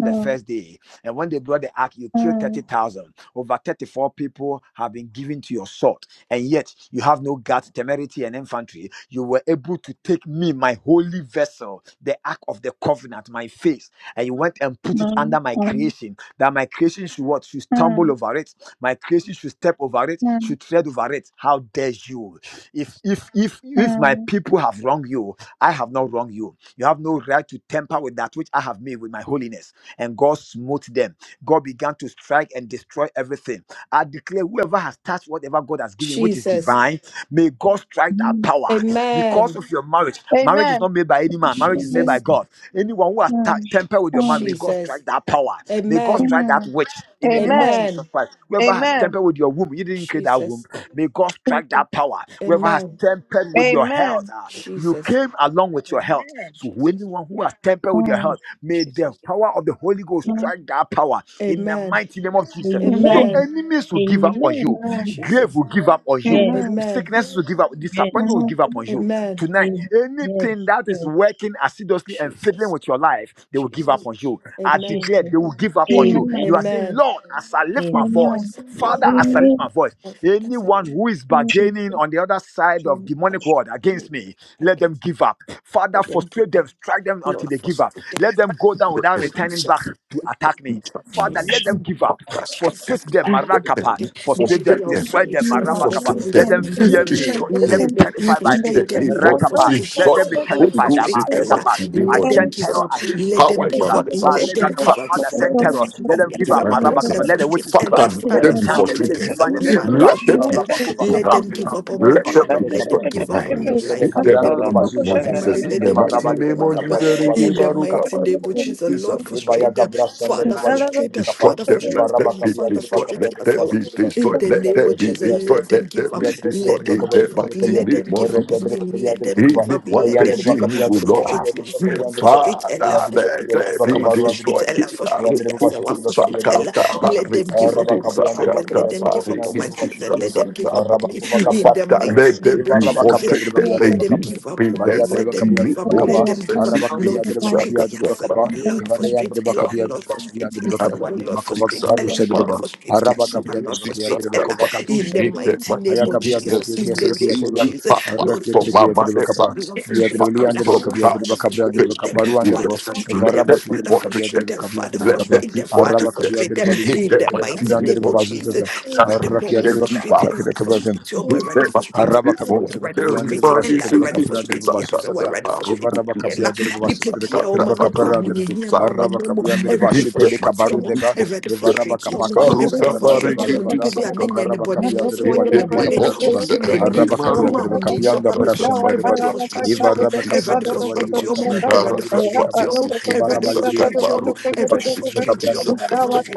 S9: mm,
S1: the
S9: mm,
S1: first day. And when they brought the ark, you killed 30,000. Over 34 people have been given to your sword. And yet you have no guts, temerity, and infantry. You were able to take me, my holy vessel, the ark of the covenant, my face, and you went and put it
S9: mm,
S1: under my
S9: mm, mm,
S1: creation. That my creation should what? Should stumble over it. My creation should step over it,
S9: mm, mm, mm,
S1: should tread over it. How dare you? If if if if my people have wronged you, I have not wronged you. You have no right to temper with that which I have made with my holiness. And God smote them. God began to strike and destroy everything. I declare whoever has touched whatever God has given, which is
S7: Jesus.
S1: divine, may God strike that
S9: mm.
S1: power because
S7: Amen.
S1: of your marriage. Marriage is not
S9: Amen.
S1: made by any man, marriage is made by
S3: Amen.
S7: Jesus.
S1: God yourself. Anyone who has ta-
S9: Mm,
S1: tempered with your mind,
S9: mm,
S1: may God
S7: Jesus.
S1: strike that power. May God
S7: Amen.
S1: strike that
S9: mm.
S1: witch in the name of
S9: Amen.
S1: Jesus
S7: Amen.
S1: Christ. Whoever has
S9: Amen.
S1: tempered with your womb, you didn't create that womb.
S7: Jesus.
S1: May God strike
S9: Jesus.
S1: that power. Whoever has
S7: Amen.
S1: tempered with your health,
S9: Amen.
S1: ah, you
S7: Jesus.
S1: came along with your health.
S10: Amen.
S1: So
S7: Jesus.
S1: anyone who has tempered with your
S9: Mm,
S1: health, may
S10: Jesus.
S1: the
S7: Jesus.
S1: power of the Holy Ghost
S9: mm,
S1: strike that power in the
S7: Amen.
S1: mighty name of Jesus. Your
S9: Amen.
S10: Amen.
S7: Amen.
S1: enemies will give up on
S10: Amen.
S1: you.
S9: Amen.
S1: Grave
S7: Jesus.
S1: will give up on you
S10: Yes.
S9: Amen.
S7: Amen.
S1: Sickness will give up, disappointment
S10: Yes.
S1: will
S9: Amen.
S1: give up on you.
S7: Amen.
S1: Tonight,
S10: Amen. Yes.
S1: anything that is
S10: Yes.
S1: working assiduously and fiddling
S7: Jesus.
S1: with your life, they will give up
S7: Jesus.
S1: on you. I
S7: Amen.
S1: declare
S10: Jesus.
S1: they will give up on you.
S9: Amen.
S1: You are
S10: Amen.
S1: saying,
S7: Amen.
S1: Lord, as I lift my
S10: Amen.
S7: I
S1: voice,
S9: Amen.
S7: celebrate
S1: Father,
S7: my
S1: as I
S7: birth.
S1: lift
S3: Amen.
S1: my voice,
S7: My father
S1: Anyone
S7: celebrate
S1: who is bargaining
S9: Jesus.
S1: on the other side of
S7: me
S1: demonic
S7: against
S1: word against me, let them
S7: against
S1: give up. Father,
S7: the
S1: frustrate them,
S7: giver.
S1: strike them
S7: Lord,
S1: until they give up.
S7: frustrate them.
S1: Let them go down
S2: Let
S1: without
S2: them be
S1: returning back to attack me.
S2: struck
S1: Father,
S2: me.
S1: let
S7: Jesus,
S1: them give
S2: Fuck,
S1: up.
S2: I struck them.
S7: Jesus.
S1: Frustrate them,
S2: Let them
S1: Marakapa.
S2: be-
S1: Frustrate
S2: frustrate
S1: them,
S7: Depending on
S2: them.
S1: destroy
S7: faith,
S1: them,
S9: May
S7: tell me
S9: God move
S2: Frustrate
S7: every
S1: Marabakapa. Let
S2: them.
S9: my
S7: time,
S1: them
S7: and
S9: spirit
S1: fear
S9: to
S7: every
S9: my
S1: me.
S2: Destroy
S1: Let them
S2: them.
S7: let
S1: be
S9: distance
S7: them
S1: terrified by
S2: In
S9: in the
S1: me.
S7: frustrate
S2: the
S9: spirit
S7: them,
S2: name
S7: Lord,
S2: of
S9: of
S1: Rakapa.
S9: God,
S7: frustrate
S9: but
S1: Let
S2: destroy
S7: Jesus,
S1: them be
S9: other than
S7: Lord,
S2: Holy
S1: terrified.
S9: Jesus, Christ,
S2: Ghost
S7: frustrate
S2: in the
S9: and
S7: Ella.
S1: Amarikapa.
S2: mighty
S9: Jesus,
S2: name
S1: I
S7: Let
S2: of
S7: them
S1: send
S9: parents,
S7: give
S1: terror
S9: and
S2: Jesus.
S7: up,
S1: against your
S7: let them
S2: Power in
S9: the
S1: enemies.
S2: my
S7: give
S1: uh,
S7: up,
S2: mother's
S9: people who are
S7: let
S2: house.
S9: the
S7: them
S9: people who are the
S7: give
S1: Malebakapa.
S7: up,
S2: Fatty
S1: Father,
S3: The
S1: send
S9: people
S7: Father,
S3: Lord
S2: in
S1: terror.
S9: who
S3: shall
S1: Let
S3: be
S1: them
S7: frustrate
S1: give
S3: with
S7: us,
S3: us,
S1: up,
S2: my
S7: our
S3: blessed
S7: Father,
S1: Marabakapa.
S3: is
S2: blessing.
S1: Let the
S7: frustrate
S1: witches give
S3: he
S9: are
S1: up.
S7: Ella,
S3: who
S2: Father,
S3: came
S2: let
S1: Let
S7: Father,
S1: the
S2: them
S3: by
S9: calling
S2: be
S3: the
S1: chanted,
S9: on
S1: let them
S9: me
S7: frustrate
S2: frustrated.
S9: to
S7: us,
S1: define
S7: our
S1: it, let them
S7: Father,
S1: give
S2: Let
S1: up.
S9: manipulate
S2: them
S7: frustrate
S9: my
S2: be
S7: Ella.
S2: destroyed
S1: Rabakuva
S9: destiny.
S7: Let
S1: kabaru.
S2: tonight.
S7: them give
S3: Spirit.
S7: up on my
S2: Let them be
S1: Evrebe
S7: children, let them
S1: kabra-
S2: destroyed
S7: give up
S2: tonight.
S7: on my
S1: evrebe
S7: life,
S2: In the
S1: kabra,
S7: let
S1: and
S7: them
S1: the
S2: mighty
S1: Baba
S7: give up
S2: name
S1: Zuza
S2: of
S7: on my
S1: Zaza.
S2: Jesus.
S7: marriage,
S2: In
S7: let
S2: the
S7: them
S1: Ema
S7: give
S1: raba
S2: mighty
S7: up on
S2: name
S1: libri
S7: my
S2: of
S7: husband.
S1: kabra,
S2: Jesus.
S1: the Baba
S2: Reke
S7: In
S1: libri
S7: the
S2: Baruch
S1: kabra,
S7: mighty
S1: the
S7: name
S1: Baba
S7: of
S1: libri
S7: Jesus,
S1: kebe.
S7: Lord,
S1: Eva
S2: Haba
S7: frustrate
S8: the
S7: them.
S1: gabra
S8: mighty
S1: san,
S8: name
S1: the
S8: of
S7: Father,
S1: Baba
S8: Jesus,
S1: libri
S7: frustrate
S1: kebe
S7: them.
S1: kapa.
S2: destroyed.
S7: Father,
S2: Them
S1: Eva
S7: frustrate
S2: let that
S7: Elohim.
S2: be
S1: kabia, the
S7: Father,
S1: Baba
S2: destroyed.
S7: frustrate
S2: Let
S1: kabia, the
S2: that
S1: Baba
S7: Yasawa.
S2: be
S1: libri ba.
S7: In
S2: destroyed.
S7: the
S2: Let
S7: name of
S2: that be
S7: Jesus,
S2: destroyed.
S7: let them
S2: Let
S7: give
S2: that
S7: up.
S2: be
S7: Let
S2: destroyed.
S7: them
S2: In the
S7: give up.
S2: mighty
S1: kabia.
S7: Let them
S2: name of
S7: give up on
S2: Jesus.
S7: me. Let
S1: the Baba
S7: them
S2: In
S1: kaba.
S7: give
S2: the
S7: up.
S2: one
S7: Let
S1: Aya,
S7: them give
S2: person
S7: up.
S2: who will
S7: Frustrate
S2: lost.
S7: Yasawa. Frustrate
S2: Father,
S7: Ella. Frustrate
S2: let that be
S7: Yasawa.
S1: and the Baba
S7: Frustrate
S2: destroyed.
S1: kaba.
S2: In
S7: Ella.
S1: Ya,
S7: Frustrate
S2: the
S1: the
S2: book
S7: Yasawa.
S1: the
S2: to
S1: Baba
S7: Frustrate
S2: Saka,
S7: Ella. Let them give up
S1: Araba
S7: on
S2: Bariki,
S7: my
S1: kabriyan deri
S2: Saka,
S7: children. Let
S1: bakabriyan
S7: them
S1: deri
S7: give up
S1: bakabriyan
S7: on
S1: deri
S7: my
S2: Bariki,
S1: bakşın
S7: children.
S1: deri bak.
S7: Let them give up
S2: Saka,
S1: Araba
S7: on me.
S1: kuba
S7: In
S1: kabras
S7: the
S2: Father,
S1: katar.
S7: mighty
S2: let
S7: name
S2: them
S1: Liva
S7: of
S2: be
S1: araba kabriyan
S7: Jesus,
S1: deri
S2: frustrated
S1: bakabriyan deri
S7: let
S2: and
S7: them
S2: give
S1: bakabriyan.
S7: give up
S2: be them
S7: on
S2: by
S7: me.
S1: Bahya
S2: the
S1: deri
S7: Let
S2: mighty
S7: them
S1: bakabriyan
S7: give
S2: name
S1: deri
S7: up.
S2: of
S3: Everybody
S7: Let
S1: bakaba.
S3: else
S7: them give up.
S3: turn their
S1: Araba
S3: hands to
S1: kabriyan
S7: Lord,
S3: the
S1: deri
S2: Jesus.
S3: light.
S7: frustrate
S1: bakabriyan deri
S7: Yasawa.
S1: bakaba.
S7: Lord,
S3: Heaven,
S1: Liva
S3: heaven,
S1: reyan
S7: frustrate
S1: deri
S7: Ella.
S1: bakabriyan
S7: Lord,
S1: deri bakabriyan
S7: frustrate
S1: deri
S2: Let
S1: bakabriyan
S7: Yasawa.
S1: deri
S7: Lord,
S1: bakova
S7: frustrate Ella.
S1: gabaruşa deri
S7: Lord,
S1: bak.
S3: heaven.
S7: frustrate
S1: Araba
S7: Yasawa.
S1: kabriyan
S7: Lord,
S1: deri bakabriyan
S7: frustrate
S1: deri
S7: Ella.
S1: bakova
S7: In
S1: gaduşa
S7: the
S1: deri bak.
S3: Heaven,
S7: mighty name
S1: Haya
S7: of
S3: heaven,
S1: kabriyan deri
S7: Jesus. In
S1: bakabriyan
S7: the
S1: deri
S7: name
S1: bakabriyan
S7: of
S1: deri bak.
S7: Jesus.
S1: Arra
S7: Lord,
S1: kabriyan
S2: for
S1: deri
S2: my
S7: frustrate
S1: bakabriyan deri
S2: mother,
S1: bakaba.
S7: Yasawa.
S3: heaven.
S2: Fox,
S7: Lord,
S1: Biyan
S7: frustrate
S1: deri
S2: Fox,
S1: liyan
S3: In the name of Jesus,
S7: Ella.
S1: deri
S2: from
S3: in
S1: bakabriyan deri
S7: Father,
S2: house.
S1: bakabriyan
S7: frustrate
S1: deri
S7: them.
S1: bakaba. Ruan deri
S7: Father,
S1: bak.
S7: frustrate
S1: Liva
S2: Let
S7: them.
S1: araba
S2: that be
S1: deri
S7: Father,
S1: bakabriyan
S7: frustrate
S2: portrayed.
S1: deri
S7: them.
S1: bakabriyan
S7: Father,
S1: deri
S2: Let
S1: bakaba.
S2: that
S7: frustrate
S2: be
S7: them. Father,
S2: portrayed.
S1: Araba
S7: frustrate
S1: kabiyadır
S7: them.
S2: Let
S1: bali bir
S7: In
S2: that
S7: the
S2: my
S1: kibiyadır
S7: mighty
S2: TV
S7: name
S1: kabiyadır
S7: of
S1: bazı
S7: Jesus.
S1: tasa.
S7: Ready,
S1: Arra
S7: mom,
S1: kiyadır bak arra
S7: frustrated. Ready,
S1: kide kabiyadır.
S7: frustrated. Oh, boy, ready,
S2: Sakata,
S7: frustrated.
S1: Araba
S7: Yes,
S1: kapıya
S7: oh,
S1: tırıbı
S7: ready,
S1: kapıya andırıbı
S7: frustrated.
S1: başı
S7: Ella,
S1: tırıbı
S7: ready,
S1: kapıra andırıbı
S7: frustrated.
S1: başı
S7: Yes, oh,
S1: sasa.
S7: ready,
S1: Evaraba
S7: frustrated
S1: kapıya andırıbı başı
S7: nipa bi a
S1: tırıbı
S7: ɔma
S1: tırıbı
S7: me kɔ
S1: kapıra andırı.
S7: ahoyɛhia mu
S1: Araba
S7: amena mu
S1: kapıya andırıbı
S7: ɛwurade
S1: başı tebe
S7: frustrate wɔn
S1: kabaru
S7: mo
S1: deba.
S7: ɛwurade
S1: Evaraba
S7: frustrate wɔn mo
S1: kapaka
S9: Amen.
S1: katu
S7: ɛwurade
S1: sandama
S7: frustrate
S1: deba
S7: wɔn mo
S1: deba
S7: nipa
S1: da.
S7: bi a menyɛ ne
S1: Evaraba
S7: bɔne
S1: kapıya
S7: no nso
S1: andırıbı
S2: in
S7: ɔyɛ
S1: balı
S7: me
S2: the
S1: bir bir
S7: bɔne
S1: kapıra andırıba.
S7: ɔdi m'ani
S1: Araba kapıya
S7: ɔma
S1: andırıbı kapıya
S7: ahoyɛhia ba
S1: anda
S7: me so
S1: bıraşan deba
S7: ɛwurade
S1: dua.
S7: frustrate wɔn mo
S1: Evaraba kapıra
S7: ɛwurade
S1: andırıbı balı
S7: frustrate
S1: bir bir
S7: wɔn mo
S1: kapıra andırıbı balı
S7: ɛwurade
S1: bir bir
S7: frustrate
S1: kapıra.
S7: wɔn mo
S1: Evaraba
S7: ɛwurade
S1: balı bir bir
S7: frustrate wɔn mo
S1: kabaru andırıbı
S7: ɛwurade
S1: başı tırıbı
S7: frustrate
S1: kapıra
S7: wɔn mo
S1: andırıbı.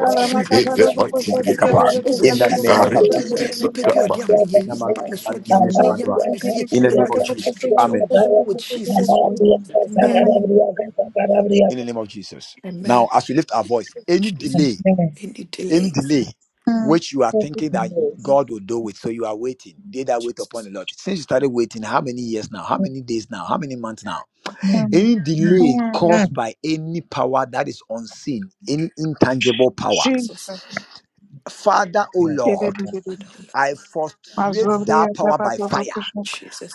S6: Every
S7: ɛla
S1: kapıya andırıbı
S7: frustrate
S2: mighty
S1: balı bir bir
S2: name
S7: yasɛwa
S1: kapıra.
S2: of
S7: ɔwɔ
S1: In
S2: Jesus.
S1: the
S2: I
S1: name
S7: jesus
S1: of
S7: wo
S2: repeat
S7: din mu
S1: Kadusha.
S2: this, I
S7: nipa
S2: got
S7: bi a
S2: my
S7: ɔde
S2: repeat.
S1: In
S6: delay.
S7: ahoyɛhia ba me so ɔde ahoyɛhia
S1: the
S7: ba me fie
S1: name of
S7: ɛwurade
S1: Jesus.
S7: frustrate wɔn
S1: Amen.
S7: mo ɔwɔ jesus wo din mu. amen
S1: In the name of Jesus. Now,
S7: Amen.
S1: as we lift our voice, any
S7: Jesus.
S1: delay,
S7: Any
S1: any
S7: delays.
S1: delay
S9: Mm,
S1: which you are thinking that God will do it, so you are waiting. They that wait upon the Lord. Since you started waiting, how many years now? How many days now? How many months now?
S9: mm,
S1: Any
S6: Amen.
S1: delay
S9: mm.
S1: caused
S6: Amen.
S1: by any power that is unseen, any intangible power.
S7: Jesus.
S9: Jesus.
S1: Father, O Lord,
S7: Father, oh Lord.
S1: I frustrate that power by fire.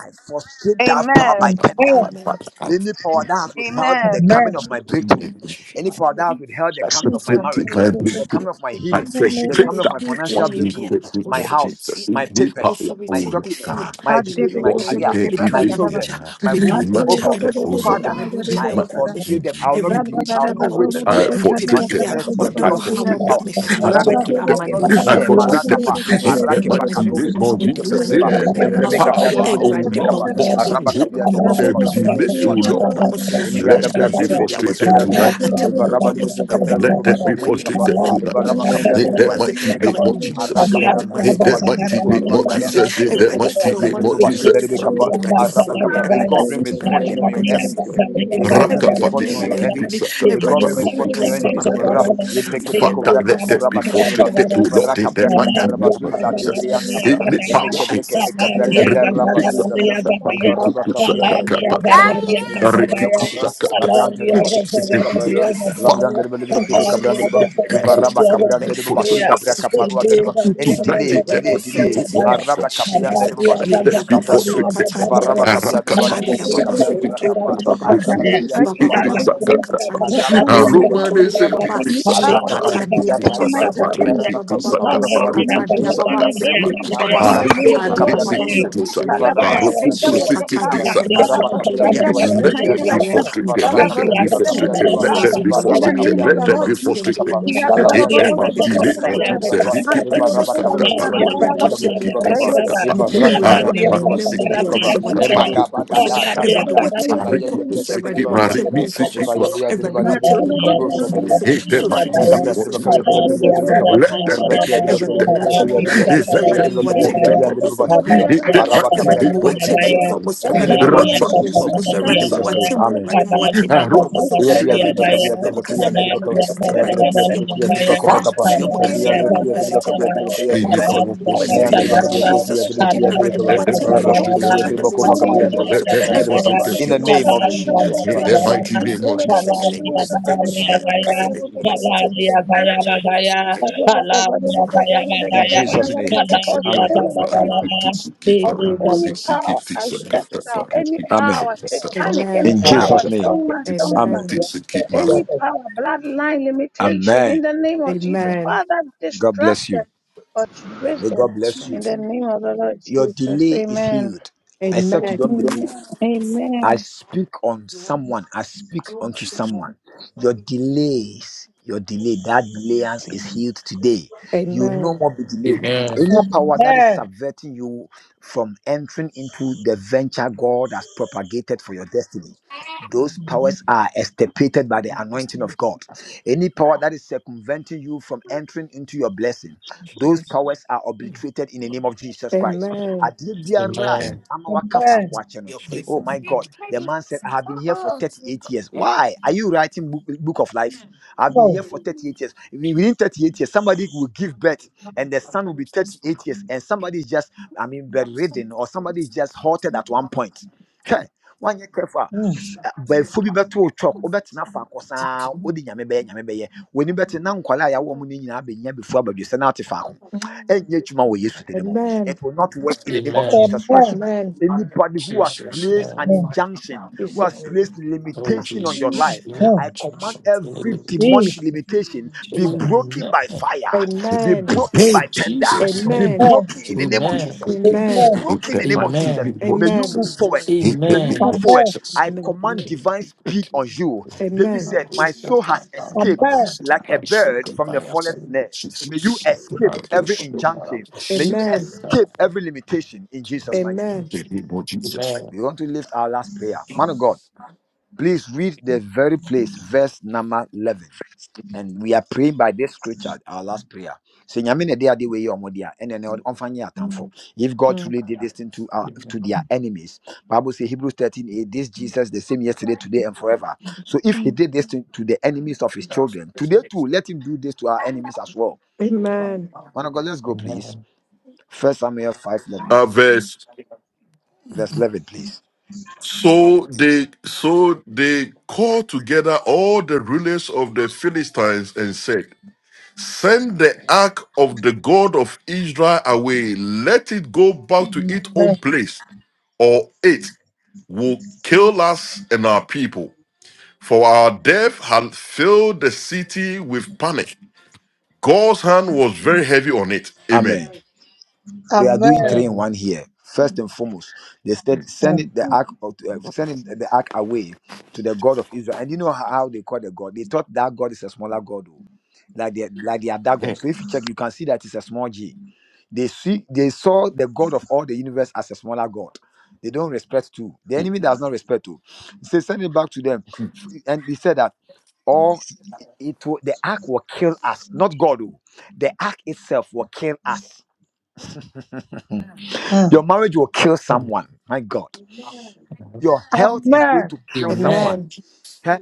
S1: I frustrate that power
S9: Amen.
S1: by
S2: That
S1: tender.
S6: Amen.
S7: Amen.
S1: Any power that has withheld
S9: Amen.
S1: the
S6: Amen.
S1: coming of my breakthrough, any
S7: Frustrate
S1: power that
S7: me.
S1: has withheld the coming of my
S2: perfected
S1: marriage,
S2: my
S1: the
S2: breakthrough.
S1: coming of my
S2: I
S1: healing, the coming
S2: frustrate
S1: of my
S2: that
S1: financial
S2: what you
S7: Tumibia,
S1: breakthrough,
S2: take me
S1: my
S2: more
S1: house,
S2: Jesus.
S7: authority,
S2: In
S1: my
S2: the power,
S1: papers,
S2: oh
S1: my
S7: authority,
S2: Lord
S7: the fear,
S1: documents,
S2: God.
S1: my
S7: the
S1: education, my
S2: What's
S7: Lord,
S2: in
S1: career,
S2: there,
S7: the
S1: my
S2: delay me
S1: children,
S7: Dunyamija,
S2: now.
S1: my womb.
S2: In my
S1: Oh
S7: Meduja
S2: power,
S1: God,
S7: and
S2: oh
S7: Pomus, a
S1: Father,
S2: Lord.
S7: Raduja
S1: I
S2: My,
S7: and Comus,
S1: frustrate them. I
S7: a
S1: will not be delayed. I
S7: Raduja
S1: will
S7: and
S1: not wait
S7: Pomus,
S2: I
S1: here until
S2: frustrate.
S1: the
S7: Nipibia,
S1: next
S7: or
S1: year
S7: the
S2: I
S1: because of certain
S7: Wahawa
S2: frustrate them.
S1: power.
S2: I
S7: Bamifia, what
S1: Rabekapa,
S7: they
S2: frustrate
S7: are
S1: I will
S7: my do
S1: not be
S2: them. I
S7: soon
S1: here.
S7: by me,
S2: frustrate them.
S1: Marakapa,
S7: Bamifia, or
S2: In
S7: the
S2: that
S7: engine
S1: Arakepa,
S2: mighty
S7: memories
S1: Kadosi,
S2: name of
S7: where
S1: Teleke,
S7: they are
S2: Jesus,
S7: my
S2: say
S1: Brekepa,
S7: neighbor, the
S2: the
S7: muscle,
S1: Evrebekepa,
S2: power,
S7: a
S2: O
S1: Adrebebebekebekapa.
S2: Lord,
S7: Radimoja, a
S2: boxing who
S7: Jan,
S1: Arabakapia
S7: Pomus,
S2: they
S1: Debakova
S7: the
S1: Capran
S7: small
S2: delay, O
S1: Deba
S7: street,
S2: Lord.
S7: Pomus,
S1: Jesus,
S7: or
S1: Ilia
S7: Suja,
S2: Let
S1: Dabra
S7: or
S2: them be
S7: Suja
S1: Toribeli
S7: was
S2: frustrated
S1: Cabra
S7: ruined,
S2: tonight.
S1: Debo,
S7: a
S1: Eva
S7: Temple, Pomus,
S1: Rabalibi
S7: ever.
S1: Capran
S2: Let
S1: Deba
S2: them be
S1: Shudi
S7: Woman
S1: Capa,
S7: must
S2: frustrated
S7: let me
S1: Eva
S7: be
S2: tonight.
S7: yes,
S1: Rabakapia
S2: In
S1: Deba
S7: woman
S2: that
S7: must
S1: Balibi
S2: mighty name
S7: ever
S1: Capa,
S2: of
S7: do let
S2: Jesus.
S1: Araka
S7: me
S1: Praka
S2: In
S7: must
S1: Deba
S7: ever
S2: that
S1: Balibi
S7: do
S2: mighty
S1: Capa,
S2: name
S7: woman
S2: of
S1: Randara,
S7: must
S2: Jesus. In that
S7: ever
S1: Delivery
S7: do
S2: mighty
S7: so
S1: Capreca
S2: name
S7: much
S2: of
S1: Deba
S7: ever
S2: Jesus.
S7: this
S1: Shudi
S7: sorry
S1: Capa,
S7: ever do
S6: Thank
S7: sorry
S1: Arabacabra. May
S7: ever do
S1: God bring
S6: you.
S7: sorry ever do
S1: misfortune on
S7: my
S1: your
S7: yes
S1: enemies.
S7: when we
S1: May
S7: did
S1: God
S2: Father,
S1: bring
S7: ever
S2: let
S7: do
S1: misfortune
S7: man
S1: on your
S7: when we
S1: enemies. May
S7: ever
S1: God
S7: do
S1: bring
S7: sorry
S1: misfortune on your
S7: customer
S1: enemies.
S7: ever
S1: Mura,
S7: do
S1: libre
S7: customer
S1: que peco
S7: ever
S9: Thank
S7: do
S1: vraca,
S2: that
S1: pura
S7: customer
S2: be
S1: basha dreba,
S7: ever
S2: frustrated
S7: do
S2: to
S1: livra
S2: Lord
S7: customer
S2: in the
S1: capra
S7: ever do
S2: mighty
S1: catara
S2: name of
S7: customer
S1: bazuza,
S7: ever do
S1: debrian
S2: Jesus.
S1: capra,
S2: In
S7: customer
S2: the
S1: eme que
S2: power,
S1: breque
S7: Jesus
S1: peca braga derra
S7: Jesus,
S1: bazuza,
S9: you.
S1: Ivaraba kapia telebalua dereba lebe kabalo kaka
S7: Jesus,
S1: labran dereba basu dereba kabaro
S2: Father,
S1: labran dereba lebe kebe kabran dereba
S2: as
S1: Ivaraba
S2: frustrated,
S1: kabran dereba basu tabra
S2: frustrated,
S1: kaparua
S7: redeem,
S1: dereba any
S2: tonight
S7: truly
S1: delay
S2: in the
S1: delay
S7: render
S2: mighty
S1: delay
S2: name
S6: Hallelujah.
S2: of
S7: Satan.
S2: Jesus.
S1: araba
S6: Amen.
S1: kapia
S7: Jesus,
S1: dereba
S6: fire of
S2: Let
S1: basu
S2: them
S7: yeah,
S1: dereba
S2: be
S7: Baba
S1: kabra
S6: God.
S2: frustrated.
S1: dereba
S7: Sukatani,
S1: Ivaraba
S7: Baba
S2: Let them
S1: kapia
S9: Any
S1: dereba lebe
S9: power
S7: Sakatani,
S1: kebe
S7: Baba
S1: kabra dereba kapa
S7: Sukutuni,
S1: araba
S7: Le
S1: kapia
S7: ababa
S1: dereba lebe
S7: baba
S1: kebe kapa
S7: sankatandi
S1: araba
S7: ababa
S1: kuanda dereba basu
S7: sokotori
S1: dereba
S7: ababa
S1: kapa arada
S9: that
S1: batu
S9: is
S7: shekatandi
S1: tia
S7: ababa
S9: frustrating my
S1: dereba
S9: destiny,
S7: sokotori
S1: Ivaraba
S7: ababa
S9: any
S7: baba
S1: kapia
S9: power
S7: baba
S1: dereba
S9: that is
S1: kuata dereba
S7: sakatandi ababa
S9: manipulating my
S1: Imaraba kapu
S7: le
S9: destiny,
S7: ababa
S1: kapagwa
S9: in the name of
S1: shatarebe
S9: the
S7: sakatandi
S9: Lord
S1: kabra
S7: ababa
S9: Jesus,
S1: katureba.
S7: sokotori
S9: Father,
S1: Ivaraba
S7: ababa
S1: kapuya
S9: frustrate them
S1: dereba
S9: with your
S1: balibiri kapa.
S7: shekatandi
S9: power.
S7: ababa
S6: Gabriel,
S9: Father,
S1: Araba
S6: Gabriel,
S1: kapuya
S7: sokotori
S6: Gabriel,
S9: frustrate
S7: ababa
S1: dereba
S9: them with
S1: balibiri
S9: your
S7: li
S1: de
S9: mighty
S7: pepi
S1: dereba.
S2: be
S7: awo
S9: license.
S7: hami
S2: frustrated.
S1: Ivaraba
S9: Father,
S6: Gabriel,
S2: Let them
S1: kapuya
S6: Gabriel,
S7: ohami
S2: be
S1: dereba
S6: Gabriel,
S9: frustrate them with
S1: kapuya
S7: fume
S9: your
S1: dereba.
S7: resource
S9: power.
S6: Gabriel,
S7: ma we
S9: In
S1: Ivaraba
S6: Gabriel.
S9: the name
S2: frustrated.
S1: kapuya
S7: me
S9: of
S2: Let
S9: the
S1: dereba
S2: them
S9: Lord
S2: be
S1: balibiri
S7: masi
S1: kibi
S9: Jesus,
S7: engine
S2: frustrated.
S1: kapa.
S7: me
S9: we are
S7: zulu
S9: all
S1: Alabra
S2: Hit
S9: over
S6: Calabria,
S1: dereba
S2: that my
S9: the
S1: basu
S7: Ewurade
S9: book
S2: team,
S9: of
S1: de
S9: the
S2: hit
S7: kasa
S2: what
S1: kapra
S9: letter.
S2: you
S7: Ewurade
S1: dereba
S2: said.
S1: dwa.
S2: Hit
S7: kasa
S9: Not
S2: it,
S9: all
S2: it,
S7: Ewurade
S9: over the
S1: Ivaraba
S2: suck
S9: book
S7: mesoma
S2: up,
S9: of
S1: kapuya
S2: that
S7: wate
S2: part.
S1: dereba
S7: mu
S2: Hook
S1: balibiri
S2: it,
S7: Ewurade
S1: kibi
S9: the
S2: to
S7: wate
S1: kapuya
S2: suck
S7: mu
S1: dereba
S2: it,
S9: Thank
S2: it,
S7: nkɔmɔ
S1: kapa.
S2: suck
S7: so
S2: up, part.
S7: nipa bi
S1: Ivarata
S2: I
S1: pran
S2: rock
S7: na
S2: my
S1: de
S7: mɛnɛ
S1: basu
S2: sick
S7: mu
S1: dereba
S2: it,
S7: bu
S2: it,
S1: kapa.
S7: Ewurade
S2: suck up,
S7: wate
S2: part.
S7: mu
S2: Hook
S1: Emakaba
S2: it, to
S7: so
S2: suck
S1: gada
S2: up,
S7: Awurade
S2: part.
S1: radada.
S7: wate
S2: I
S7: mu
S2: rip
S1: Imaye
S2: it,
S7: nkɔmmɔ so
S1: debreke
S2: sick
S1: de
S7: Awurade
S2: it, my
S7: wate
S1: luan
S2: rip me,
S1: dereba.
S7: mu
S2: sick
S7: nkɔmmɔ
S2: it,
S7: so
S1: Ivaya
S2: what?
S1: de
S7: Awurade
S1: dereba de
S7: wate mu
S1: kibi
S7: nkɔmmɔ
S3: the
S7: so
S1: de.
S7: finish
S2: Hit
S7: sɛ
S2: that my
S7: sofi ne
S2: team, hit
S7: fie
S1: Yakabra
S2: what
S1: triba
S2: you
S7: sofi ne
S1: kabya
S2: said.
S1: triba
S7: tie
S1: kabya
S7: fie
S1: triba
S7: sɛ
S1: kaba
S7: ɛyɛ
S2: Let
S7: pagye
S2: that
S7: ne
S1: orda
S2: be
S1: kiya
S2: for
S1: triba
S2: shit
S7: Awurade
S1: kabya
S2: that.
S7: ma
S1: triba
S7: wate
S1: kiya
S7: mu
S1: triba
S7: nkɔmmɔ
S2: Hit
S7: so
S2: let
S1: kiya
S2: that
S7: Awurade ma
S1: triba
S2: be
S7: wate
S1: kabya
S2: for
S1: triba
S7: mu
S2: shit
S1: kiya
S2: that.
S7: nkɔmmɔ
S1: triba
S7: so
S1: basi triba
S2: Hit that my
S1: araba
S2: team,
S1: kabya
S7: Everybody
S2: hit
S1: triba
S7: for
S2: what
S1: kabya triba
S2: Jesus.
S1: kaba
S7: almost
S1: in the
S7: everybody
S1: name of
S2: Rock my
S7: watching
S2: me,
S7: for
S1: Jesus
S2: sick
S7: almost
S2: it,
S1: in
S2: it,
S7: everybody
S1: Jesus
S2: suck
S1: name
S2: up.
S7: watching
S1: amen
S7: everybody
S9: you.
S2: I
S7: watching for
S2: rock.
S9: Of
S7: almost
S1: ya
S2: Sick
S1: biya
S2: it,
S1: triba
S7: everybody
S2: it,
S1: kabya
S2: suck
S7: your
S2: up,
S1: triba kiya
S7: moccasin on
S1: triba
S2: it,
S1: kaba
S2: suck
S7: university
S2: up,
S1: ya
S7: ready
S2: that.
S1: triba kiya
S7: to your
S1: triba kiya triba
S7: moccasin
S1: kaba
S2: Fuck.
S7: ready
S1: kaba
S7: to your
S1: ya
S7: moccasin
S1: triba
S7: on
S1: kiya triba
S7: university
S1: kabya
S7: ready
S1: triba
S7: to
S1: kiya
S7: your
S2: Any
S1: triba kaba
S7: moccasin
S2: power
S7: on
S2: force in the
S1: ya
S7: university
S1: triba kabya
S2: delivery
S1: triba kiya
S7: Jesus we
S1: triba
S7: give
S1: kiya triba
S7: everybody
S1: kaba
S2: Let them be
S1: orda
S7: watching for almost
S2: frustrated
S1: kiya
S7: everybody
S1: triba kiya triba
S2: tonight.
S1: kaba kaba
S7: watching
S1: ya
S7: for
S1: triba
S7: almost
S2: Let them
S1: ya
S2: be
S1: triba
S7: everybody
S1: kaba
S7: to
S2: frustrated
S6: Hallelujah.
S1: in
S7: your
S1: the
S2: tonight.
S1: name
S6: Amen.
S1: of
S7: moccasin on
S6: Amen.
S1: Jesus
S2: In
S7: university
S2: the
S1: Christ
S2: mighty
S7: yeah
S2: name
S7: so
S2: of
S7: moccasin on
S2: Jesus.
S7: university yeah like I said on university Jesus
S1: in Jesus name
S2: And
S1: amen amen
S9: any power, ancestral, any
S1: amen
S9: power, satanic, any
S7: Amen
S1: in
S9: power,
S1: Jesus name
S9: strong man, strong woman
S1: Amen.
S7: Amen
S9: any power, bloodline limitation in
S1: Amen.
S9: the name of Jesus.
S7: Amen
S9: Father,
S1: God
S9: distract
S1: bless you.
S9: them or stress
S1: May
S9: them
S1: God bless you.
S9: in the name of the Lord
S10: Amen.
S1: Your
S9: Jesus.
S1: delay is
S9: Amen.
S1: healed, except you
S7: Amen.
S1: don't believe.
S9: Amen.
S1: I speak on someone. I speak unto someone. Your delays, your delay, that delayance is healed today. You will no
S7: Amen.
S1: more be delayed.
S11: Amen.
S1: Any power that is subverting you from entering into the venture God has propagated for your destiny, those powers
S10: Amen.
S1: are extirpated by the anointing of God. Any power that is circumventing you from entering into your blessing, those
S7: Jesus.
S10: Jesus.
S1: powers are obliterated in the name of Jesus Christ.
S7: Amen.
S1: Adeɛ biara a
S11: Amen.
S1: ama waka faako no, Oh my
S7: Jesus.
S1: God,
S10: Amen.
S1: the man said, I have been here for 38 years. Why are you writing book, book of life? I've been
S6: No.
S1: here for 38 years. Wi- Within 38 years, somebody will give birth and the son will be 38 years, and somebody is just, I mean, bedridden or somebody is just halted at one point. Okay. One year careful
S6: Mm.
S1: bɛfo bi bɛto wo chalk wobɛtena fa kɔ saa wode nyame bɛyɛ nyame bɛyɛ w'ani bɛte na nkwalaa a yɛawo mu no nyinaa bɛnya bɛfu abadwesɛ no ate faako
S7: Mm.
S1: ɛnyɛ adwuma wɔ yesu dene mu
S7: Amen.
S1: it will not work in the name of
S11: Amen.
S1: jesus christ
S6: Amen.
S7: Amen.
S1: Anybody who has
S11: Jesus
S1: placed
S11: name.
S1: an
S6: Mm.
S1: injunction, who has
S7: Jesus.
S1: placed
S11: Oh
S1: limitation on your
S11: Jesus.
S1: life,
S11: You need
S6: Mm.
S1: I command
S11: injunction. You need
S1: every demonic
S11: limitation.
S6: Jesus.
S1: limitation be
S7: Jesus.
S1: broken
S11: Amen.
S1: by
S11: In
S1: fire, be
S7: Amen.
S1: broken
S2: Hey.
S1: by tender,
S11: Jesus
S1: be
S11: name.
S7: Amen.
S6: Amen.
S1: broken in the name of
S11: Amen.
S1: Jesus. Be
S7: Amen.
S6: Amen.
S2: Ain't
S1: broken in the
S2: that
S1: name of
S2: might keep
S1: Jesus.
S2: me
S11: Amen.
S2: more
S1: May you
S7: Amen.
S1: move
S2: Jesus.
S1: forward.
S2: Ain't
S1: May
S2: that
S1: you
S2: me
S11: Amen.
S1: move
S2: more
S1: forward.
S6: Amen.
S2: Jesus.
S1: I
S7: Amen.
S1: command
S11: Broken,
S1: divine
S11: be
S1: speed
S11: broken.
S1: on you. David
S7: Amen.
S11: I
S1: said,
S11: go
S1: My
S11: shout
S1: soul
S11: out
S1: has
S11: out of
S1: escaped
S6: Amen.
S11: my
S1: like a
S11: divine spirit,
S1: bird from the
S11: divine
S1: forest snare.
S11: celebration.
S1: May you escape
S11: Mando
S1: every
S2: The
S11: Shomara
S1: injunction. May you
S7: Amen.
S11: Shipita.
S1: escape every limitation in Jesus' mighty name.
S7: Amen.
S2: name of Jesus.
S11: Amen.
S1: We want to lift our last prayer. Man of God,
S7: Jesus.
S1: please read the very place, verse number 11. And we are praying by this scripture, our last prayer. Say, "Nyame na ɛde ade wei yɛ ɔmo dea, ɛna ɛno ɔmfa nyɛ atamfo." If God
S7: Mm.
S1: truly did this thing to, our,
S11: Amen.
S1: to their enemies, Bible says Hebrews 13, eight, this Jesus the same yesterday, today, and forever. So if he
S7: Mm.
S1: did this thing to the enemies of his children, today too, let him do this to our enemies as well.
S7: Amen.
S1: Man of God, let's go, please. First Samuel 5 11,
S2: Uh, verse.
S1: verse 11, please.
S2: So they so they called together all the rulers of the Philistines and said, Send the ark of the God of Israel away, let it go back to its own
S6: Amen.
S2: place, or it will kill us and our people. For our death had filled the city with panic. God's hand was very heavy on it. Amen.
S1: Amen. we are doing three in
S11: Amen.
S1: one here. First
S7: Mm.
S1: and foremost, they said sending the ark, of- uh, sending the ark away to the God of Israel. And you know how how they call the God? They thought that God is a smaller God, oh, like they like they are Dagon. So if you check, you can see that it's a small G. They see they saw the God of all the universe as a smaller God. They don't respect too. The enemy does not respect too. So send it back to them,
S2: Mm.
S1: and he said that all it will, the ark will kill us, not God. Oh. The ark itself will kill us
S6: Amen.
S1: Your marriage will kill
S11: Amen.
S1: someone. My God. Your health is going
S6: Amen.
S1: to kill someone.
S11: Amen.
S7: Amen.
S1: Okay?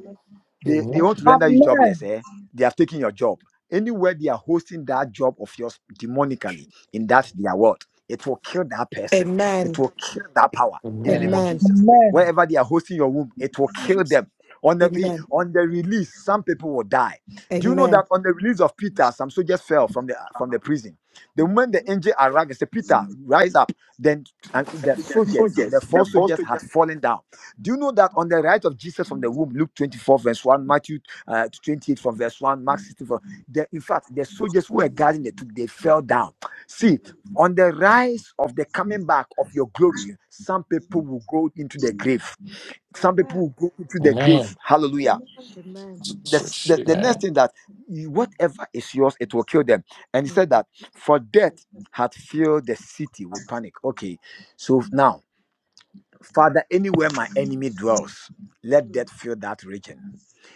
S1: they, they
S11: Amen.
S1: want to render you
S6: Amen. Amen.
S1: jobless, eh? They have taken your job. Anywhere they are hosting that job of yours demonically in that their world, it will kill that person. It
S7: Amen.
S1: will kill that power in the name of
S11: Amen.
S7: Amen.
S1: Jesus.
S6: Amen.
S1: Wherever they are hosting your womb, it will kill
S7: Jesus.
S1: them. On the re-
S7: Amen.
S1: on the release, some people will die. Do you know that
S7: Amen.
S1: on the release of Peter, some soldiers fell from the from the prison? The moment the angel arrived and said, Peter, rise up. Then and the
S7: The
S1: soldiers, the
S7: Soldiers,
S1: four
S7: the false
S1: soldiers had
S7: soldiers.
S1: fallen down do you know that on the right of Jesus from the womb, Luke 24, verse 1, Matthew uh, 28 from verse 1, Mark 16 from the, in fact, the soldiers who were guarding the tomb, they fell down. See, on the rise of the coming back of your glory, some people will go into the grave. Some people will go into the grave.
S11: Amen.
S1: Hallelujah.
S7: Amen.
S1: The,
S11: Jesus,
S1: the, the next
S11: amen.
S1: thing that you- whatever is yours, it will kill them. And he said
S7: Amen.
S1: that for death had filled the city with panic. Okay, so now Father, anywhere my enemy dwells, let death
S8: Mm.
S1: fill that region.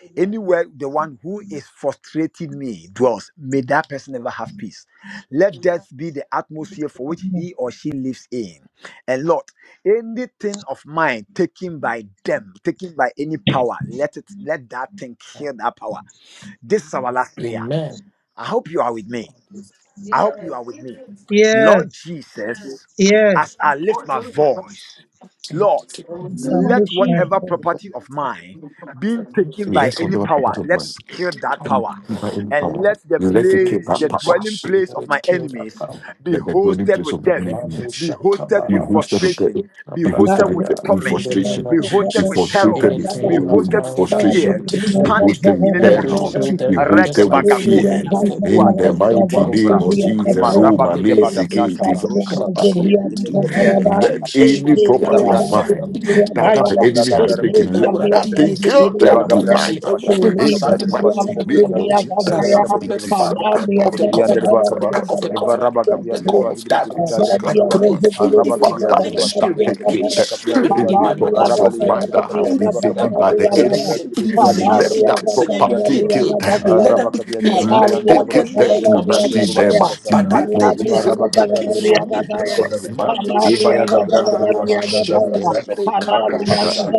S8: Amen.
S1: Anywhere the one who is frustrating me dwells, may that person never have peace. Let
S8: Amen.
S1: death be the atmosphere for which he or she lives in. And Lord, anything of mine taken by them, taken by any power, let it let that thing
S11: man.
S1: kill that power. This is our last prayer.
S11: Amen.
S1: I hope you are with me.
S11: God is
S1: I
S8: Yes.
S1: hope you are with me. Lord
S6: Yes.
S1: Jesus,
S6: Yes.
S1: as I lift my voice,
S11: continue
S1: Lord,
S11: to
S6: It's
S11: invite
S6: a
S3: name of
S1: let
S3: Jesus,
S1: whatever
S6: movement. That-
S11: me. God,
S1: property of mine
S11: let
S1: being taken by
S2: Let
S1: any
S2: whatever
S11: everything
S2: purpose
S1: power,
S11: that
S2: of
S1: let
S2: man,
S1: it
S11: is
S1: kill
S11: lifted
S1: that
S11: up.
S1: power.
S2: by
S11: God,
S2: any
S1: And
S2: power,
S11: invite
S1: let the
S11: me in
S2: let
S11: the
S2: it
S11: name
S2: keep
S11: of
S1: place,
S2: that
S1: the
S2: power.
S1: dwelling
S11: Jesus.
S1: place
S11: Let
S1: of
S11: it
S1: my
S11: kill that
S1: enemies
S11: power.
S1: be
S2: Let the dwelling
S1: hosted
S2: place of
S1: with
S2: the
S1: death,
S2: enemy.
S11: Mando
S1: be
S11: Shaka
S1: hosted
S2: Be
S1: with
S2: hosted with
S11: Barabash.
S1: frustration,
S2: the
S1: be
S2: be
S6: that-
S2: hosted
S1: hosted
S6: that-
S1: with
S2: with
S11: Abradaya.
S2: with
S11: In
S6: that-
S11: the
S1: torment,
S6: that-
S11: name
S2: frustration,
S1: be
S11: of
S6: that-
S2: be
S1: hosted with
S11: Jesus,
S1: terror,
S2: frustrated
S6: that-
S2: with,
S6: that- that-
S1: be
S11: anything of
S2: with
S1: hosted with
S11: mine that they
S6: Thank
S2: frustration,
S11: have
S1: fear,
S2: be
S11: taken,
S1: panic
S2: hosted
S1: in
S2: with
S1: the name
S11: let
S1: of
S11: it
S2: terror,
S11: kill
S1: Jesus.
S2: be
S11: them, just
S1: Arege
S2: hosted
S11: like
S2: with
S11: the
S1: bagakoki
S11: the,
S2: fear.
S11: the,
S1: nama.
S2: In the
S11: the, the,
S2: mighty
S11: ones that
S2: name
S1: Kipikovra.
S2: of
S11: took
S2: Jesus,
S1: Ema
S11: the,
S2: Roma,
S1: rabadu
S11: the,
S1: de
S11: the,
S2: Lisi,
S1: badabra
S2: Kinti,
S11: the were
S2: Saka,
S1: kaparushata.
S11: killed
S2: Rukutu.
S11: in
S1: Imege
S11: the
S1: brege
S11: name of
S1: branca
S2: let
S11: Jesus.
S1: perra
S2: any
S11: In
S1: sanda
S11: Biara
S2: property
S11: wa
S2: of
S1: branca
S11: fam,
S1: rama.
S2: mine
S11: bidi bi wa
S2: that, that
S1: Ima
S2: the
S11: jimi
S1: gabra
S2: enemy
S11: se
S1: gata
S2: has
S11: bidi
S1: rama
S11: bi
S2: taken, let
S1: ribi
S11: ewura
S1: kabra
S11: di
S2: that thing
S11: ye
S1: derbo.
S11: ti
S2: kill them
S1: Iva
S11: biara wa
S1: gabra
S2: tonight.
S11: ji
S1: derbo bashu
S11: ewura di
S1: derbi
S2: In
S1: kabra
S11: masa
S2: the
S11: de
S1: derbo
S11: kuro
S1: bashu
S11: ni
S2: mighty
S11: ku
S2: name
S1: zazaza.
S2: of
S11: woman. But I
S1: Rebe
S2: Jesus,
S11: come
S1: kabra
S11: from the
S1: derbo
S2: Kinti,
S11: fa, the
S1: kabra
S2: Saka,
S11: ark of the
S1: derbo yan
S2: Rukutu,
S1: derbo
S11: covenant, the
S1: akaba.
S2: Saka,
S11: ark of the
S2: Saka,
S1: Iva raba
S11: covenant,
S2: Rukutu,
S1: kabia
S11: the
S1: derbo
S11: God of
S1: agibri
S11: that.
S2: Kinti,
S1: kibika derbo
S2: Saka,
S11: I
S1: kaba.
S11: pray
S2: Saka.
S11: that any
S1: Araba kabia
S2: Father,
S1: derbo
S11: demonic
S2: let
S1: bashu
S2: that
S1: derbo
S11: spirit,
S2: take
S1: kabia
S2: it.
S11: any
S1: derbo
S6: you.
S1: kabia
S11: spirit
S2: In
S1: derbo.
S11: in
S6: Palabra,
S2: the
S11: my mother's
S2: property of
S11: family,
S2: mine that has
S11: who
S2: been
S11: be
S2: taken by the
S11: abatting me,
S2: enemy,
S11: simply be saying,
S2: let
S11: "Yes, it
S2: that
S1: Eva Rabba Gabriel,
S11: can't any
S2: property
S11: fear,
S2: kill
S11: dear."
S1: Eva
S2: them.
S11: let them
S1: Rabba
S11: be killed
S2: Let they
S11: on
S2: kill
S11: the
S2: them
S11: name of
S2: tonight in their
S11: Jesus.
S2: mighty
S11: But
S2: name
S11: that
S2: of
S11: thing they have
S2: Jesus.
S11: taken from me. Mando shaka barana ba shende lebere kando
S2: Let the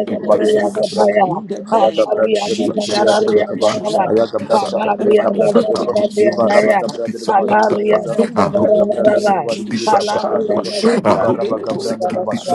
S11: In the name of Jesus Christ, O Lord, let whatever they have taken from me
S1: Gabriel,
S11: be consumed in the name of Jesus. Kado
S1: Eva
S11: Shabrandelebo
S6: Hallelujah.
S11: Kaba.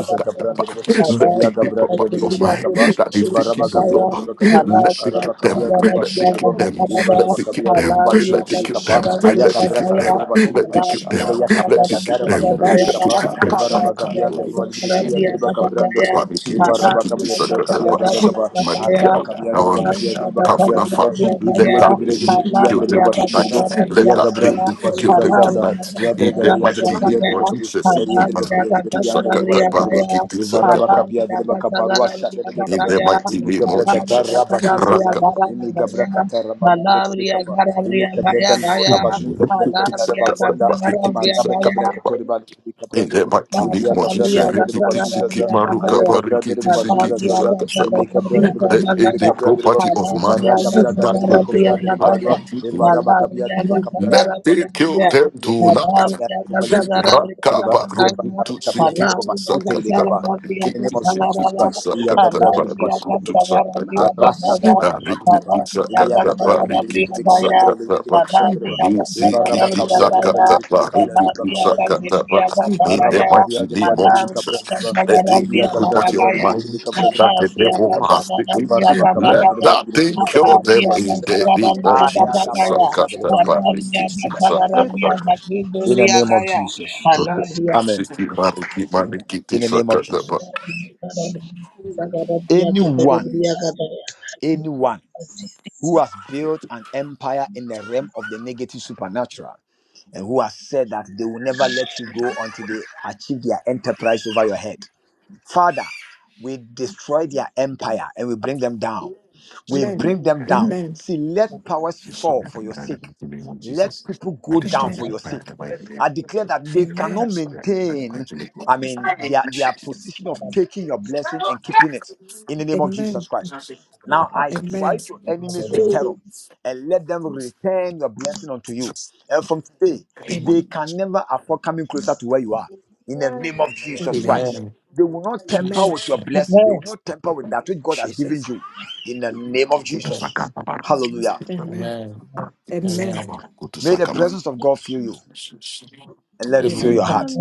S11: Jesus.
S1: Rabba
S2: deep
S1: Gabriel,
S2: property of mine
S1: Dibidikapa,
S2: that they've taken,
S11: Jesus.
S2: no
S1: Ivarabakabia
S2: Lord.
S1: Dibakabia,
S2: Let they kill
S1: Arabakabia
S2: them.
S11: Shakara
S2: Let they kill
S1: Dibashudibo,
S2: them. Let they kill
S1: Ivarabakabia
S11: Shandelebaya.
S2: them. Let they kill
S11: Jesus.
S1: Dibaligidikapa,
S2: them.
S11: Kado
S2: Let they
S1: Ayagabra
S2: kill them.
S1: Kataraba
S8: Lord.
S2: Let
S11: Shabrabakuba
S2: they
S1: Shudibo,
S2: kill them.
S1: Ivaya
S11: Shandaraba.
S1: Capra
S2: Let they kill
S1: Kataraba
S2: them.
S11: Libro
S2: Let they
S1: Shudirikapa,
S2: kill
S11: Shakado
S2: them.
S1: Ivarabakabia
S11: Shakandolo
S1: Dibaligidikabia
S11: Shende.
S1: Dibakabra Dibo,
S2: Sakatapa,
S11: Libra
S1: Ivarabakabia Dibakabia
S11: Shakabaraba
S1: Dibakaba,
S11: Shendeleba.
S1: Arabakabia
S2: um,
S1: Dibakabia Dibakavia
S11: Toshabrando.
S1: Dibo,
S2: let
S1: Ivia
S2: that
S11: Mando
S1: Gibre
S2: thing
S1: Dibikia
S11: Shiki
S2: kill them
S11: Baraba
S2: tonight.
S1: Dibashudibo,
S2: Let
S11: Shandeleba.
S2: that
S1: Yagabra
S2: thing kill
S11: What?
S2: them
S1: Bazuzaza,
S6: Alabria,
S2: tonight. In
S1: Yadrega
S2: the
S6: Garabria,
S2: mighty
S6: Gaya,
S2: name of Jesus, Sikiti,
S1: Yadribakabi, derbe kabya derbe
S2: Sikiti,
S1: yan derbe başı
S2: Sakatapa,
S1: derbe
S2: Sikiti,
S1: ivara
S2: Sakapa.
S1: bakapya derbe kaparu aşağı derbe
S2: In
S1: kabra
S2: the mighty
S1: imi
S2: name of
S1: kabra katar
S2: Jesus,
S1: rabasın sasa
S2: Rakapa,
S1: imi kabra katar rabagi derbe kabra
S8: Amen.
S1: kapa imi kabra
S6: Gaya,
S1: kendo rabasın kabra
S2: Rukutu,
S1: kendo
S6: Alabria,
S1: rabagwanda
S2: Sakatapa,
S6: Gazagara,
S1: ima
S2: Sikiti,
S1: rabbe
S6: Gaya,
S1: kabra
S2: Sakatapa.
S1: katori bal derbe
S2: In
S1: kabra
S2: the
S1: derbe
S2: mighty
S1: ivya
S2: name of
S1: kabra
S6: Hallelujah.
S2: Jesus,
S1: şan derbe
S2: Rikiti,
S1: başı
S2: Sikiti,
S1: sasa
S2: Maruka,
S1: aya kabra
S2: Rikiti,
S1: derbe başı
S2: Sikiti,
S1: sasa
S2: Sakatapa.
S1: imi kabra derbe
S2: Let
S1: derbe kabra
S2: any
S1: kabra derbe
S2: property of mine
S1: ivara kabra
S2: that
S1: derbe
S2: they get,
S1: kofra derbe
S2: I
S1: balwa
S2: think you
S1: ivara bakapya derbe kabra
S2: let
S1: derbe
S2: it kill them
S1: Lebreke
S2: tonight.
S1: kabia deba, lebreke
S2: In
S1: be
S2: the
S1: kabia deba, eva raba kabia deba ba, shute debe kaba. In the name of Jesus Christ, Iya Gabra de Bashita de Kappa, Arasa Tabaka Parutapa, Iya Gabra de Ligriki de Kabla de
S6: Amen. Amen. Amen. Amen. Amen.
S1: Ligriki de Kabla de Riba, Iva Rabba Kabia de Ligriki de Kabla de Riba Kabla de Bashita, Araba Kabia
S2: mighty
S1: de Baba
S2: name of
S1: Ligriki Kabla
S2: Jesus,
S1: de Riba,
S2: let the
S1: Ivia
S2: good
S1: Gabra de
S2: property
S1: Baba
S2: of
S1: Ligriki de
S2: mine
S1: Kabla de
S2: that the
S1: Bashita de
S2: devil
S1: Kappa,
S2: has taken,
S1: Iva Rabba Kabia
S2: let
S1: de Baba
S2: that
S1: Ligriki
S2: thing
S1: de Kabla
S2: kill
S1: de
S2: them in the
S1: Bashita,
S2: name of
S1: Aya
S2: Jesus.
S1: Gabarusha de Bakabra. In the name of Jesus. Amen.
S2: Sixty body keep my name keep
S1: In the
S2: this up,
S1: name of
S2: cut that but
S1: Jesus. Anyone, anyone who has built an empire in the realm of the negative supernatural. and who has said that they will never let you go until they achieve their enterprise over your head. Father, we destroy their empire and we bring them down. We
S7: Amen.
S1: bring them down.
S7: Amen.
S1: See, let powers
S2: destroy
S1: fall
S2: every
S1: for your
S2: plan of
S1: sake.
S2: the name of
S1: Let
S2: Jesus.
S1: people
S2: I
S1: go
S2: destroy
S1: down
S7: Amen.
S1: for
S2: every
S1: your
S2: plan
S1: sake.
S2: of my name.
S1: I
S2: I
S1: declare that they
S7: Amen.
S1: cannot
S2: destroy every plan of my
S1: maintain,
S2: name.
S1: I mean, their, their
S7: Jesus.
S1: position of taking your blessing and keeping it in the name of Jesus
S7: Amen.
S1: Christ.
S2: I
S1: Now I
S2: mark up the
S7: Amen.
S1: strike your
S2: Jesus.
S1: enemies with terror and let them return your blessing unto you.
S2: Jesus.
S1: And from today,
S2: Anyone
S1: they
S7: Amen.
S1: can never afford coming closer to where you are in the name
S8: Amen.
S1: of
S2: who
S1: Jesus
S2: is not
S1: Christ.
S7: Amen.
S11: Amen.
S1: They will not temper
S7: Amen.
S1: with
S11: Jesus'
S1: your
S11: name.
S1: blessing, they will not temper with that which God has given
S7: Jesus.
S1: you in the name of
S2: go to
S11: Mm.
S1: Jesus.
S2: Sakaba.
S1: Hallelujah.
S7: Amen.
S11: Amen.
S7: Amen.
S11: Amen.
S2: Go to
S1: May the
S2: Sakaba.
S1: presence of God fill you
S11: Jesus. name.
S1: and let it fill your
S11: Amen.
S7: Amen.
S1: heart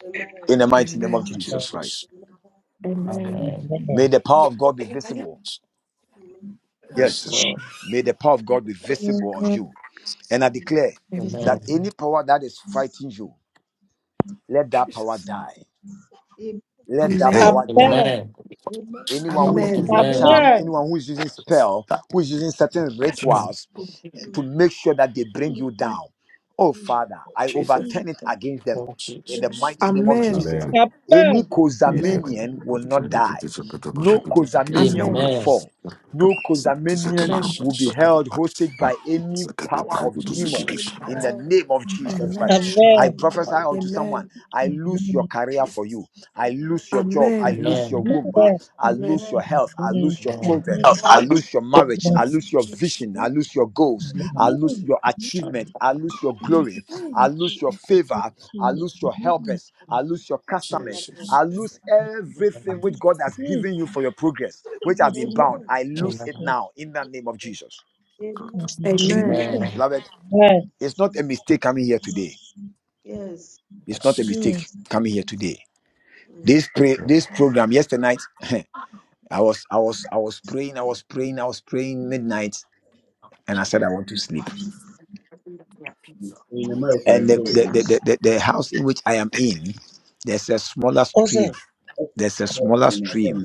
S8: Amen.
S1: in the mighty name of
S7: Amen.
S11: Thank you,
S1: Jesus Christ.
S11: Jesus.
S8: Amen.
S7: Amen.
S11: Amen.
S1: May the power of God be visible.
S11: Yes,
S1: Yes.
S11: Lord.
S1: May the power of God be visible on
S8: Mhm.
S1: you. And I declare that
S7: Amen.
S11: Amen.
S1: any power that is fighting you, let that power
S7: Jesus.
S1: die. Let that
S7: Amen.
S2: Amen.
S1: power
S12: Amen.
S1: die.
S11: Amen.
S8: Amen. Amen.
S1: anyone who
S12: Amen.
S1: is
S7: Amen.
S1: using
S11: Amen.
S1: charm,
S10: Amen.
S1: anyone who is using
S2: That's
S1: spell, who is using certain
S7: Je-
S11: Mm.
S1: rituals,
S8: Mm,
S1: to make sure that they bring you
S10: Jesus.
S1: down. Oh,
S8: mm.
S1: Father, I
S7: Jesus.
S1: overturn it
S10: Jesus.
S1: against them
S11: Oh,
S1: in the
S11: Jesus.
S1: mighty name of
S2: that.
S7: Amen.
S1: Jesus.
S12: Amen.
S11: Amen.
S1: Any
S2: In the
S7: Amen.
S12: Jesus.
S2: mighty name
S1: Kozamanian
S2: of
S1: will
S2: Jesus,
S1: not
S2: we give
S1: die.
S2: a good of a record,
S1: No
S7: Jesus.
S2: this is- this is
S1: Kozamanian
S7: Amen.
S1: will
S11: Amen.
S1: fall. No
S2: like a
S1: Kozamanian
S2: barrel,
S7: Amen.
S10: Amen.
S1: will
S2: this
S1: be
S11: Jesus.
S2: like a
S1: held
S2: man.
S1: hostage by
S2: Ah,
S1: any
S2: like a
S1: power
S2: barrel,
S1: of
S2: this like a-
S10: Amen.
S1: demon
S2: this-
S11: Jesus.
S1: in the
S11: Amen.
S8: Amen.
S1: name of Jesus
S12: Yes.
S1: Christ.
S7: Amen.
S1: I
S6: Amen.
S1: prophesy
S8: Amen.
S11: Amen.
S1: unto someone,
S7: Amen.
S1: I lose your career for
S7: Jesus.
S1: you. I
S8: Amen.
S1: lose your job. I
S7: Amen.
S1: lose your
S11: Amen.
S1: womb. I I
S8: Amen.
S7: Amen.
S1: lose your
S8: Amen.
S1: health. I lose your children. I
S2: Hallelujah.
S1: lose your marriage. I
S10: Amen.
S1: lose your
S8: Mm,
S11: Jesus.
S1: vision. I
S10: Amen.
S1: lose your goals.
S10: Amen.
S1: I lose
S10: Amen.
S1: your
S8: mm,
S10: Amen.
S1: achievement. I lose your
S10: You
S1: glory. I
S10: don't
S1: lose
S10: choose
S1: your
S8: mm.
S10: to
S1: favor. I
S10: choose.
S1: lose
S10: You
S1: your
S10: don't
S1: helpers. I lose your customers.
S11: Jesus.
S1: I lose everything
S11: Amen.
S1: which God has
S10: choose to
S1: given you for your progress, which has been
S10: choose.
S1: bound.
S8: Amen.
S1: I lose it
S11: Amen.
S1: now in the name of Jesus.
S8: Amen.
S10: You
S7: Amen.
S10: don't
S2: Amen.
S11: Amen.
S1: Beloved,
S6: Amen.
S1: it's not a mistake coming here today.
S8: Yes.
S1: It's not a
S11: Yes.
S1: mistake
S10: choose
S1: coming here today.
S8: Mm,
S1: This pray,
S12: Mm.
S1: this program yesterday night, I was I was I was praying, I was praying, I was praying midnight, and I said I want to sleep.
S6: in America,
S1: and the the, the,
S6: it's
S1: the, the the house in which I am in, there's a
S8: mm,
S1: smaller
S6: What's that?
S1: stream. There's a smaller stream,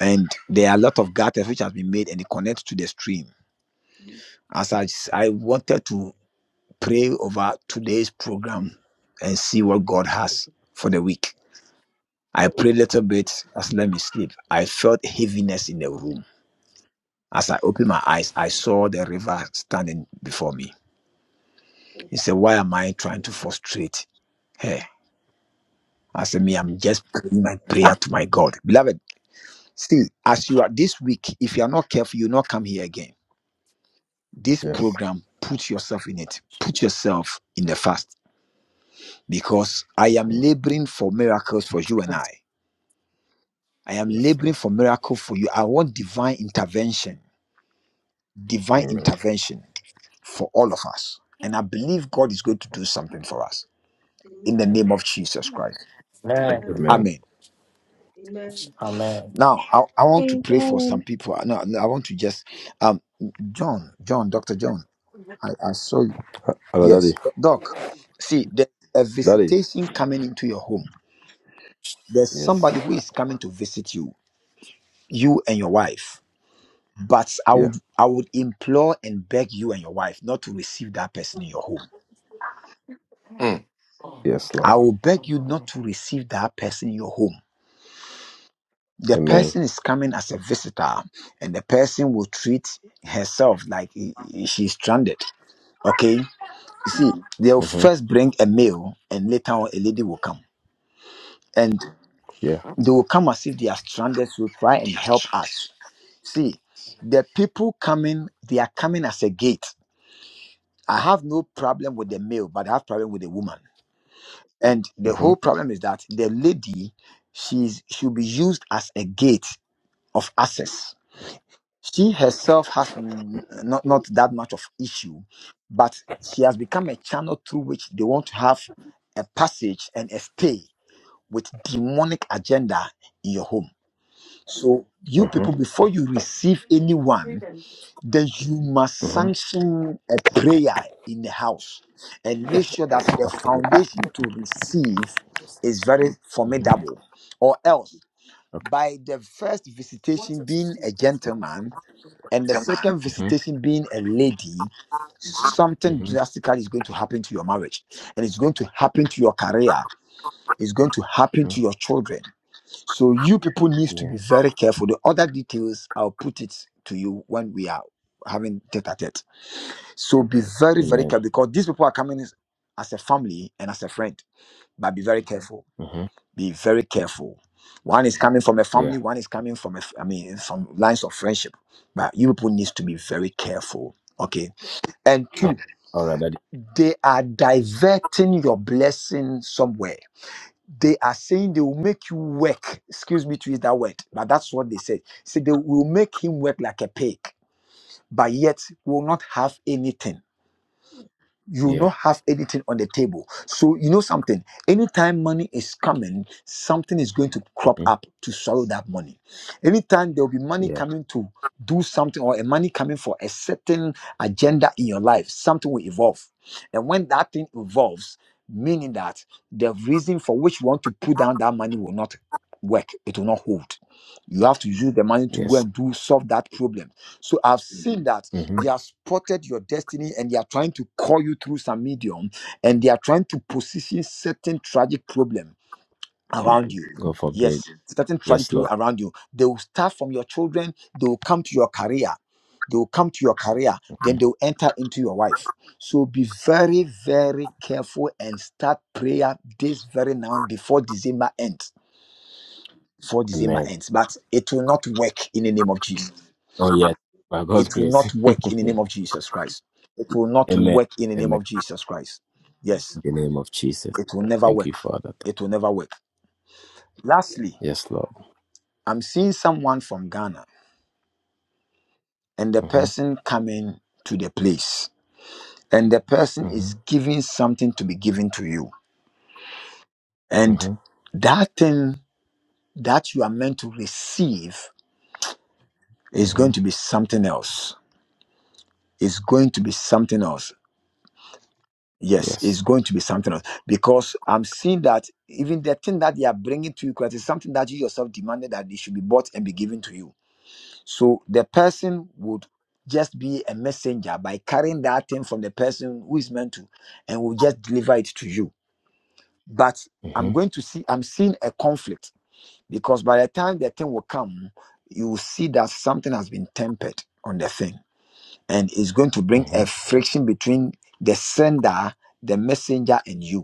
S1: and there are a lot of gutters which has been made and it connects to the stream.
S8: mm.
S1: As I, s- I wanted to pray over today's program and see what God has for the week. I prayed a little bit as let me sleep. I felt heaviness in the room. As I opened my eyes, I saw the river standing before me. He said, Why am I trying to frustrate her? I said, Me, I'm just praying my prayer to my God. Beloved, see, as you are this week, if you are not careful, you'll not come here again. This
S12: Yes.
S1: program, put yourself in it, put yourself in the fast because I am
S12: Mm.
S1: laboring for miracles for you and I. I am
S12: Yes,
S1: laboring
S12: Lord.
S1: for miracle for you. I want divine intervention, divine
S12: Amen.
S1: intervention for all of us. And I believe God is going to do something for us in the
S8: Amen.
S1: name of Jesus Christ.
S11: Amen.
S8: Amen.
S2: Amen.
S12: Amen.
S1: Amen.
S11: Yes.
S8: Amen.
S11: Amen.
S1: Now, I, I want to pray for
S3: amen.
S1: some people. No, no, I want to just, um, John, John, Doctor John, I, I saw you.
S12: Hello, Daddy.
S1: Yes, Doc. See, there's a
S12: Daddy.
S1: visitation coming into your home. There's
S12: Yes.
S1: somebody who is coming to visit you, you and your wife. But I
S12: Yeah.
S1: would, I would implore and beg you and your wife not to receive that person in your home.
S12: Yes,
S1: I
S12: Lord.
S1: will beg you not to receive that person in your home. The
S12: Amen.
S1: person is coming as a visitor, and the person will treat herself like i- i- she's stranded Okay. You see, they'll
S12: Mm-hmm.
S1: first bring a male and later on a lady will come. And
S12: Yeah.
S1: they will come as if they are stranded to try and help us. See, the people coming, they are coming as a gate. I have no problem with the male, but I have problem with the woman. And the
S12: Mm-hmm.
S1: whole problem is that the lady, she's she'll be used as a gate of access she herself has n- not, not that much of issue but she has become a channel through which they want to have a passage and a stay with demonic agenda in your home so you
S12: Mm-hmm.
S1: people before you receive anyone then you must
S12: Mm-hmm.
S1: sanction a prayer in the house and make sure that the
S12: Okay.
S1: foundation to receive is very
S12: Mm-hmm.
S1: formidable or else by the first visitation being a gentleman and the second
S12: Mm-hmm.
S1: visitation being a lady, something
S12: Mm-hmm.
S1: drastically is going to happen to your marriage, and it's going to happen to your career, it's going to happen
S12: mm
S1: to your children. So you people need to
S12: Yeah.
S1: be very careful. The other details I'll put it to you when we are having tete a tete. So be very, very
S12: Amen.
S1: careful because these people are coming as as a family and as a friend. But be very careful.
S12: Mm-hmm.
S1: Be very careful. One is coming from a
S12: Yeah.
S1: family, one is coming from a, f- I mean, some lines of friendship. But you people needs to be very careful. Okay. And
S12: Oh,
S1: two,
S12: all right, Daddy.
S1: they are diverting your blessing somewhere. They are saying they will make you work. Excuse me to use that word, but that's what they said. Say they will make him work like a pig, but yet will not have anything you will
S12: Yeah.
S1: not have anything on the table. So you know something. Anytime money is coming, something is going to crop
S12: Mm-hmm.
S1: up to swallow that money. Anytime there will be money
S12: Yeah.
S1: coming to do something or a money coming for a certain agenda in your life, something will evolve. And when that thing evolves, meaning that the reason for which you want to put down that money will not work. It will not hold. You have to use the money to go
S12: Yes.
S1: and do solve that problem. So I've seen that
S12: Mm-hmm.
S1: they have spotted your destiny and they are trying to call you through some medium and they are trying to position certain tragic problem around you
S12: God forbid.
S1: yes certain tragic
S12: Yes, Lord.
S1: problem around you they will start from your children they will come to your career they will come to your career then
S12: Mm-hmm.
S1: they will enter into your wife so be very very careful and start prayer this very now before december ends before december
S12: Amen.
S1: ends but it will not work in the name of jesus
S12: Oh, yes. By God's
S1: it will
S12: grace.
S1: not work in the name of Jesus Christ. It will not
S12: Amen.
S1: work in the name
S12: Amen.
S1: of Jesus Christ. Yes,
S12: In the name of Jesus.
S1: it will never
S12: Thank
S1: work.
S12: you, Father.
S1: It will never work. Lastly,
S12: Yes, Lord.
S1: I'm seeing someone from Ghana and the
S12: hmm
S1: person coming to the place and the person
S12: hmm
S1: is giving something to be given to you. And
S12: hmm
S1: that thing that you are meant to receive is going
S12: hmm
S1: to be something else. It's going to be something else Yes, it's
S12: Yes.
S1: going to be something else because I'm seeing that even the thing that they are bringing to you, Christ, is something that you yourself demanded that they should be bought and be given to you. So the person would just be a messenger by carrying that thing from the person who is meant to and will just deliver it to you. But I'm
S12: hmm
S1: going to see, I'm seeing a conflict because by the time the thing will come, you will see that something has been tempered on the thing and it's going to bring
S12: hmm
S1: a friction between the sender, the messenger, and you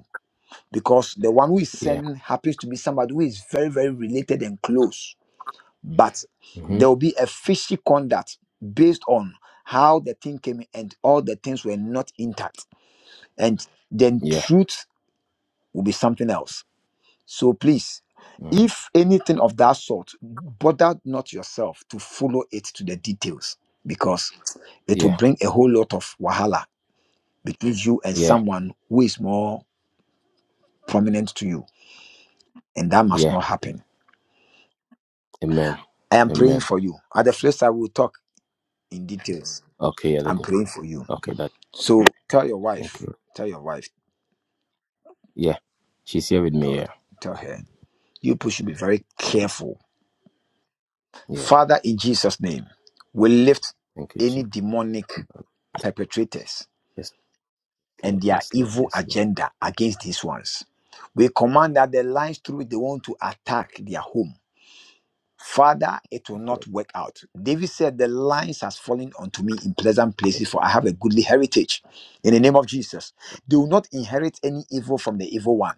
S1: because the one who is
S12: Yeah.
S1: sending happens to be somebody who is very, very related and close. But
S12: hmm
S1: there will be a fishy conduct based on how the thing came in and all the things were not intact. And then
S12: Yeah.
S1: truth will be something else. So please,
S12: hmm
S1: if anything of that sort, bother not yourself to follow it to the details because it will
S12: Yeah.
S1: bring a whole lot of wahala between you and
S12: Yeah.
S1: someone who is more prominent to you. And that must
S12: Yeah.
S1: not happen.
S12: Amen.
S1: I am praying
S12: Amen.
S1: for you. At the first, I will talk in details.
S12: Okay, yeah,
S1: I'm
S12: that-
S1: praying for you.
S12: okay, that
S1: So tell your
S12: thank
S1: wife,
S12: you.
S1: tell your wife,
S12: Yeah. She's here with me,
S1: God,
S12: yeah.
S1: tell her, you people should be very careful.
S12: Yeah.
S1: Father, in Jesus' name, we lift
S12: Thank you,
S1: any
S12: Jesus.
S1: demonic perpetrators
S12: Yes,
S1: and
S12: Lord,
S1: their
S12: yes, Lord,
S1: evil
S12: yes, Lord.
S1: agenda against these ones. We command that the lines through which they want to attack their home. Father, it will not work out. David said, The lines has fallen unto me in pleasant places, for I have a goodly heritage. In the name of Jesus, they will not inherit any evil from the evil one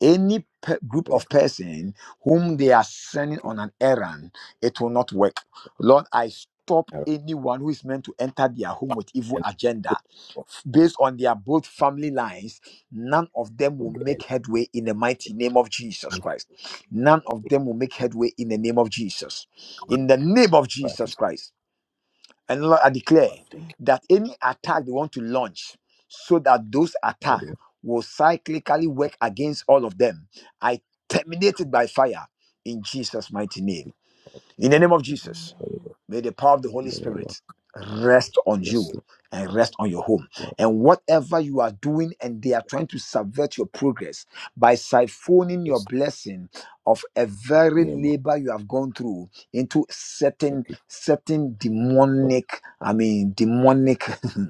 S1: any pe- group
S12: Very
S1: of person whom they are sending
S12: Thank you.
S1: on an errand, it will not work. Lord, I stop
S12: I
S1: anyone who is meant to enter their home with evil
S12: represent
S1: agenda F- based on their both family lines none of them will
S12: of the
S1: make
S12: enemy.
S1: headway in the mighty name of jesus
S12: And
S1: christ none of them will make headway in the name of jesus in the
S8: Amen.
S1: name of
S12: Father, to
S1: jesus christ and Lord, I declare
S12: Father, thank you.
S1: that any attack they want to launch, so that those
S12: That
S1: attack
S12: the
S1: will cyclically work against all of them, I terminate it by fire in Jesus' mighty name. In the name of Jesus.
S12: Jesus. Holy Ghost.
S1: May the power of the
S12: In
S1: Holy
S12: the name of
S1: Spirit rest on
S12: Yes,
S1: you and rest on your home.
S12: Lord.
S1: And whatever you are doing and they are trying to subvert your progress by siphoning your
S12: Yes.
S1: blessing of a
S12: the
S1: very
S12: name of
S1: labor you have gone through into
S12: thank
S1: certain
S12: you,
S1: certain
S12: Jesus, Lord.
S1: demonic, I mean
S12: Perfect
S1: demonic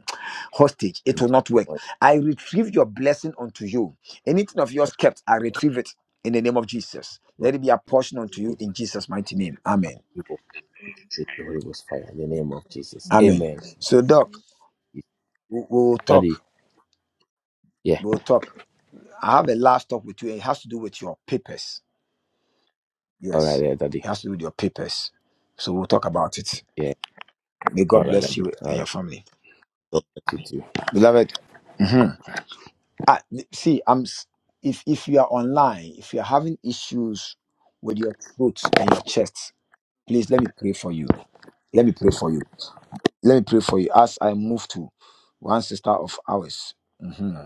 S1: hostage, it will
S12: into
S1: not
S12: the
S1: work.
S12: Lord,
S1: I retrieve your blessing unto you. Anything of yours
S12: Lord,
S1: kept, I
S12: yes,
S1: retrieve it in the name of Jesus.
S12: Lord,
S1: Let it be a portion unto
S8: Amen. Amen.
S12: may
S1: you
S12: the
S1: in Jesus' mighty name.
S12: fast
S1: Amen.
S12: people
S8: Amen.
S12: face the Holy Ghost fire in the name of Jesus.
S1: Amen.
S12: Amen.
S1: So, Doc,
S8: Will
S1: We we will talk.
S12: Daddy, yeah,
S1: We will talk. I have a last talk with you, and it has to do with your papers.
S12: all right,
S1: Yes,
S12: there, Daddy,
S1: it has to do with your papers. So we'll talk about it.
S12: yeah,
S1: May
S12: all
S1: God
S12: right,
S1: bless
S12: Daddy,
S1: you
S12: all
S1: and your
S12: right.
S1: family,
S12: God bless you too.
S1: beloved. I, see, I'm. s- If if you are online, if you're having issues with your throat and your chest, please let me pray for you. Let me pray for you. Let me pray for you as I move to one sister of ours. Mhm.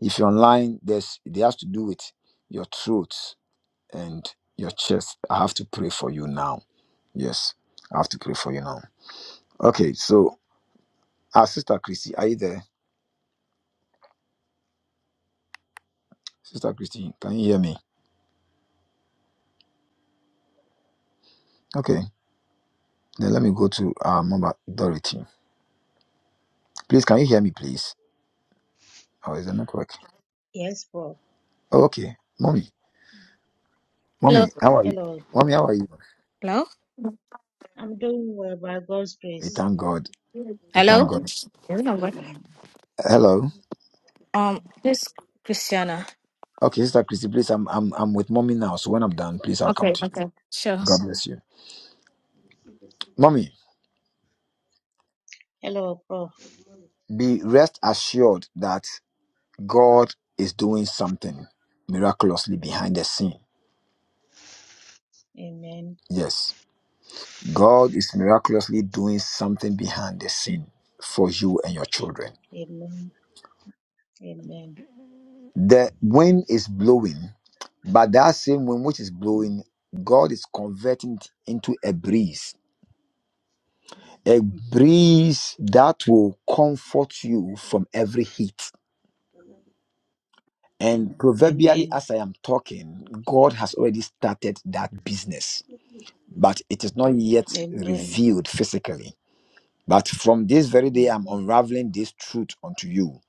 S1: If you're online, there's it has to do with your throat. and your chest. I have to pray for you now. Yes, I have to pray for you now. Okay, so our Sister Christy, are you there? Sister Christy, can you hear me? Okay, then let me go to our Mama Dorothy. Please, can you hear me, please? Oh, is the network?
S13: Yes, Prof.
S1: Oh, okay, mommy,
S14: Hello.
S1: mommy, how are you?
S13: Hello,
S1: Mommy,
S13: Prof.
S1: how are you?
S14: Hello.
S13: I'm doing well by God's
S1: We
S13: grace.
S8: will
S1: thank
S8: get a
S1: God.
S8: gift for
S1: We
S8: you,
S1: thank
S14: Hello.
S8: for
S1: God.
S14: Is it
S13: Mm.
S1: Hello.
S14: Um, please, Christiana.
S1: Okay,
S8: That's
S1: Sister
S8: what you see
S1: Christy, please, I'm I'm I'm with mommy now. So when I'm done, please, I'll come
S14: Okay.
S1: to you.
S14: Okay. Sure.
S1: God bless you,
S8: the silver stuff,
S1: mommy.
S13: Hello, Prof.
S8: the money,
S1: Be rest assured that God is doing something
S8: yes,
S1: miraculously behind the scene.
S13: Amen.
S1: Yes, God is miraculously doing something behind the scene for you and your children.
S13: Amen. Amen.
S1: The wind is blowing, but that same wind which is
S13: Mm.
S1: blowing, God is converting it into a breeze. A
S13: Mhm.
S1: breeze that will comfort you
S8: yes,
S1: from every heat.
S8: but not the
S13: Mm.
S1: And proverbially,
S13: Amen.
S1: as I am talking, God has already started that business,
S8: good news, yes.
S1: but it is not yet
S13: Amen.
S1: revealed physically But from this very day, I'm
S13: Mhm.
S1: unraveling this truth unto you.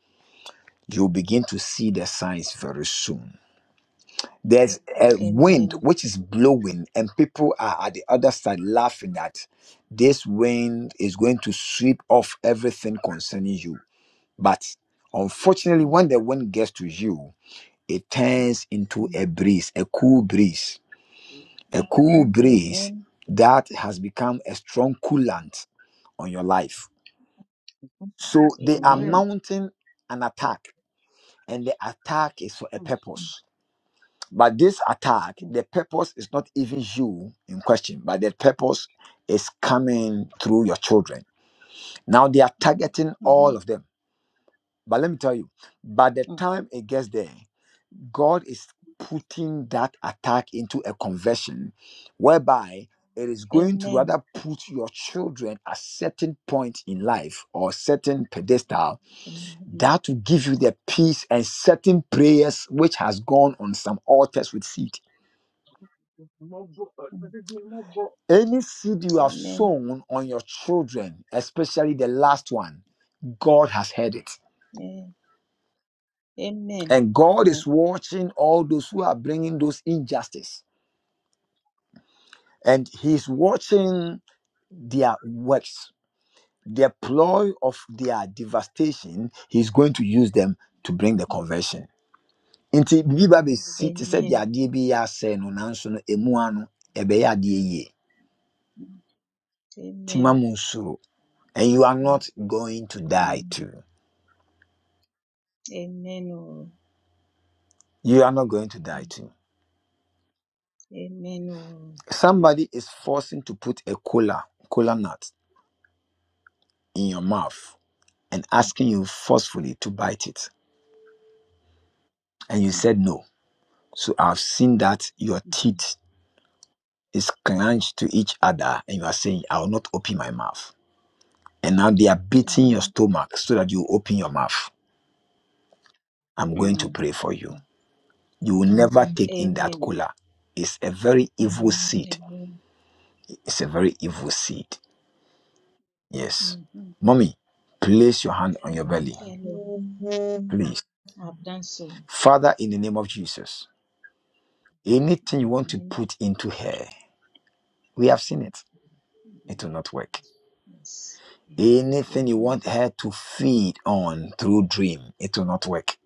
S1: You'll begin to see the signs very soon. There's a wind
S13: Amen.
S1: which is blowing, and people are at the other side laughing at this wind is going to sweep off everything concerning you. But unfortunately,
S13: Mm.
S1: when the wind gets to you, it turns into a
S13: Mm.
S1: breeze, a cool breeze, a cool breeze
S13: Amen.
S1: that has become a strong coolant on your life So they are
S15: Amen.
S13: Amen.
S1: mounting an attack, and the attack is for a purpose. But this attack,
S13: Mhm.
S1: the purpose is not even you in question, but the purpose is coming through your children. Now they are targeting all
S13: Mhm.
S1: of them. But let me tell you, by the
S13: Mm.
S1: time it gets there, God is putting that attack into a conversion whereby it is going to
S13: Amen.
S1: rather put your children at certain point in life or certain pedestal
S13: Amen.
S1: that will give you the peace and certain prayers which has gone on some altars with seed.
S15: Mo bọ̀,
S13: Mm.
S15: mo bọ̀
S1: Any seed you have
S13: Amen.
S1: sown on your children, especially the last one, God has heard it.
S13: Eh, Amen.
S1: And God is
S13: Mm.
S1: watching all those who are bringing those injustice. And He's watching their works, their ploy of their devastation. He's going to use them to bring the conversion. nti Bibi ba bɛsi te sɛ deɛ
S13: Amen.
S1: adeɛ bi yɛ asɛe no nanso no ɛmu ano ɛbɛyɛ adeɛ yie
S13: Mm.
S1: nti ma
S13: Amen.
S1: mo nsuro and you are
S13: Mm.
S1: not going to die
S13: Amen.
S1: too
S13: Amen. Oh.
S1: you are not going to die
S13: Mm.
S1: too
S13: Amen. Oh.
S1: somebody is forcing to put a cola cola nut in your mouth and
S13: Mhm,
S1: asking you forcefully to bite it and you said no so i've seen that your
S13: mhm.
S1: teeth is clenched to each other and you are saying i will not open my mouth and now they are beating your
S13: Amen.
S1: stomach so that you open your mouth i'm going to
S13: Mm,
S1: pray for you
S13: mhm.
S1: You will never Mm. take in that
S13: Amen.
S1: cola. It's a very evil seed.
S13: Amen.
S1: It's a very evil seed. Yes.
S13: Mhm.
S1: Mommy, place your hand on your belly.
S13: Yeah,
S1: Please.
S13: I've done so.
S1: Father, in the name of Jesus, anything you want to
S13: Amen.
S1: put into her, we have seen it. It
S13: Mhm.
S1: will not work.
S13: Yes.
S1: Anything you
S13: Amen.
S1: want her to feed on through dream, it will not work.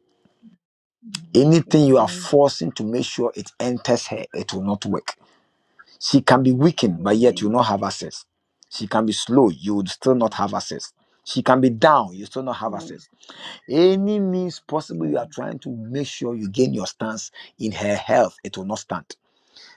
S13: Mm.
S1: Anything you are
S13: Amen.
S1: forcing to make sure it enters her, it will not work She can be weakened, but yet you will
S13: Amen.
S1: not have access. She can be slow, you would still not
S13: Yeah.
S1: have access. She can be down, you still not have
S13: No.
S1: access. Any means possible, you are
S13: um,
S1: trying to make sure you gain your stance in her health, it will not stand.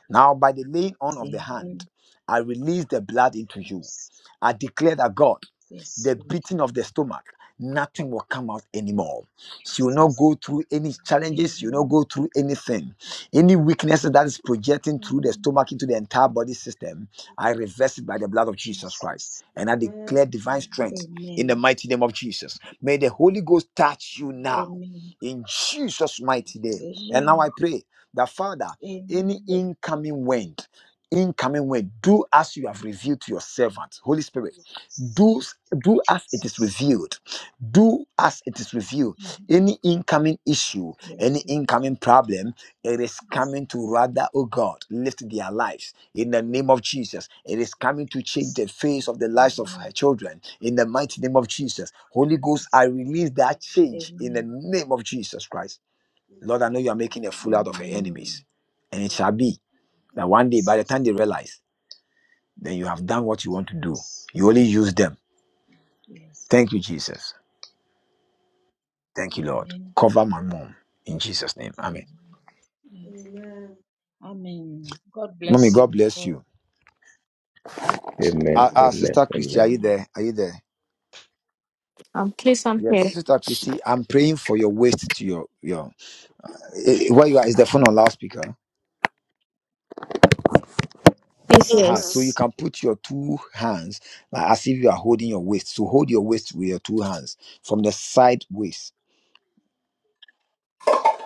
S1: Now, by the laying on of the hand,
S13: Amen.
S1: I release the blood into you.
S13: Yes.
S1: I declare that God,
S13: Yes,
S1: the
S13: Lord
S1: beating of the stomach, nothing will come out anymore. She will not
S13: Jesus.
S1: go through any challenges, she will not
S13: Amen.
S1: go through anything. Any weaknesses that is projecting through the
S13: Amen.
S1: stomach into the entire body system, I reverse it by the blood of Jesus Christ.
S13: Jesus.
S1: And I declare divine strength in the
S13: Amen.
S1: mighty name of Jesus. May the Holy Ghost touch you now
S13: Amen.
S1: in Jesus' mighty name. And now
S13: Amen.
S1: I pray that Father, any
S13: Amen. Lord
S1: incoming wind, incoming wind, do as you have revealed to your servant, Holy Spirit. Do, do as it is
S13: Jesus.
S1: revealed do as it is with you.
S13: Mhm.
S1: Any incoming issue, any
S13: Yes,
S1: incoming problem, it is coming to
S13: Jesus.
S1: rather, oh God, lift their lives in the name of Jesus. It is coming to change the face of the lives of her
S13: Amen.
S1: children in the mighty name of Jesus. Holy Ghost, I
S13: Jesus.
S1: release that change in the
S13: Amen.
S1: name of Jesus Christ. Lord, I know you are making a fool out of her enemies,
S13: Amen.
S1: and it shall be that one day, by the
S13: Jesus.
S1: time they realize, then you have done what you want to do. You only use them.
S13: Yes.
S1: Thank you, Jesus. Thank you, Lord.
S13: Amen.
S1: Cover my mom in Jesus' name. Amen.
S13: Amen. Yes. Amen. God
S1: Mommy,
S13: bless
S1: God
S13: you.
S1: bless
S13: all.
S1: you.
S12: Amen,
S1: Uh, uh,
S12: amen,
S1: Sister Christy,
S12: amen.
S1: are you there?
S13: Amen.
S1: Are you there?
S14: Um, please, I'm here.
S1: Yes. Sister Christy, I'm praying for your waist to your your eh, eh, where you are is the phone on loudspeaker.
S14: Please,
S1: uh So you
S14: yes.
S1: can put your two hands like as if you are holding your waist. So hold your waist with your two hands from the side waist.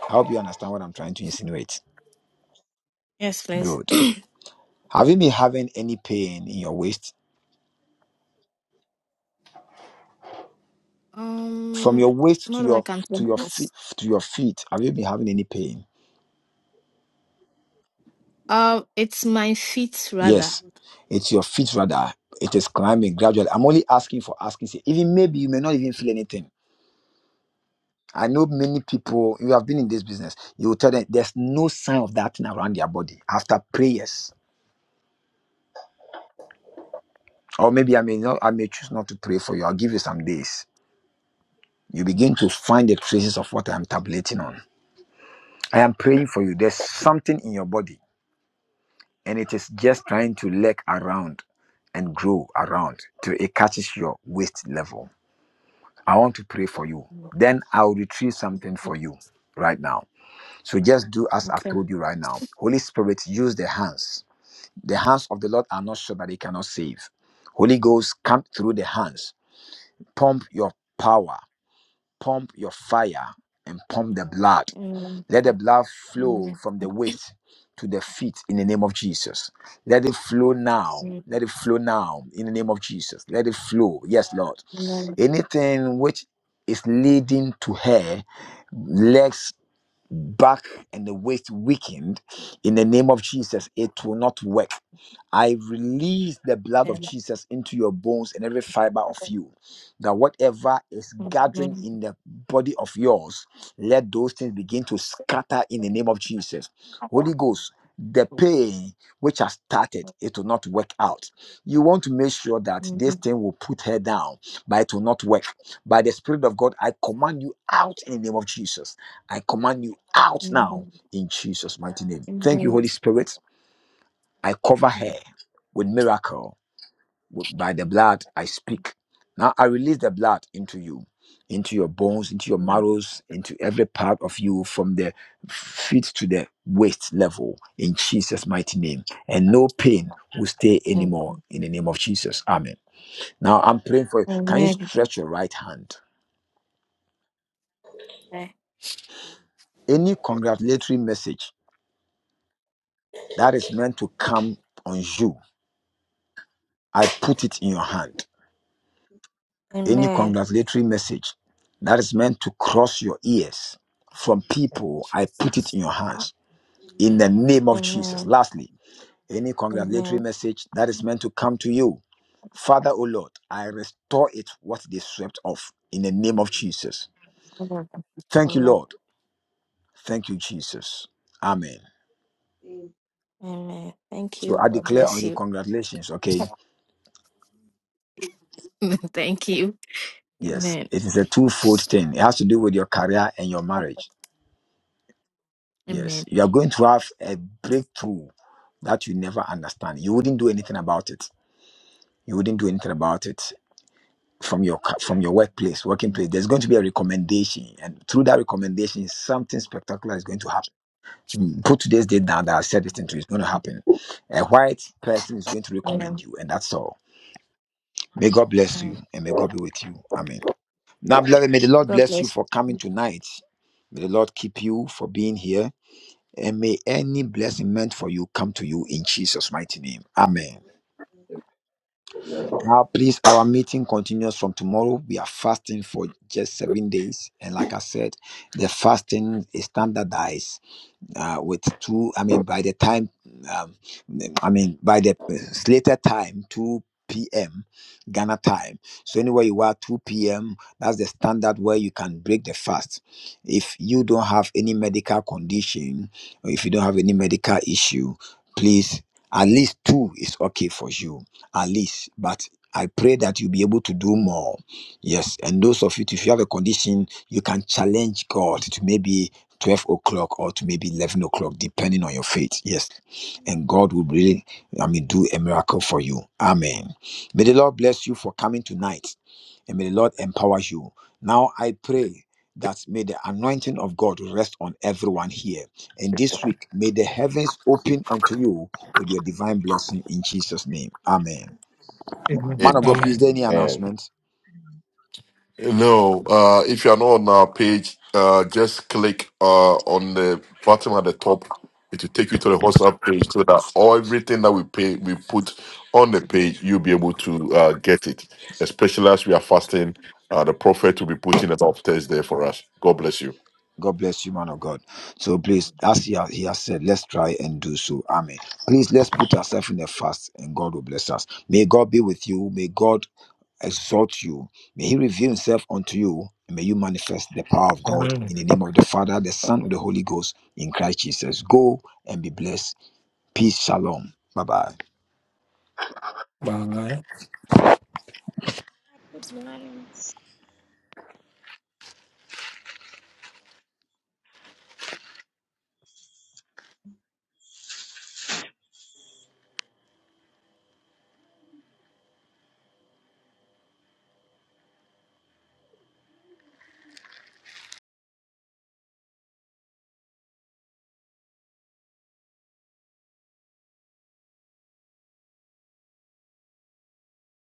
S1: I hope you understand what I'm trying to insinuate.
S14: Yes, please.
S1: Good. Have you been having any pain in your waist? From
S14: Um,
S1: your waist to
S14: not that I
S1: your
S14: can tell.
S1: to your
S14: Yes.
S1: feet to your feet, have you been having any pain?
S14: Um, it's my feet rather.
S1: Yes,
S8: Amen. Mhm. Amen.
S1: it's your feet rather. It is climbing gradually. I'm only asking for asking. sake. Even maybe you may not even feel anything. I know many people, you have been in this business, you will tell them there's no sign of that thing around their body after prayers. Or maybe I may not, I may choose not to pray for you. I'll give you some days. You begin to find the traces of what I'm tabulating on. I am praying for you. There's something in your body, and it is just trying to leg around and grow around till it catches your waist level I want to pray for you.
S14: Mm,
S1: Then I'll retrieve something for you right now. So just do as I've
S14: Okay.
S1: told you right now. Holy Spirit, use the hands. The hands of the Lord are not sure that they cannot save. Holy Ghost, come through the hands. Pump your power, pump your fire, and pump the blood.
S14: Um,
S1: Let the blood
S14: mm,
S1: flow
S14: mm,
S1: from the waist to the feet in the name of Jesus. Let it flow now.
S14: mm, mm,
S1: Let it flow now in the name of Jesus. Let it flow. Yes, Lord.
S14: mm,
S1: Anything which is leading to her legs, back, and the waist weakened in the name of Jesus, it will not work. I release the blood of Jesus into your bones and every fiber of you. That whatever is gathering in the body of yours, let those things begin to scatter in the name of Jesus. Holy Ghost,
S8: Amen.
S1: the pain which has started, it will not work out. You want to make sure that this thing will put her down, but it will not work. By the Spirit of God, I command you out in the name of Jesus. I
S8: Amen. Amen.
S1: command you out now in Jesus' mighty name. Thank you, Holy Spirit. I cover her with miracle. With- By the blood, I speak. Now I release the blood into you, into your bones, into your
S14: mm.
S1: marrows, into every part of you from the feet to the waist level in Jesus' mighty name. And no pain will stay anymore
S14: Amen.
S1: in the name of Jesus. Amen. Now I'm praying for you. Can you stretch your right hand? Any congratulatory message that is meant to come on you, I put it in your hand. any
S14: Amen.
S1: congratulatory message that is meant to cross your ears from
S8: Amen.
S1: people, I put it in your
S14: Amen.
S1: hands in the name of Jesus.
S14: Amen.
S1: Lastly, any congratulatory
S14: Amen.
S1: message that is meant to come to you, Father, O Lord, I restore it what they swept off in the name of Jesus.
S14: Amen.
S1: Thank you,
S14: Amen.
S1: Lord. Thank you, Jesus. Amen.
S14: Amen. Thank
S1: So
S14: you.
S1: I
S14: God
S1: declare on
S14: bless
S1: you
S14: you.
S1: congratulations, okay?
S14: Thank you.
S1: Yes,
S14: Amen.
S1: it is a twofold thing. It has to do with your career and your marriage. Yes,
S14: Amen.
S1: you are going to have a breakthrough that you never understand. You wouldn't do anything about it. You wouldn't do anything about it from your co- from your workplace, working place. There's going to be a recommendation, and through that recommendation, something spectacular is going to happen. Mm, Put today's date down that I said this thing to. you, It's going to happen. A white person is going to recommend
S14: Amen.
S1: you, and that's all. May God bless you, and may God be with you. Amen. Now, beloved, may the Lord
S14: God
S1: bless you
S14: bless
S1: for
S14: you.
S1: coming tonight. May the Lord keep you for being here, and may any blessing meant for you come to you in Jesus' mighty name. Amen. Now, please, our meeting continues from tomorrow. We are fasting for just seven days. And like I said, the fasting is standardized uh, with two, I mean, by the time um, 2 p. Ghana, so you are 2, that's that word medic is okay for you. least, but I pray that you'll be able to do more. Yes. And those of you, if you have a condition, you can challenge God to maybe 12 o'clock or to maybe 11 o'clock, depending on your faith. Yes. And God will really, I mean, do a miracle for you. Amen. May the Lord bless you for coming tonight and may the Lord empower you. Now I pray that may the anointing of God rest on everyone here. And this week, may the heavens open unto you with your divine blessing in Jesus' name. Amen.
S8: Amen. Amen. Amen.
S11: Amen.
S1: Man
S2: Mm.
S1: of God,
S11: Amen.
S1: please, there any
S13: Amen.
S12: And
S1: announcement?
S2: No, uh, if you are not on our page, uh, just click uh, on the bottom at the top. It will take you to the WhatsApp page so that all everything that we pay we put on the page, you'll be able to uh, get it. Especially as we are fasting, uh, the prophet will be putting it upstairs there for us. God bless you.
S1: God bless you, man of God. So please,
S8: Amen.
S1: as he has, he has said, let's try and do so. Amen. Please, let's put ourselves in a fast and God will bless us. May God be with you. May God exalt you. May he reveal himself unto you. And may you manifest the power of God
S11: Amen.
S1: in the name of the Father, the Son, and the Holy Ghost in Christ Jesus. Go and be blessed. Peace. Shalom. Bye bye.
S8: Amen.
S11: Bye.
S10: to choose.